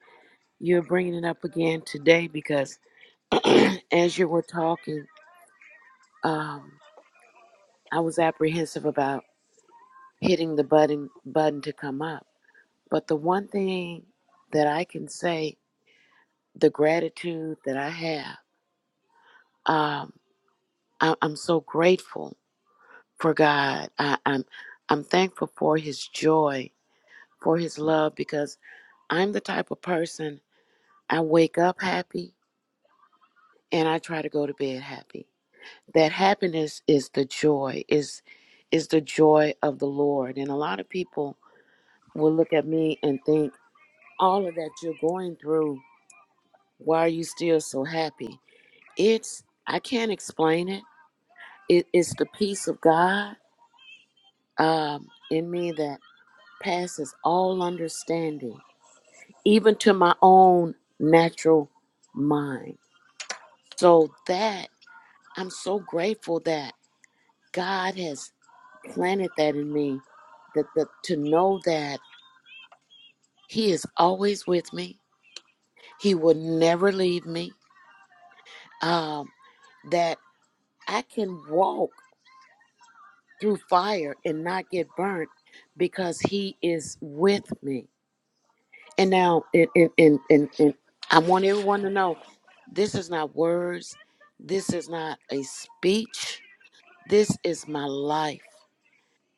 Q: you're bringing it up again today because as you were talking, um, I was apprehensive about hitting the button button to come up. But the one thing that I can say, the gratitude that I have, um, I, I'm so grateful for God. I, I'm I'm thankful for His joy for his love because I'm the type of person I wake up happy and I try to go to bed happy. That happiness is the joy, is is the joy of the Lord. And a lot of people will look at me and think, all of that you're going through, why are you still so happy? It's I can't explain it. It is the peace of God um, in me that passes all understanding, even to my own natural mind So that I'm so grateful that God has planted that in me that the, to know that he is always with me. He will never leave me. Um that I can walk through fire and not get burnt because he is with me. And now and and and, and, and I want everyone to know this is not words. This is not a speech. This is my life.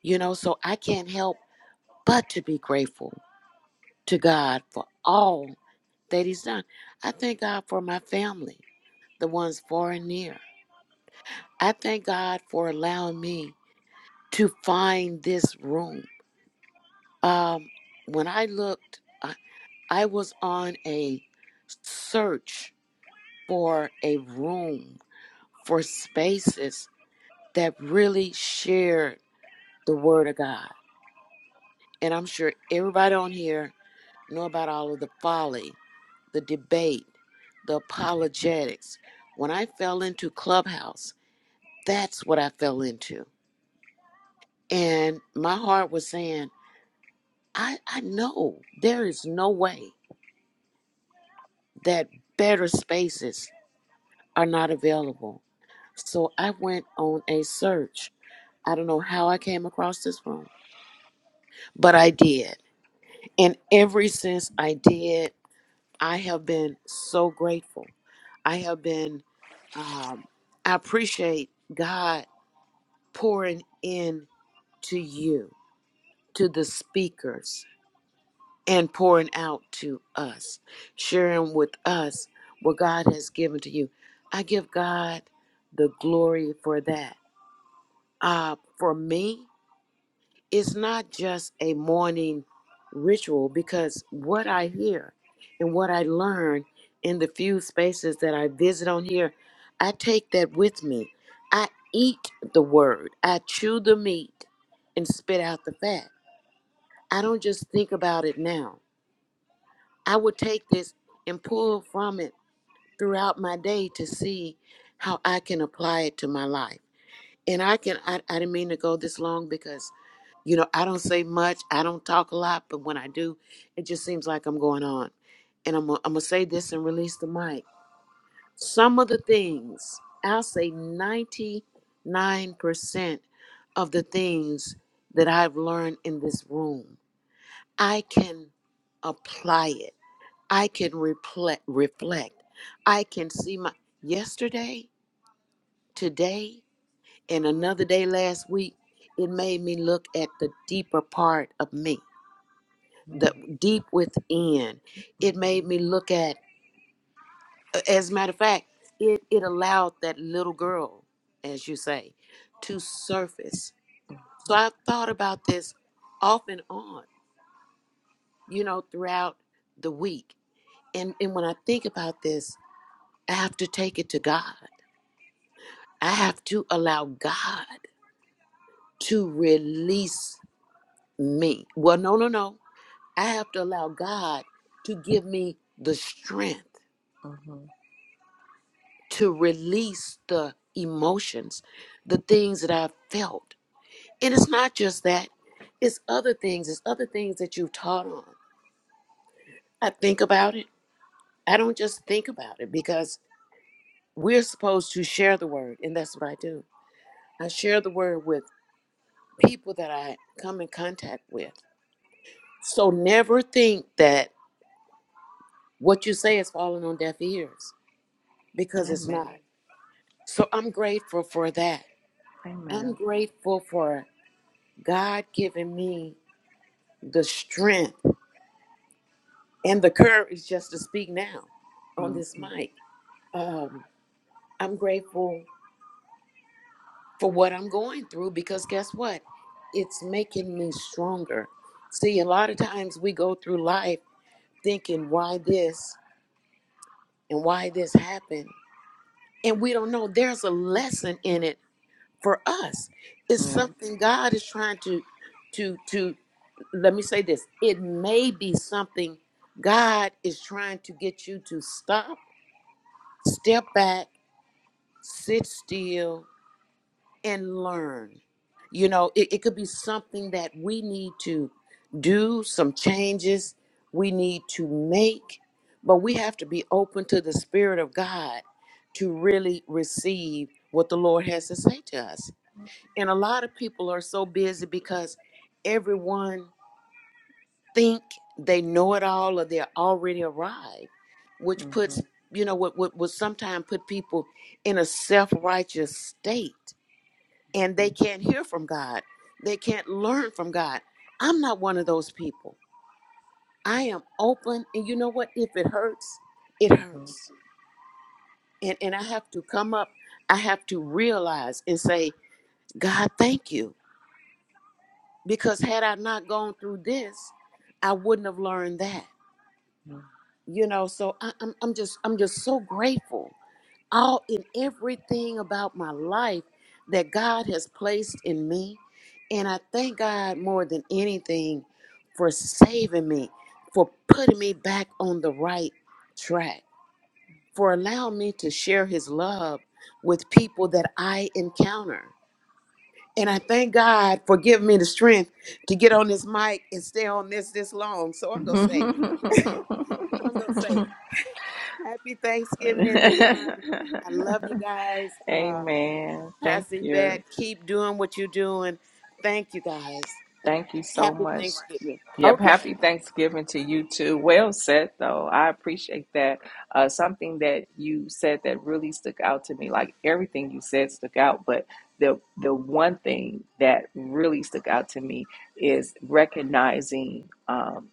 Q: You know, so I can't help but to be grateful to God for all that He's done. I thank God for my family, the ones far and near. I thank God for allowing me to find this room. Um, when I looked, I, I was on a search for a room for spaces that really shared the Word of God. And I'm sure everybody on here know about all of the folly, the debate, the apologetics. When I fell into Clubhouse, that's what I fell into. And my heart was saying, I, I know there is no way that better spaces are not available. So I went on a search. I don't know how I came across this room, but I did. And ever since I did, I have been so grateful. I have been, um, I appreciate God pouring in to you, to the speakers, and pouring out to us, sharing with us what God has given to you. I give God the glory for that. Uh, for me, it's not just a morning ritual because what I hear and what I learn in the few spaces that I visit on here, I take that with me. I eat the word, I chew the meat and spit out the fat. I don't just think about it now. I will take this and pull from it throughout my day to see how I can apply it to my life. And I can, I, I didn't mean to go this long because you know, I don't say much, I don't talk a lot, but when I do, it just seems like I'm going on. And I'm gonna I'm gonna say this and release the mic. Some of the things, I'll say 99% of the things that I've learned in this room, I can apply it. I can reflect, reflect. I can see my yesterday, today, and another day last week. It made me look at the deeper part of me the
A: Mm-hmm.
Q: deep within. It made me look at, as a matter of fact, it, it allowed that little girl, as you say, to surface. So
A: Mm-hmm.
Q: I've thought about this off and on, you know, throughout the week. And, and when I think about this, I have to take it to God. I have to allow God to release me. Well, no, no, no. I have to allow God to give me the strength
A: Mm-hmm.
Q: to release the emotions, the things that I've felt. And it's not just that, it's other things, it's other things that you've taught on. I think about it. I don't just think about it because we're supposed to share the word, and that's what I do. I share the word with people that I come in contact with. So never think that what you say is falling on deaf ears because it's not.
A: Amen.
Q: So I'm grateful for that. I'm
A: Amen.
Q: grateful for God giving me the strength and the courage just to speak now on this
A: Mm-hmm.
Q: mic. Um, I'm grateful for what I'm going through because guess what? It's making me stronger. See, a lot of times we go through life thinking, why this and why this happened? And we don't know there's a lesson in it for us it's
A: Yeah.
Q: something god is trying to to to let me say this it may be something god is trying to get you to stop step back sit still and learn you know it, it could be something that we need to do some changes we need to make but we have to be open to the spirit of god to really receive what the lord has to say to us and a lot of people are so busy because everyone think they know it all or they're already arrived which puts
A: Mm-hmm.
Q: you know what what would sometimes put people in a self-righteous state and they can't hear from god they can't learn from god i'm not one of those people i am open and you know what if it hurts it hurts and and i have to come up i have to realize and say god thank you because had I not gone through this, I wouldn't have learned that. You know, so I, I'm I'm just I'm just so grateful all in everything about my life that God has placed in me, and I thank God more than anything for saving me, for putting me back on the right track, for allowing me to share His love with people that I encounter and I thank God for giving me the strength to get on this mic and stay on this this long. So
A: Mm-hmm.
Q: I'm going to say, I'm going to say, happy Thanksgiving, everyone.
A: Mm-hmm.
Q: I love you guys. Uh,
A: Amen. Thank
Q: Pastor
A: you.
Q: Yvette, keep doing what you're doing. Thank you guys.
A: Thank you so
Q: Happy
A: much,
Q: Thanksgiving.
A: Yep,
Q: Okay.
A: happy Thanksgiving to you too. Well said, though. I appreciate that. Uh, something that you said that really stuck out to me, like everything you said stuck out, but the the one thing that really stuck out to me is recognizing. Um,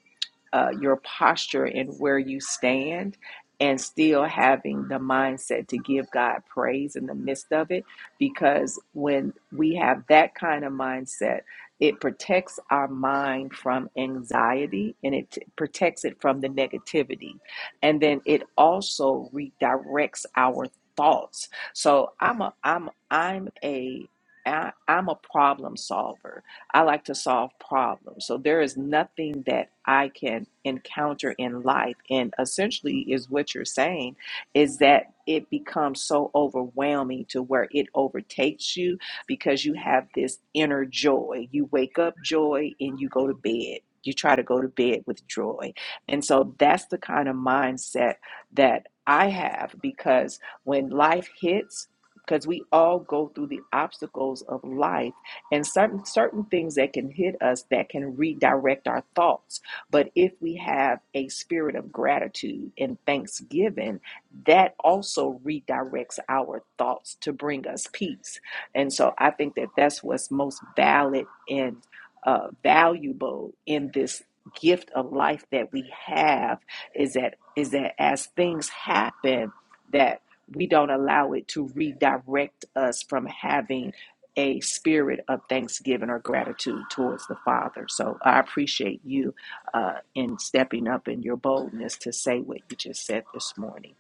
A: uh, your posture and where you stand and still having the mindset to give God praise in the midst of it because when we have that kind of mindset it protects our mind from anxiety and it t- protects it from the negativity and then it also redirects our thoughts so I'm a I'm I'm a I- I'm a problem solver I like to solve problems. So there is nothing that I can encounter in life. And essentially, is what you're saying is that it becomes so overwhelming to where it overtakes you because you have this inner joy. You wake up joy and you go to bed. You try to go to bed with joy. And so that's the kind of mindset that I have because when life hits, because we all go through the obstacles of life and certain certain things that can hit us that can redirect our thoughts but if we have a spirit of gratitude and thanksgiving that also redirects our thoughts to bring us peace and so i think that that's what's most valid and uh, valuable in this gift of life that we have is that is that as things happen that we don't allow it to redirect us from having a spirit of thanksgiving or gratitude towards the Father. So I appreciate you uh, in stepping up in your boldness to say what you just said this morning.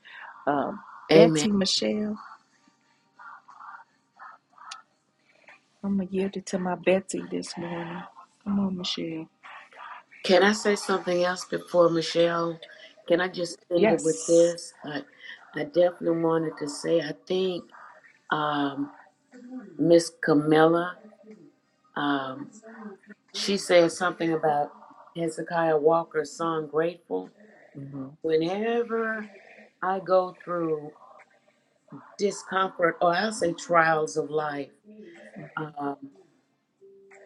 A: Um,
Q: Amen.
A: Betsy Michelle, I'm going to yield it to my Betsy this morning. Come on, Michelle.
Q: Can I say something else before Michelle? Can I just end it with
A: Yes.
Q: this? I, I definitely wanted to say I think um, Miss Camilla. um, She said something about Hezekiah Walker's song Grateful.
A: hmm
Q: Whenever I go through discomfort, or I'll say trials of life,
A: hmm
Q: um,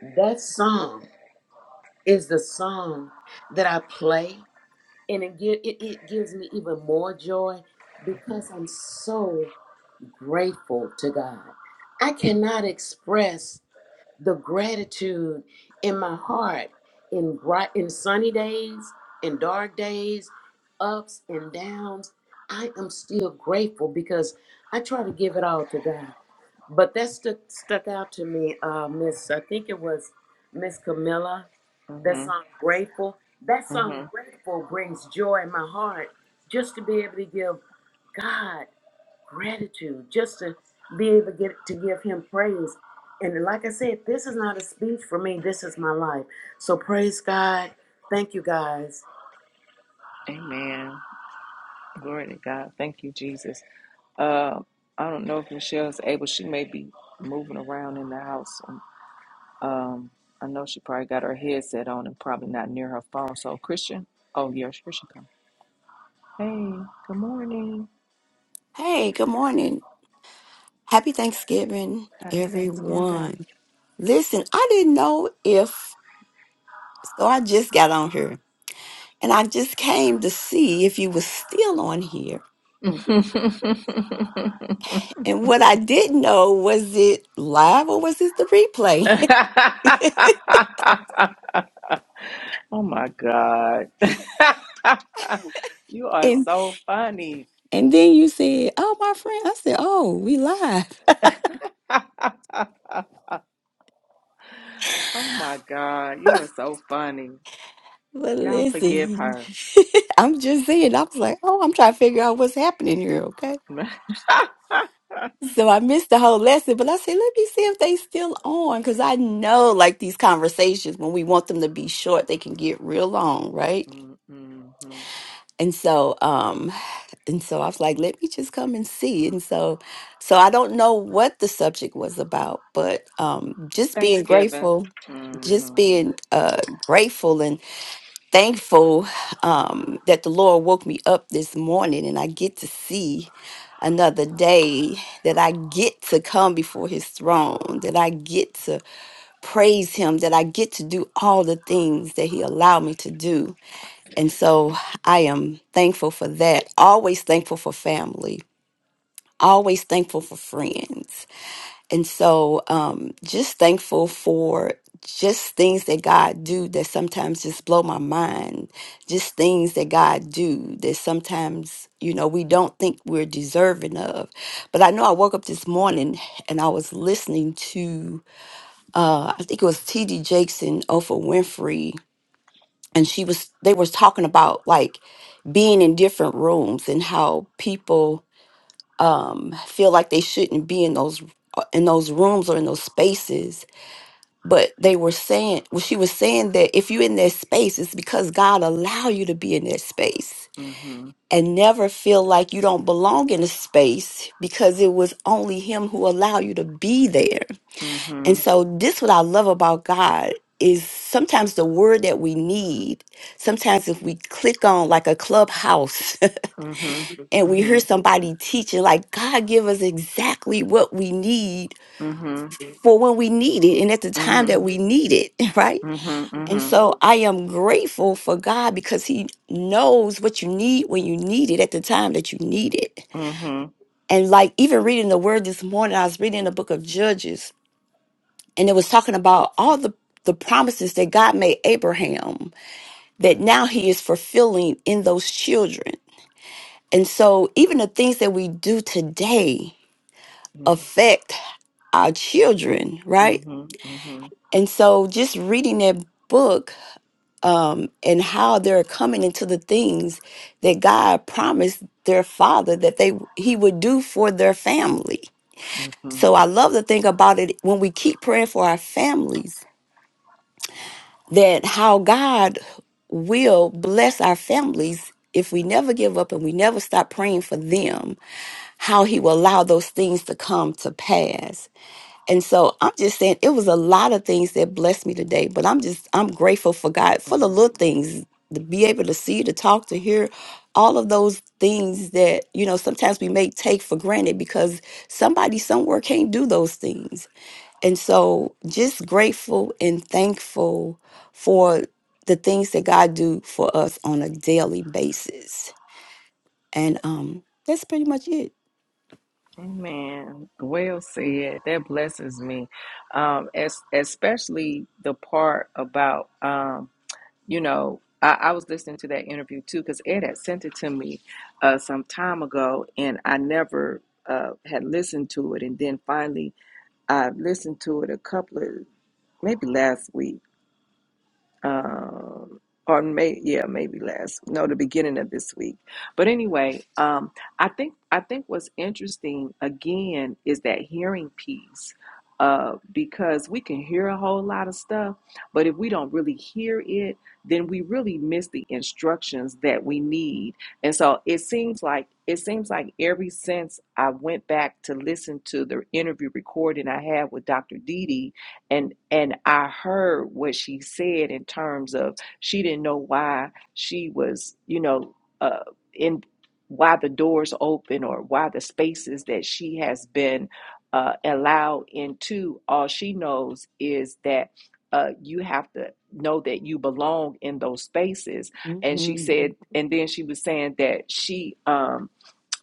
Q: that song is the song that I play. And it, gi- it, it gives me even more joy because I'm so grateful to God. I cannot express the gratitude in my heart in bright in sunny days in dark days ups and downs i am still grateful because i try to give it all to god but that stuck stuck out to me uh miss i think it was miss camilla that
A: hmm
Q: song grateful that song
A: hmm
Q: grateful brings joy in my heart just to be able to give god gratitude just to be able to get to give him praise and like i said this is not a speech for me this is my life so praise god thank you guys
A: Amen. Glory to God. Thank you, Jesus. Uh, I don't know if Michelle's able. She may be moving around in the house. Um, I know she probably got her headset on and probably not near her phone. So Christian, oh yeah, here she come. Hey, good morning.
R: Hey, good morning. Happy Thanksgiving,
A: Happy Thanksgiving.
R: everyone. Listen, I didn't know if, so I just got on here and I just came to see if you was still on here. And what I didn't know was it live or was it the replay?
A: oh my God, you are
R: and
A: so funny.
R: and then you said, "Oh, my friend," I said, "Oh, we live."
A: oh my God, you are so funny.
R: But
A: Y'all forgive
R: listen,
A: her.
R: I'm just saying, I was like, "Oh, I'm trying to figure out what's happening here." okay? So I missed the whole lesson, but I said, let me see if they still on. Cause I know like these conversations, when we want them to be short, they can get real long, right?
A: Mm-hmm.
R: And so, um, and so I was like, let me just come and see. And so, so I don't know what the subject was about, but um just being
A: Thanksgiving.
R: grateful,
A: Mm-hmm.
R: just being uh grateful and thankful um, that the Lord woke me up this morning and I get to see another day, that I get to come before his throne, that I get to praise him, that I get to do all the things that he allowed me to do. And so I am thankful for that. Always thankful for family, always thankful for friends and so um just thankful for just things that god do that sometimes just blow my mind just things that god do that sometimes you know we don't think we're deserving of but i know i woke up this morning and i was listening to uh i think it was td jakes and oprah winfrey and she was they was talking about like being in different rooms and how people um, feel like they shouldn't be in those uh, in those rooms or in those spaces. But they were saying, well, she was saying that if you're in that space, it's because God allow you to be in that space,
A: Mm-hmm.
R: and never feel like you don't belong in a space because it was only Him who allowed you to be there.
A: Mm-hmm.
R: And so, this what I love about God is sometimes the word that we need. Sometimes if we click on like a clubhouse
A: Mhm.
R: and we hear
A: Mhm.
R: somebody teaching like god give us exactly what we need
A: Mhm.
R: for when we need it and at the time
A: Mhm.
R: that we need it right
A: Mhm.
R: and
A: Mhm.
R: so i am grateful for god because he knows what you need when you need it at the time that you need it
A: Mhm.
R: and like even reading the word this morning i was reading the book of judges and it was talking about all the the promises that god made abraham that now he is fulfilling in those children and so even the things that we do today
A: Mhm.
R: affect our children, right?
A: Mhm. Mhm.
R: And so just reading that book um, and how they're coming into the things that God promised their father that they he would do for their family.
A: Mhm.
R: So I love to think about it when we keep praying for our families that how God will bless our families if we never give up and we never stop praying for them, how he will allow those things to come to pass. And so I'm just saying it was a lot of things that blessed me today, but I'm just I'm grateful for God for the
A: Mhm.
R: little things to be able to see, to talk, to hear all of those things that, you know, sometimes we may take for granted because somebody somewhere can't do those things. And so just grateful and thankful for the things that God do for us on a daily basis. And um that's pretty much it.
A: Amen. Well said. That blesses me, um, as especially the part about um, you know. I, I was listening to that interview too because Ed had sent it to me uh, some time ago, and I never uh, had listened to it. And then finally, I listened to it a couple of maybe last week, um, or may yeah maybe last no the beginning of this week but anyway um, i think i think what's interesting again is that hearing piece uh, because we can hear a whole lot of stuff but if we don't really hear it then we really miss the instructions that we need and so it seems like it seems like ever since i went back to listen to the interview recording i had with dr Dee and and I heard what she said in terms of she didn't know why she was, you know, uh, in why the doors open or why the spaces that she has been uh, allowed into. All she knows is that uh, you have to know that you belong in those spaces. And she
R: Mhm.
A: said, and then she was saying that she um,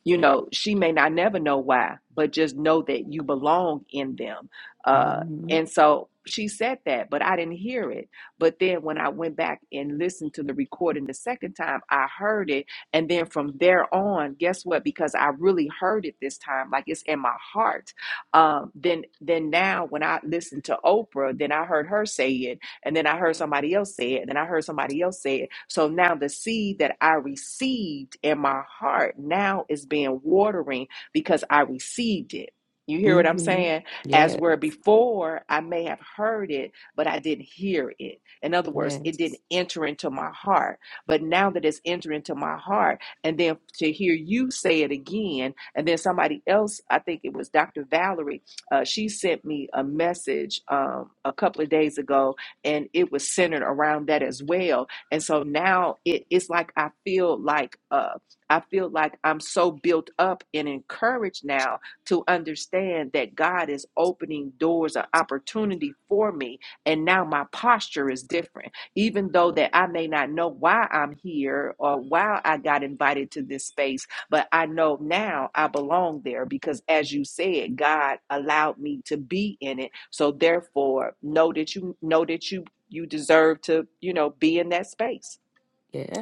A: you know she may not never know why but just know that you belong in them uh
R: Mhm.
A: and so she said that but i didn't hear it but then when i went back and listened to the recording the second time i heard it and then from there on guess what because i really heard it this time like it's in my heart um then then now when i listened to oprah then i heard her say it and then I heard somebody else say it. And then I heard somebody else say it. So now the seed that I received in my heart now is being watering because I received it. You hear what I'm
R: Mhm.
A: saying? As
R: Yes.
A: where before I may have heard it, but I didn't hear it. In other words, it
R: Yes.
A: didn't enter into my heart. But now that it's entered into my heart, and then to hear you say it again, and then somebody else, I think it was Dr. Valerie, uh, she sent me a message um, a couple of days ago and it was centered around that as well. And so now it, it's like I feel like uh, I feel like I'm so built up and encouraged now to understand that God is opening doors of opportunity for me, and now my posture is different. Even though that I may not know why I'm here or why I got invited to this space but I know now I belong there because, as you said, God allowed me to be in it. So therefore, know that you know that you you deserve to you know be in that space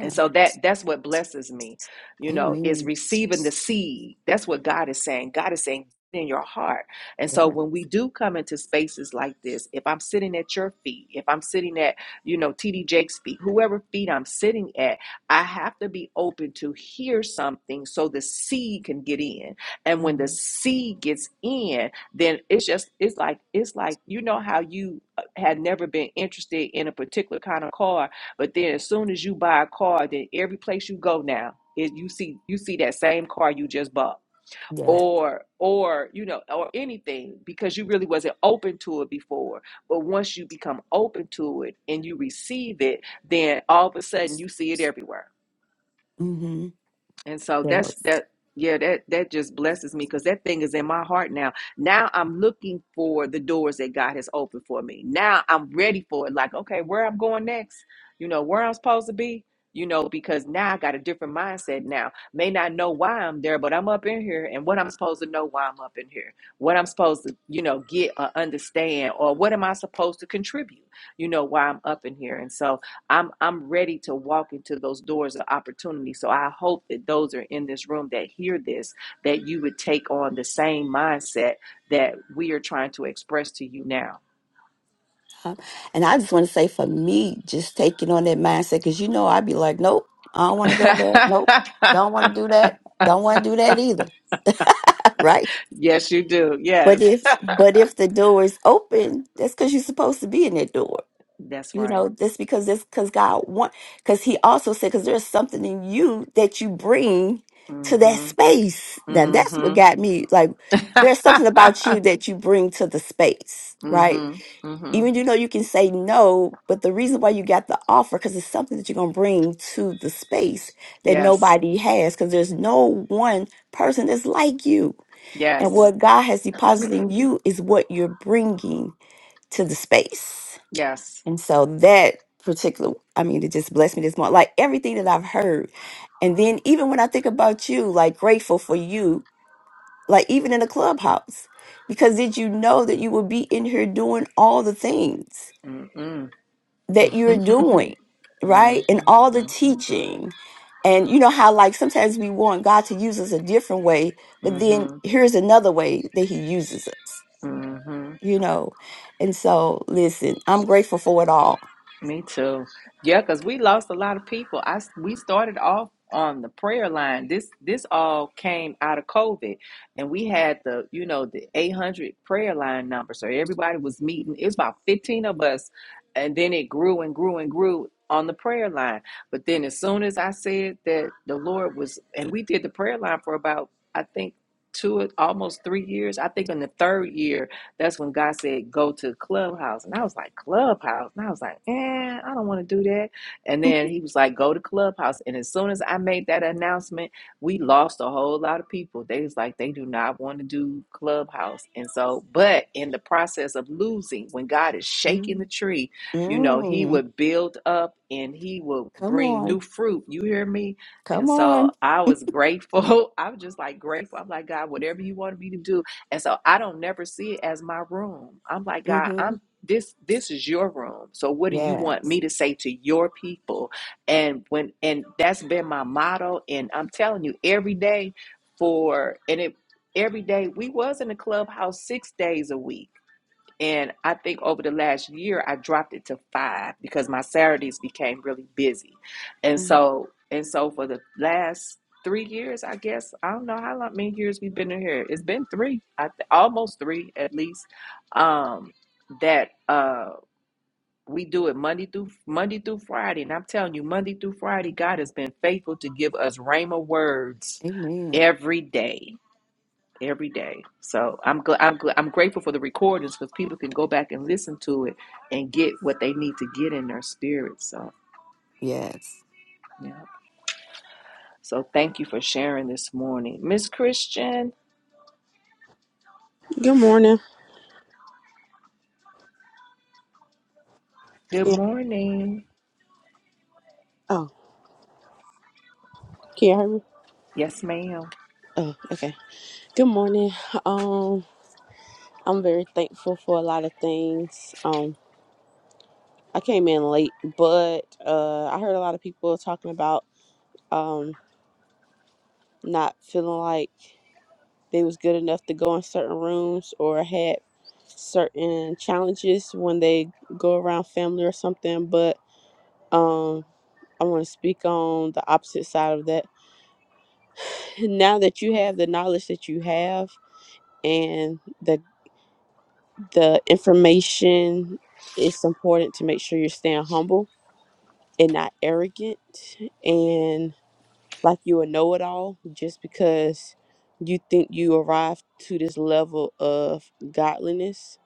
A: and so that that's what blesses me you know is
R: Amen.
A: receiving the seed that's what god is saying god is saying in your heart and so
R: Yeah.
A: when we do come into spaces like this if i'm sitting at your feet if i'm sitting at you know td jake's feet whoever feet i'm sitting at i have to be open to hear something so the seed can get in and when the
R: hmm
A: seed gets in then it's just it's like it's like you know how you uh, had never been interested in a particular kind of car but then as soon as you buy a car, then every place you go now, is you see you see that same car you just bought.
R: That.
A: Or or you know, or anything because you really wasn't open to it before. But once you become open to it and you receive it, then all of a sudden you see it everywhere.
R: hmm
A: And so
R: That
A: that's that yeah, that that just blesses me because that thing is in my heart now. Now I'm looking for the doors that God has opened for me. Now I'm ready for it. Like, okay, where I'm going next, you know, where I'm supposed to be, you know, because now I got a different mindset now. May not know why I'm there, but I'm up in here and what I'm supposed to know why I'm up in here. What I'm supposed to, you know, get or understand or what am I supposed to contribute, you know, why I'm up in here. And so I'm I'm ready to walk into those doors of opportunity. So I hope that those are in this room that hear this, that you would take on the same mindset that we are trying to express to you now.
R: Uh, And I just want to say for me, just taking on that mindset, because you know, I'd be like, nope, I don't want to go there. Nope, don't want to do that. Don't want to do that either. right.
A: yes, you do.
R: But
A: Yes.
R: if but if the door is open, that's because you're supposed to be in that door.
A: That's
R: you
A: right.
R: know this because this because god want because he also said because there's something in you that you bring to that
A: Mm-hmm.
R: space Now that's what
A: Mm-hmm.
R: got me like there's something about you that you bring to the space right
A: mm-hmm.
R: Mhm.
A: Mm-hmm.
R: even you know you can say no but the reason why you got the offer because it's something that you're going to bring to the space that
A: Yes.
R: nobody has because there's no one person that's like you and
A: Yes.
R: what god has deposited in you is what you're bringing to the space
A: Yes.
R: and so that particular, I mean, it just blessed me this morning. Like everything that I've heard. And then even when I think about you, like grateful for you, like even in the clubhouse, because did you know that you would be in here doing all the things
A: Mm-mm.
R: that you're
A: Mm-hmm.
R: doing, right? And
A: Mm-hmm.
R: all the teaching. And you know how, like, sometimes we want God to use us a different way, but then
A: Mm-hmm.
R: here's another way that He uses us,
A: Mm-hmm.
R: you know? And so, listen, I'm grateful for it all.
A: Me too. Yeah, because we lost a lot of people. I s- we started off on the prayer line. This this all came out of COVID, and we had the you know the eight hundred prayer line number. So everybody was meeting. It was about fifteen of us, and then it grew and grew and grew on the prayer line. But then as soon as I said that the Lord was, and we did the prayer line for about I think two almost three years. I think in the third year that's when God said, go to Clubhouse. And I was like, Clubhouse? And I was like, eh, I don't want to do that. And then he was like, go to Clubhouse. And as soon as I made that announcement, we lost a whole lot of people. They was like, they do not want to do Clubhouse. And so, but in the process of losing, when God is shaking the tree, you know, he
R: Mm,
A: would build up and he will
R: come
A: bring new
R: on.
A: fruit. You hear me? And
R: Come
A: so
R: on.
A: I was grateful. I'm just like grateful. I'm like, God, whatever you wanted me to do, and so I don't never see it as my room. I'm like, God,
R: hmm
A: I'm this this is your room. So what do you want me
R: Yes.
A: to say to your people? And when and that's been my motto. And I'm telling you, every day for and it every day we was in the clubhouse six days a week and I think over the last year, I dropped it to five because my Saturdays became really busy. And
R: Mm,
A: so, and so for the last three years, I guess, I don't know how long, many years we've been in here. It's been three, I th- almost three at least, um, that, uh, we do it Monday through Monday through Friday, and I'm telling you, Monday through Friday, God has been faithful to give us Rhema words
R: Amen.
A: every day every day. So I'm gl- I'm gl- I'm grateful for the recordings because people can go back and listen to it and get what they need to get in their spirit. So
R: Yes.
A: yeah. So thank you for sharing this morning, Miss Christian.
S: Good morning.
A: Good
S: Yeah.
A: morning.
S: Oh, can you hear me?
A: Yes, ma'am.
S: Oh, okay. Good morning. Um, I'm very thankful for a lot of things. Um, I came in late, but uh, I heard a lot of people talking about um not feeling like they was good enough to go in certain rooms or had certain challenges when they go around family or something. But um, I want to speak on the opposite side of that. Now that you have the knowledge that you have and the the information it's important to make sure you're staying humble and not arrogant and like you a know-it-all just because you think you arrived to this level of godliness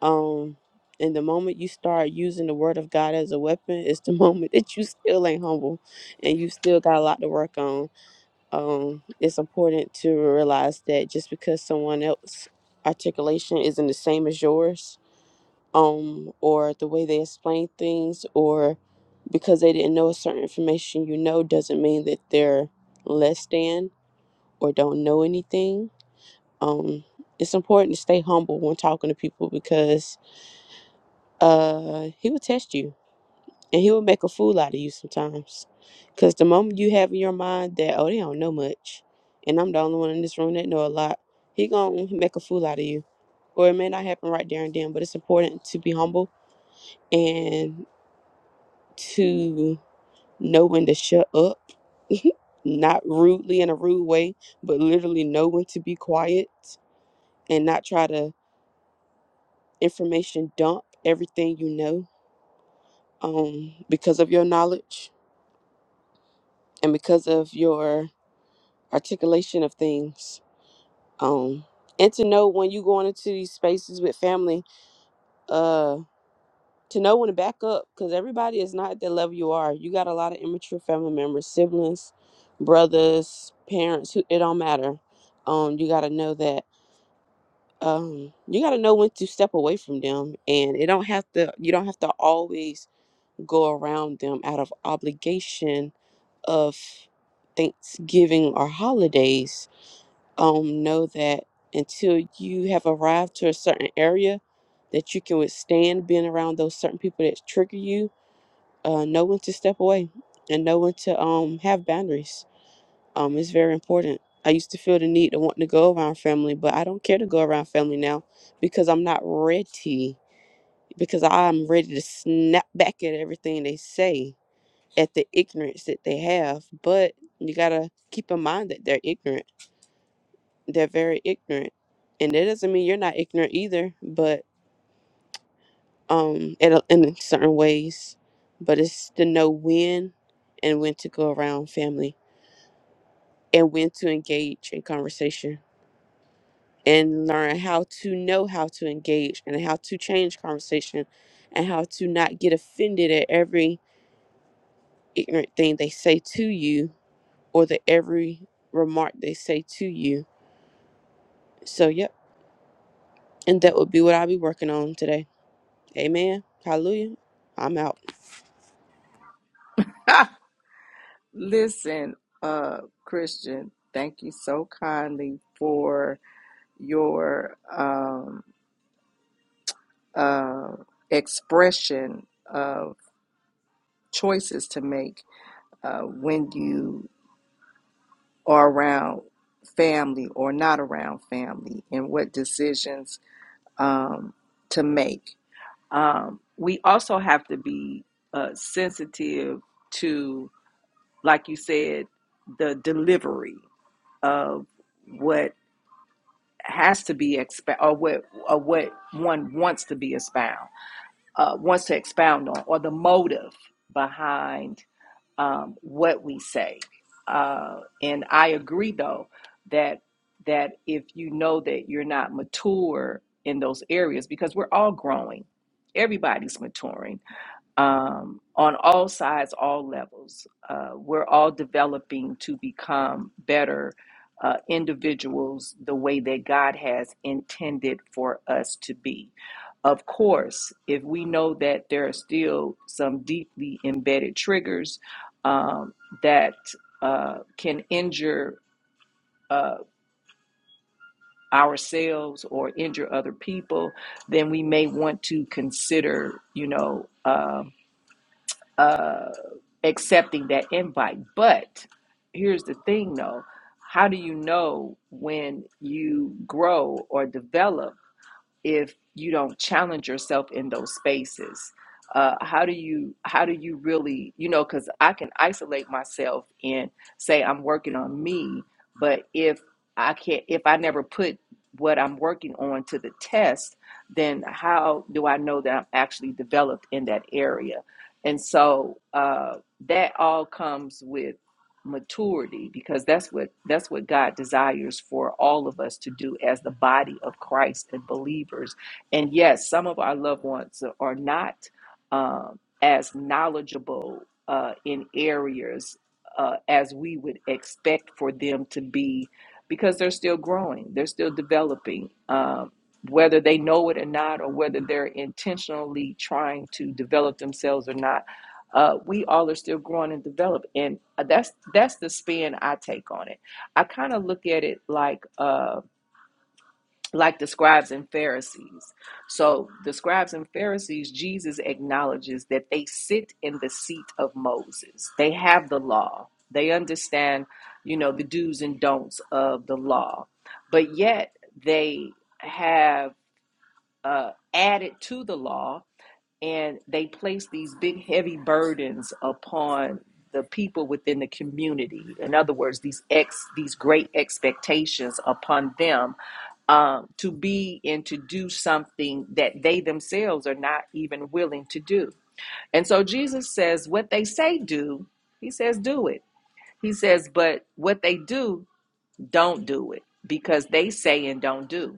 S: um and the moment you start using the word of god as a weapon it's the moment that you still ain't humble and you still got a lot to work on um it's important to realize that just because someone else articulation isn't the same as yours um, or the way they explain things, or because they didn't know a certain information you know, doesn't mean that they're less than or don't know anything. Um, it's important to stay humble when talking to people because uh, he will test you and he will make a fool out of you sometimes. Because the moment you have in your mind that, oh, they don't know much, and I'm the only one in this room that know a lot, he going to make a fool out of you or it may not happen right there and then, but it's important to be humble. And to know when to shut up, not rudely in a rude way, but literally know when to be quiet and not try to information dump everything you know um, because of your knowledge and because of your articulation of things. Um, and to know when you going into these spaces with family uh. to know when to back up because everybody is not at the level you are. You got a lot of immature family members, siblings, brothers, parents. Who it don't matter. Um, you got to know that. Um, you got to know when to step away from them, and it don't have to. You don't have to always go around them out of obligation of Thanksgiving or holidays. Um, know that until you have arrived to a certain area that you can withstand being around those certain people that trigger you uh, know when to step away and know when to um have boundaries. Um, it's very important. I used to feel the need to want to go around family, but I don't care to go around family now because I'm not ready. Because I'm ready to snap back at everything they say, at the ignorance that they have. But you gotta keep in mind that they're ignorant. They're very ignorant, and that doesn't mean you're not ignorant either. But um, in, a- in certain ways, but it's to know when and when to go around family and when to engage in conversation and learn how to know how to engage and how to change conversation and how to not get offended at every ignorant thing they say to you or the every remark they say to you. So, yep. And that would be what I'll be working on today. Amen. Hallelujah. I'm out.
A: Listen, uh, Christian. Thank you so kindly for your um, uh, expression of choices to make uh, when you or around family or not around family and what decisions um, to make. Um, we also have to be uh, sensitive to, like you said, the delivery of what has to be expound or what or what one wants to be expound uh, wants to expound on or the motive behind um, what we say. Uh, and I agree, though, that that if you know that you're not mature in those areas, because we're all growing, everybody's maturing um, on all sides, all levels. Uh, we're all developing to become better uh, individuals the way that God has intended for us to be. Of course, if we know that there are still some deeply embedded triggers um, that uh, can injure uh, ourselves or injure other people, then we may want to consider, you know. Um, uh, accepting that invite. But here's the thing though how do you know when you grow or develop? if you don't challenge yourself in those spaces uh, how do you how do you really you know because i can isolate myself and say i'm working on me but if i can't if i never put what i'm working on to the test then how do i know that i'm actually developed in that area and so uh, that all comes with maturity because that's what that's what God desires for all of us to do as the body of Christ and believers. And yes, some of our loved ones are not um, as knowledgeable uh, in areas uh, as we would expect for them to be because they're still growing, they're still developing. Um, whether they know it or not, or whether they're intentionally trying to develop themselves or not, uh, we all are still growing and developing. And uh, that's that's the spin I take on it. I kind of look at it like uh, like the scribes and Pharisees. So the scribes and Pharisees, Jesus acknowledges that they sit in the seat of Moses. They have the law. They understand, you know, the do's and don'ts of the law, but yet they have uh, added to the law and they place these big heavy burdens upon the people within the community in other words these ex these great expectations upon them um, to be and to do something that they themselves are not even willing to do and so jesus says what they say do he says do it he says but what they do don't do it because they say and don't do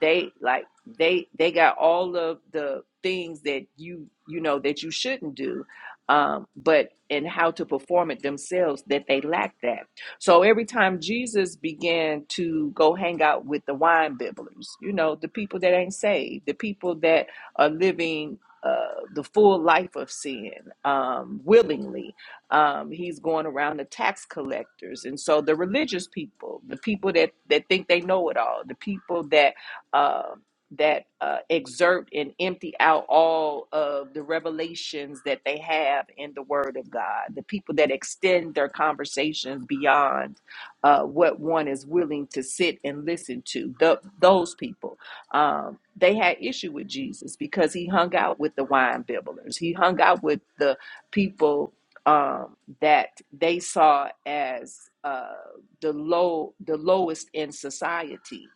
A: they like they they got all of the things that you you know that you shouldn't do um but and how to perform it themselves that they lack that so every time jesus began to go hang out with the wine bibblers you know the people that ain't saved the people that are living uh, the full life of sin um, willingly um, he's going around the tax collectors and so the religious people the people that that think they know it all the people that uh, that uh, exert and empty out all of the revelations that they have in the word of god the people that extend their conversations beyond uh, what one is willing to sit and listen to Th- those people um, they had issue with jesus because he hung out with the wine bibblers he hung out with the people um, that they saw as uh, the low, the lowest in society.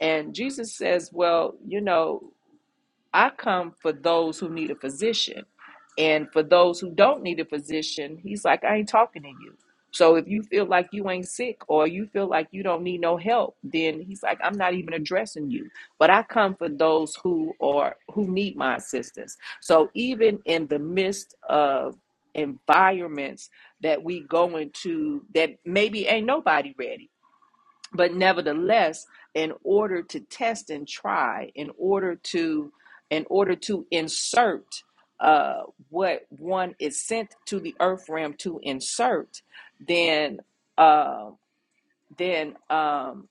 A: And Jesus says, "Well, you know." I come for those who need a physician. And for those who don't need a physician, he's like, I ain't talking to you. So if you feel like you ain't sick or you feel like you don't need no help, then he's like, I'm not even addressing you. But I come for those who are who need my assistance. So even in the midst of environments that we go into that maybe ain't nobody ready. But nevertheless, in order to test and try, in order to in order to insert uh, what one is sent to the earth realm to insert, then uh, then um,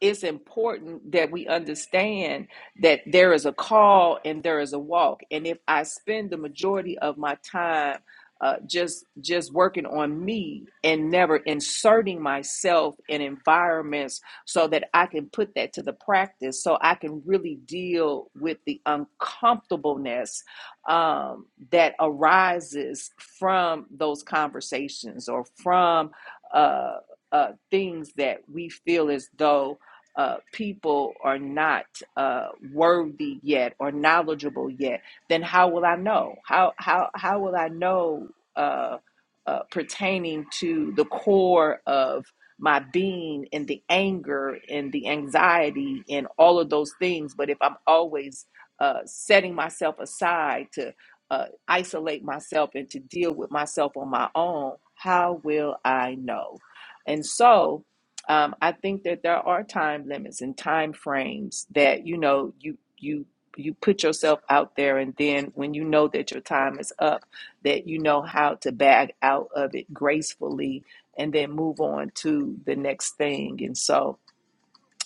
A: it's important that we understand that there is a call and there is a walk and if i spend the majority of my time uh, just just working on me and never inserting myself in environments so that i can put that to the practice so i can really deal with the uncomfortableness um, that arises from those conversations or from uh, uh, things that we feel as though uh, people are not uh, worthy yet or knowledgeable yet, then how will I know? How how how will I know uh, uh, pertaining to the core of my being and the anger and the anxiety and all of those things? But if I'm always uh, setting myself aside to uh, isolate myself and to deal with myself on my own, how will I know? And so um, I think that there are time limits and time frames that you know you you you put yourself out there, and then when you know that your time is up, that you know how to back out of it gracefully, and then move on to the next thing. And so,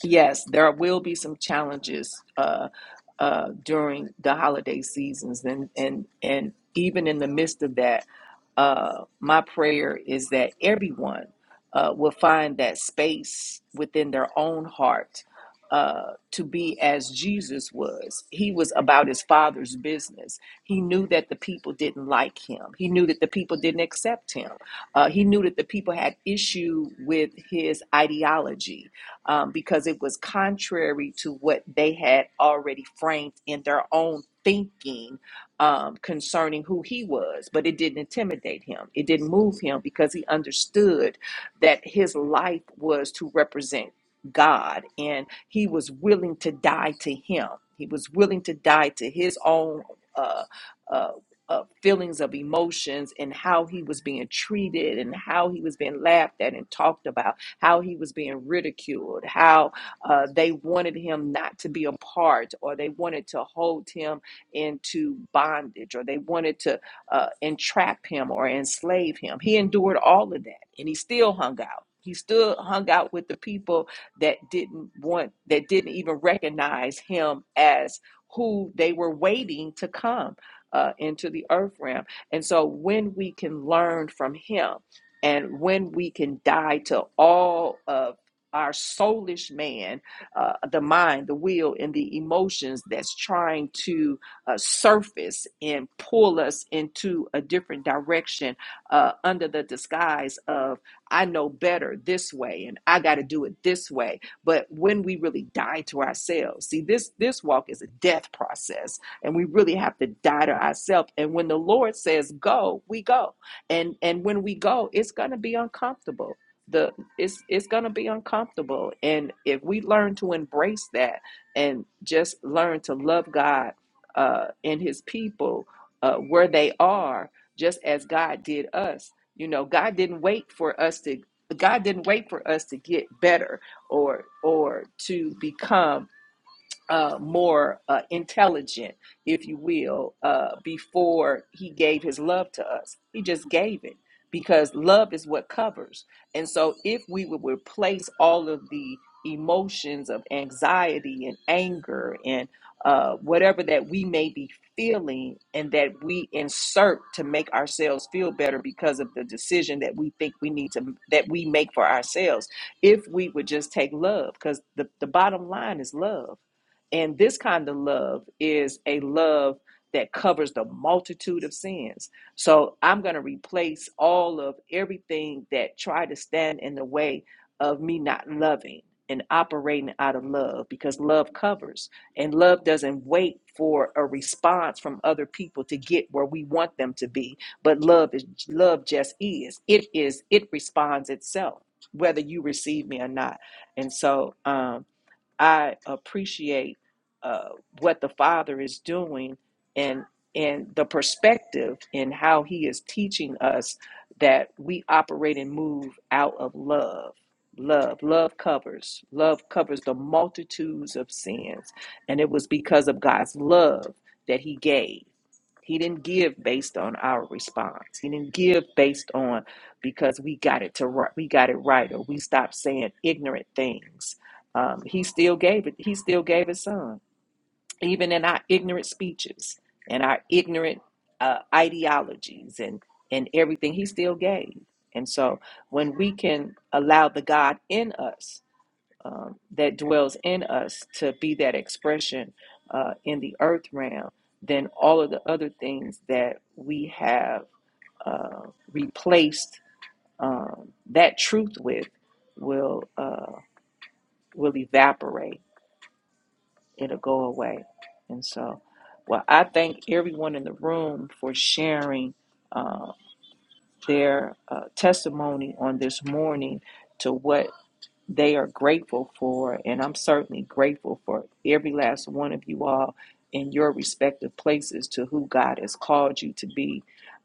A: yes, there will be some challenges uh, uh, during the holiday seasons, and and and even in the midst of that, uh, my prayer is that everyone uh, will find that space within their own heart uh, to be as Jesus was. He was about his father's business. He knew that the people didn't like him. He knew that the people didn't accept him. Uh, he knew that the people had issue with his ideology um, because it was contrary to what they had already framed in their own thinking um, concerning who he was. But it didn't intimidate him, it didn't move him because he understood that his life was to represent God and he was willing to die to him. He was willing to die to his own. Uh, uh, uh, feelings of emotions and how he was being treated and how he was being laughed at and talked about how he was being ridiculed, how uh, they wanted him not to be a part, or they wanted to hold him into bondage, or they wanted to uh, entrap him or enslave him. He endured all of that, and he still hung out. He still hung out with the people that didn't want, that didn't even recognize him as who they were waiting to come uh, into the earth realm. And so, when we can learn from him and when we can die to all of our soulish man, uh, the mind, the will, and the emotions that's trying to uh, surface and pull us into a different direction uh, under the disguise of, I know better this way and I got to do it this way. But when we really die to ourselves, see, this, this walk is a death process and we really have to die to ourselves. And when the Lord says go, we go and and when we go it's going to be uncomfortable the it's it's going to be uncomfortable and if we learn to embrace that and just learn to love god uh and his people uh where they are just as god did us you know god didn't wait for us to god didn't wait for us to get better or or to become uh, more uh, intelligent, if you will, uh, before he gave his love to us. He just gave it because love is what covers. And so, if we would replace all of the emotions of anxiety and anger and uh, whatever that we may be feeling, and that we insert to make ourselves feel better because of the decision that we think we need to that we make for ourselves, if we would just take love, because the, the bottom line is love and this kind of love is a love that covers the multitude of sins. So I'm going to replace all of everything that tried to stand in the way of me not loving and operating out of love because love covers and love doesn't wait for a response from other people to get where we want them to be but love is love just is it is it responds itself whether you receive me or not and so um I appreciate uh, what the Father is doing and and the perspective in how He is teaching us that we operate and move out of love. Love, love covers, love covers the multitudes of sins, and it was because of God's love that He gave. He didn't give based on our response. He didn't give based on because we got it to right, we got it right, or we stopped saying ignorant things. Um, he still gave it. He still gave his son, even in our ignorant speeches and our ignorant uh, ideologies and and everything. He still gave. And so, when we can allow the God in us um, that dwells in us to be that expression uh, in the earth realm, then all of the other things that we have uh, replaced um, that truth with will uh, will evaporate. It'll go away. And so, well, I thank everyone in the room for sharing uh, their uh, testimony on this morning to what they are grateful for, and I'm certainly grateful for every last one of you all in your respective places to who God has called you to be.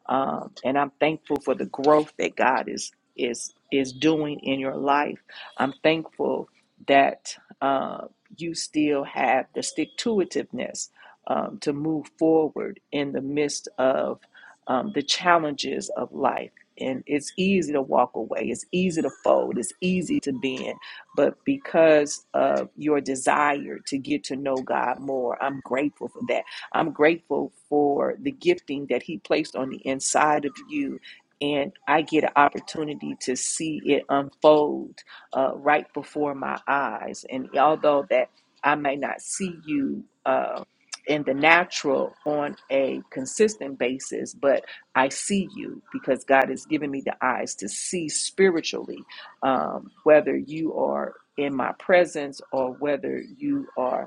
A: Um, and I'm thankful for the growth that God is is is doing in your life. I'm thankful that uh, you still have the stick to itiveness um, to move forward in the midst of um, the challenges of life and it's easy to walk away it's easy to fold it's easy to bend but because of your desire to get to know god more i'm grateful for that i'm grateful for the gifting that he placed on the inside of you and I get an opportunity to see it unfold uh, right before my eyes. And although that I may not see you uh, in the natural on a consistent basis, but I see you because God has given me the eyes to see spiritually, um, whether you are in my presence or whether you are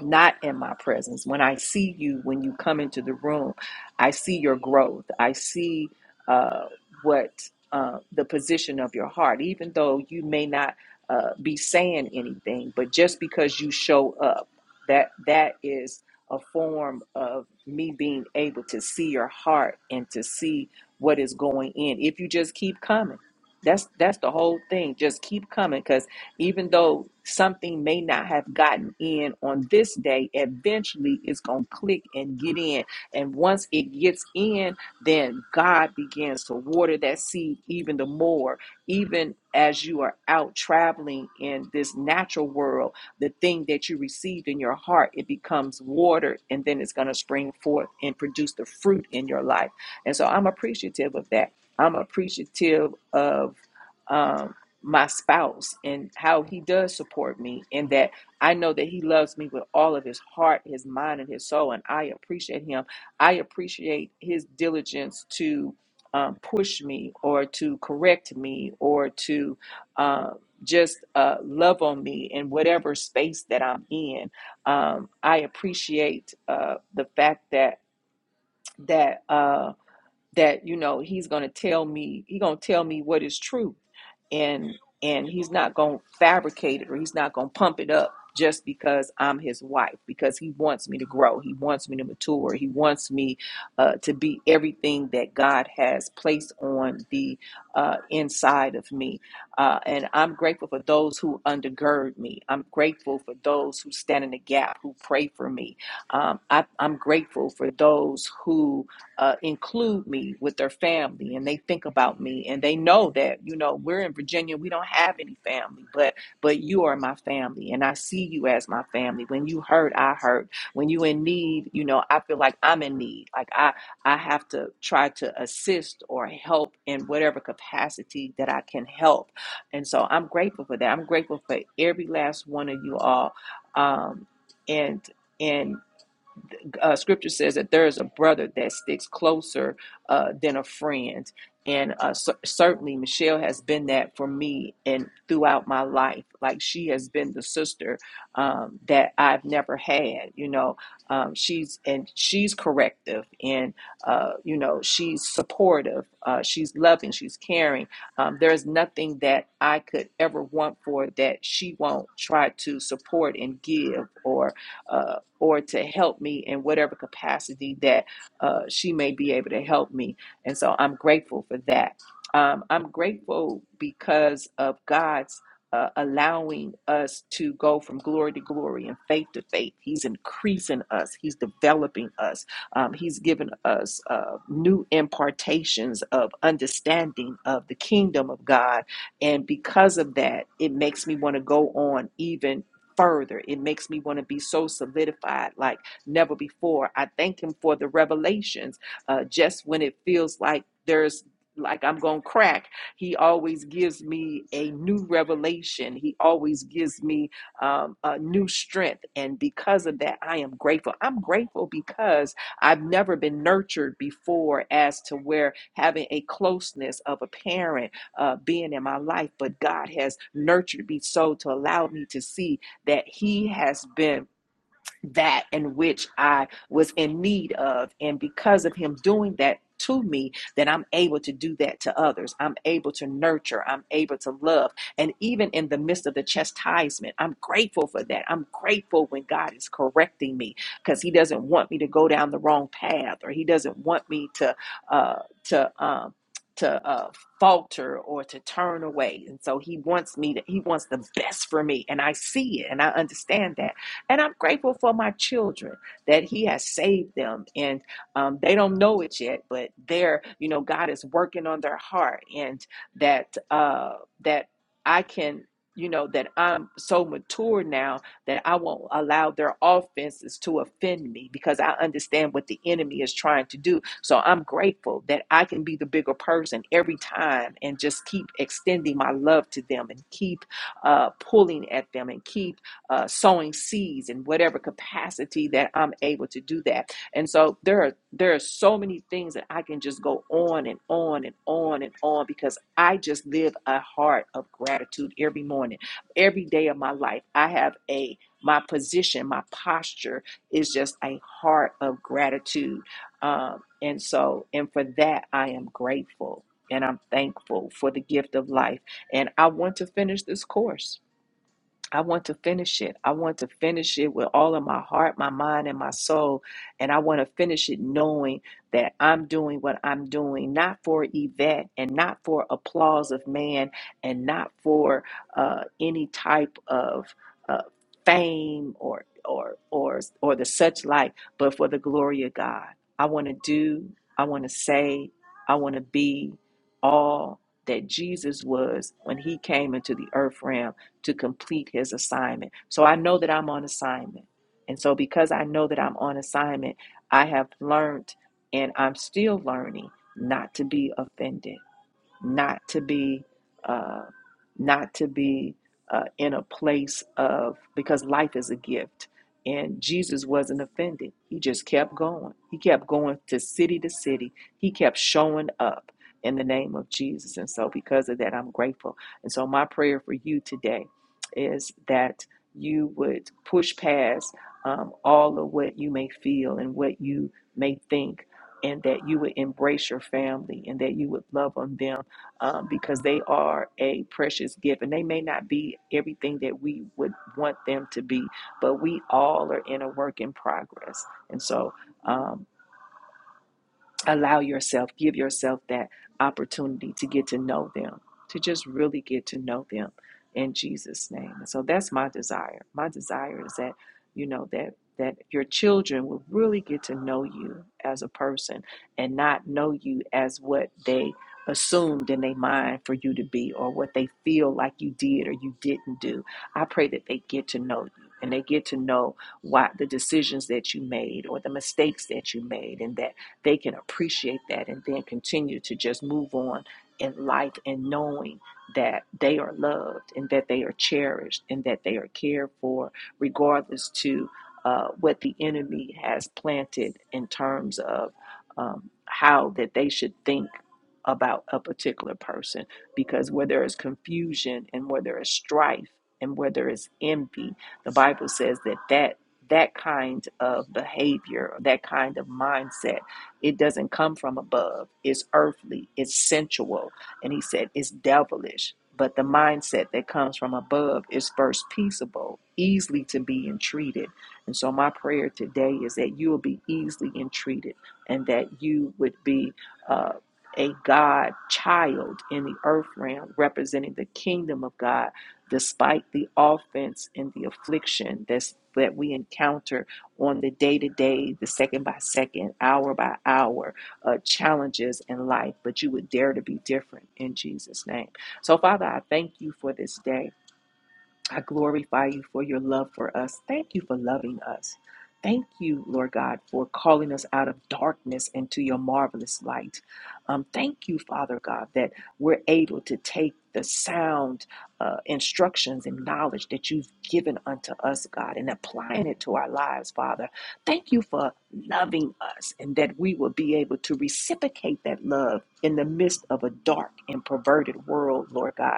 A: not in my presence. When I see you, when you come into the room, I see your growth. I see uh, what uh, the position of your heart, even though you may not uh, be saying anything, but just because you show up, that that is a form of me being able to see your heart and to see what is going in. If you just keep coming, that's that's the whole thing. Just keep coming, because even though something may not have gotten in on this day, eventually it's going to click and get in. And once it gets in, then God begins to water that seed even the more. Even as you are out traveling in this natural world, the thing that you received in your heart, it becomes watered, and then it's going to spring forth and produce the fruit in your life. And so I'm appreciative of that. I'm appreciative of. um my spouse and how he does support me and that I know that he loves me with all of his heart, his mind and his soul and I appreciate him. I appreciate his diligence to um, push me or to correct me or to uh, just uh, love on me in whatever space that I'm in. Um, I appreciate uh, the fact that that uh, that you know he's going to tell me he's going to tell me what is true and and he's not going to fabricate it or he's not going to pump it up just because I'm his wife because he wants me to grow he wants me to mature he wants me uh, to be everything that God has placed on the uh, inside of me uh, and I'm grateful for those who undergird me I'm grateful for those who stand in the gap who pray for me um, I, I'm grateful for those who uh, include me with their family and they think about me and they know that you know we're in virginia we don't have any family but but you are my family and i see you as my family when you hurt i hurt when you in need you know i feel like i'm in need like i i have to try to assist or help in whatever capacity that i can help and so i'm grateful for that i'm grateful for every last one of you all um and and uh, scripture says that there is a brother that sticks closer uh, than a friend. And uh, cer- certainly, Michelle has been that for me and throughout my life. Like, she has been the sister um, that I've never had. You know, um, she's and she's corrective, and uh, you know, she's supportive, uh, she's loving, she's caring. Um, there is nothing that I could ever want for that she won't try to support and give or uh, or to help me in whatever capacity that uh, she may be able to help me. And so I'm grateful for that. Um, I'm grateful because of God's uh, allowing us to go from glory to glory and faith to faith. He's increasing us, He's developing us, um, He's given us uh, new impartations of understanding of the kingdom of God. And because of that, it makes me want to go on even further. It makes me want to be so solidified like never before. I thank Him for the revelations. Uh, just when it feels like there's like I'm going to crack, He always gives me a new revelation. He always gives me um, a new strength. And because of that, I am grateful. I'm grateful because I've never been nurtured before as to where having a closeness of a parent uh, being in my life, but God has nurtured me so to allow me to see that he has been that in which I was in need of. And because of him doing that to me, then I'm able to do that to others. I'm able to nurture. I'm able to love. And even in the midst of the chastisement, I'm grateful for that. I'm grateful when God is correcting me because he doesn't want me to go down the wrong path or he doesn't want me to, uh, to, um, to uh, falter or to turn away and so he wants me to he wants the best for me and i see it and i understand that and I'm grateful for my children that He has saved them, and um, they don't know it yet, but they're, you know, God is working on their heart, and that uh, that I can. You know, that I'm so mature now that I won't allow their offenses to offend me because I understand what the enemy is trying to do. So I'm grateful that I can be the bigger person every time and just keep extending my love to them and keep uh, pulling at them and keep uh, sowing seeds in whatever capacity that I'm able to do that. And so there are there are so many things that I can just go on and on and on and on because I just live a heart of gratitude every morning, every day of my life. I have a my position, my posture is just a heart of gratitude. Um, and so, and for that, I am grateful and I'm thankful for the gift of life. And I want to finish this course. I want to finish it. I want to finish it with all of my heart, my mind, and my soul. And I want to finish it knowing that I'm doing what I'm doing, not for Yvette and not for applause of man and not for uh, any type of uh, fame or, or, or, or the such like, but for the glory of God. I want to do, I want to say, I want to be all that Jesus was when he came into the earth realm to complete his assignment. So I know that I'm on assignment. And so because I know that I'm on assignment, I have learned and I'm still learning not to be offended not to be uh, not to be uh, in a place of because life is a gift and jesus wasn't offended he just kept going he kept going to city to city he kept showing up in the name of jesus and so because of that i'm grateful and so my prayer for you today is that you would push past um, all of what you may feel and what you may think and that you would embrace your family and that you would love on them um, because they are a precious gift and they may not be everything that we would want them to be, but we all are in a work in progress. And so, um, allow yourself, give yourself that opportunity to get to know them, to just really get to know them in Jesus' name. And so that's my desire. My desire is that, you know, that that your children will really get to know you as a person and not know you as what they assumed in their mind for you to be or what they feel like you did or you didn't do. I pray that they get to know you and they get to know why the decisions that you made or the mistakes that you made and that they can appreciate that and then continue to just move on in life and knowing that they are loved and that they are cherished and that they are cared for, regardless to uh, what the enemy has planted in terms of um, how that they should think about a particular person. Because where there is confusion and where there is strife and where there is envy, the Bible says that that that kind of behavior, that kind of mindset it doesn't come from above. It's earthly, it's sensual. And he said it's devilish. But the mindset that comes from above is first peaceable, easily to be entreated. And so, my prayer today is that you will be easily entreated and that you would be uh, a God child in the earth realm, representing the kingdom of God, despite the offense and the affliction that's, that we encounter on the day to day, the second by second, hour by hour uh, challenges in life, but you would dare to be different in Jesus' name. So, Father, I thank you for this day. I glorify you for your love for us. Thank you for loving us. Thank you, Lord God, for calling us out of darkness into your marvelous light. Um, thank you, Father God, that we're able to take the sound uh, instructions and knowledge that you've given unto us, God, and applying it to our lives, Father. Thank you for loving us and that we will be able to reciprocate that love in the midst of a dark and perverted world, Lord God.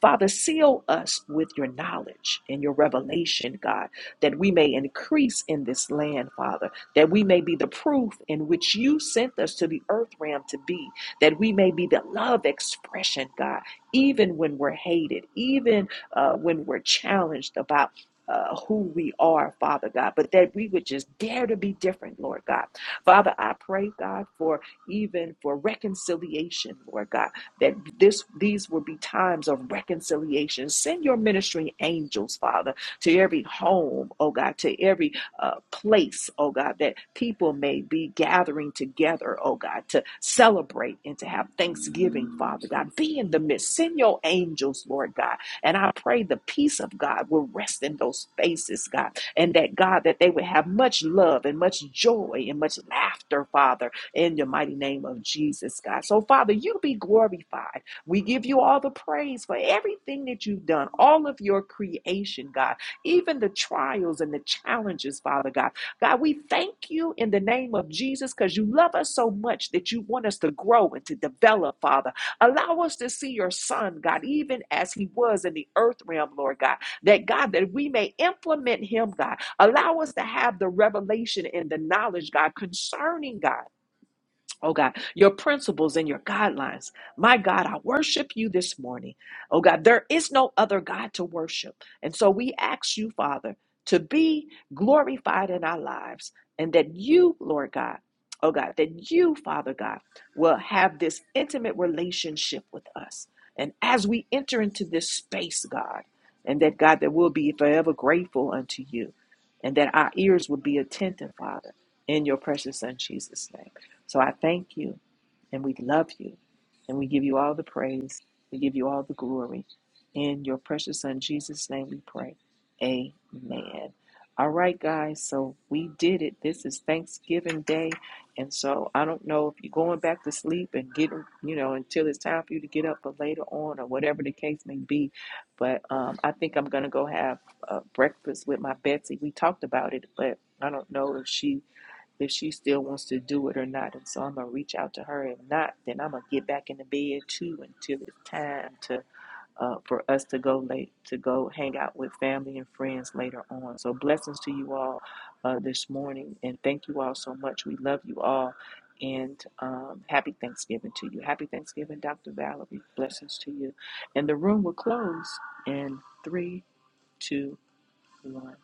A: Father, seal us with your knowledge and your revelation, God, that we may increase in this land, Father, that we may be the proof in which you sent us to the earth realm to be, that we may be the love expression, God, even when we're hated, even uh, when we're challenged about. Uh, who we are, Father God, but that we would just dare to be different, Lord God. Father, I pray, God, for even for reconciliation, Lord God that this these will be times of reconciliation. Send your ministering angels, Father, to every home, oh God, to every uh, place, oh God, that people may be gathering together, oh God, to celebrate and to have thanksgiving, Father God. Be in the midst. Send your angels, Lord God. And I pray the peace of God will rest in those spaces, God. And that, God, that they would have much love and much joy and much laughter, Father in the mighty name of Jesus, God. So, Father, you be glorified. We give you all the praise for everything that you've done, all of your creation, God, even the trials and the challenges, Father God. God, we thank you in the name of Jesus because you love us so much that you want us to grow and to develop, Father. Allow us to see your Son, God, even as he was in the earth realm, Lord God, that God, that we may implement him, God. Allow us to have the revelation and the knowledge, God, concerning God Oh God, your principles and your guidelines. My God, I worship you this morning. Oh God, there is no other God to worship. And so we ask you, Father, to be glorified in our lives and that you, Lord God, oh God, that you, Father God, will have this intimate relationship with us. And as we enter into this space, God, and that God, that we'll be forever grateful unto you and that our ears will be attentive, Father, in your precious Son, Jesus' name. So I thank you and we love you and we give you all the praise. We give you all the glory. In your precious son Jesus' name we pray. Amen. All right, guys. So we did it. This is Thanksgiving Day. And so I don't know if you're going back to sleep and getting, you know, until it's time for you to get up or later on or whatever the case may be. But um, I think I'm going to go have uh, breakfast with my Betsy. We talked about it, but I don't know if she if she still wants to do it or not. And so I'm gonna reach out to her. If not, then I'm gonna get back in the bed too until it's time to uh, for us to go late to go hang out with family and friends later on. So blessings to you all uh, this morning, and thank you all so much. We love you all, and um, happy Thanksgiving to you. Happy Thanksgiving, Dr. Valerie. Blessings to you, and the room will close in three, two, one.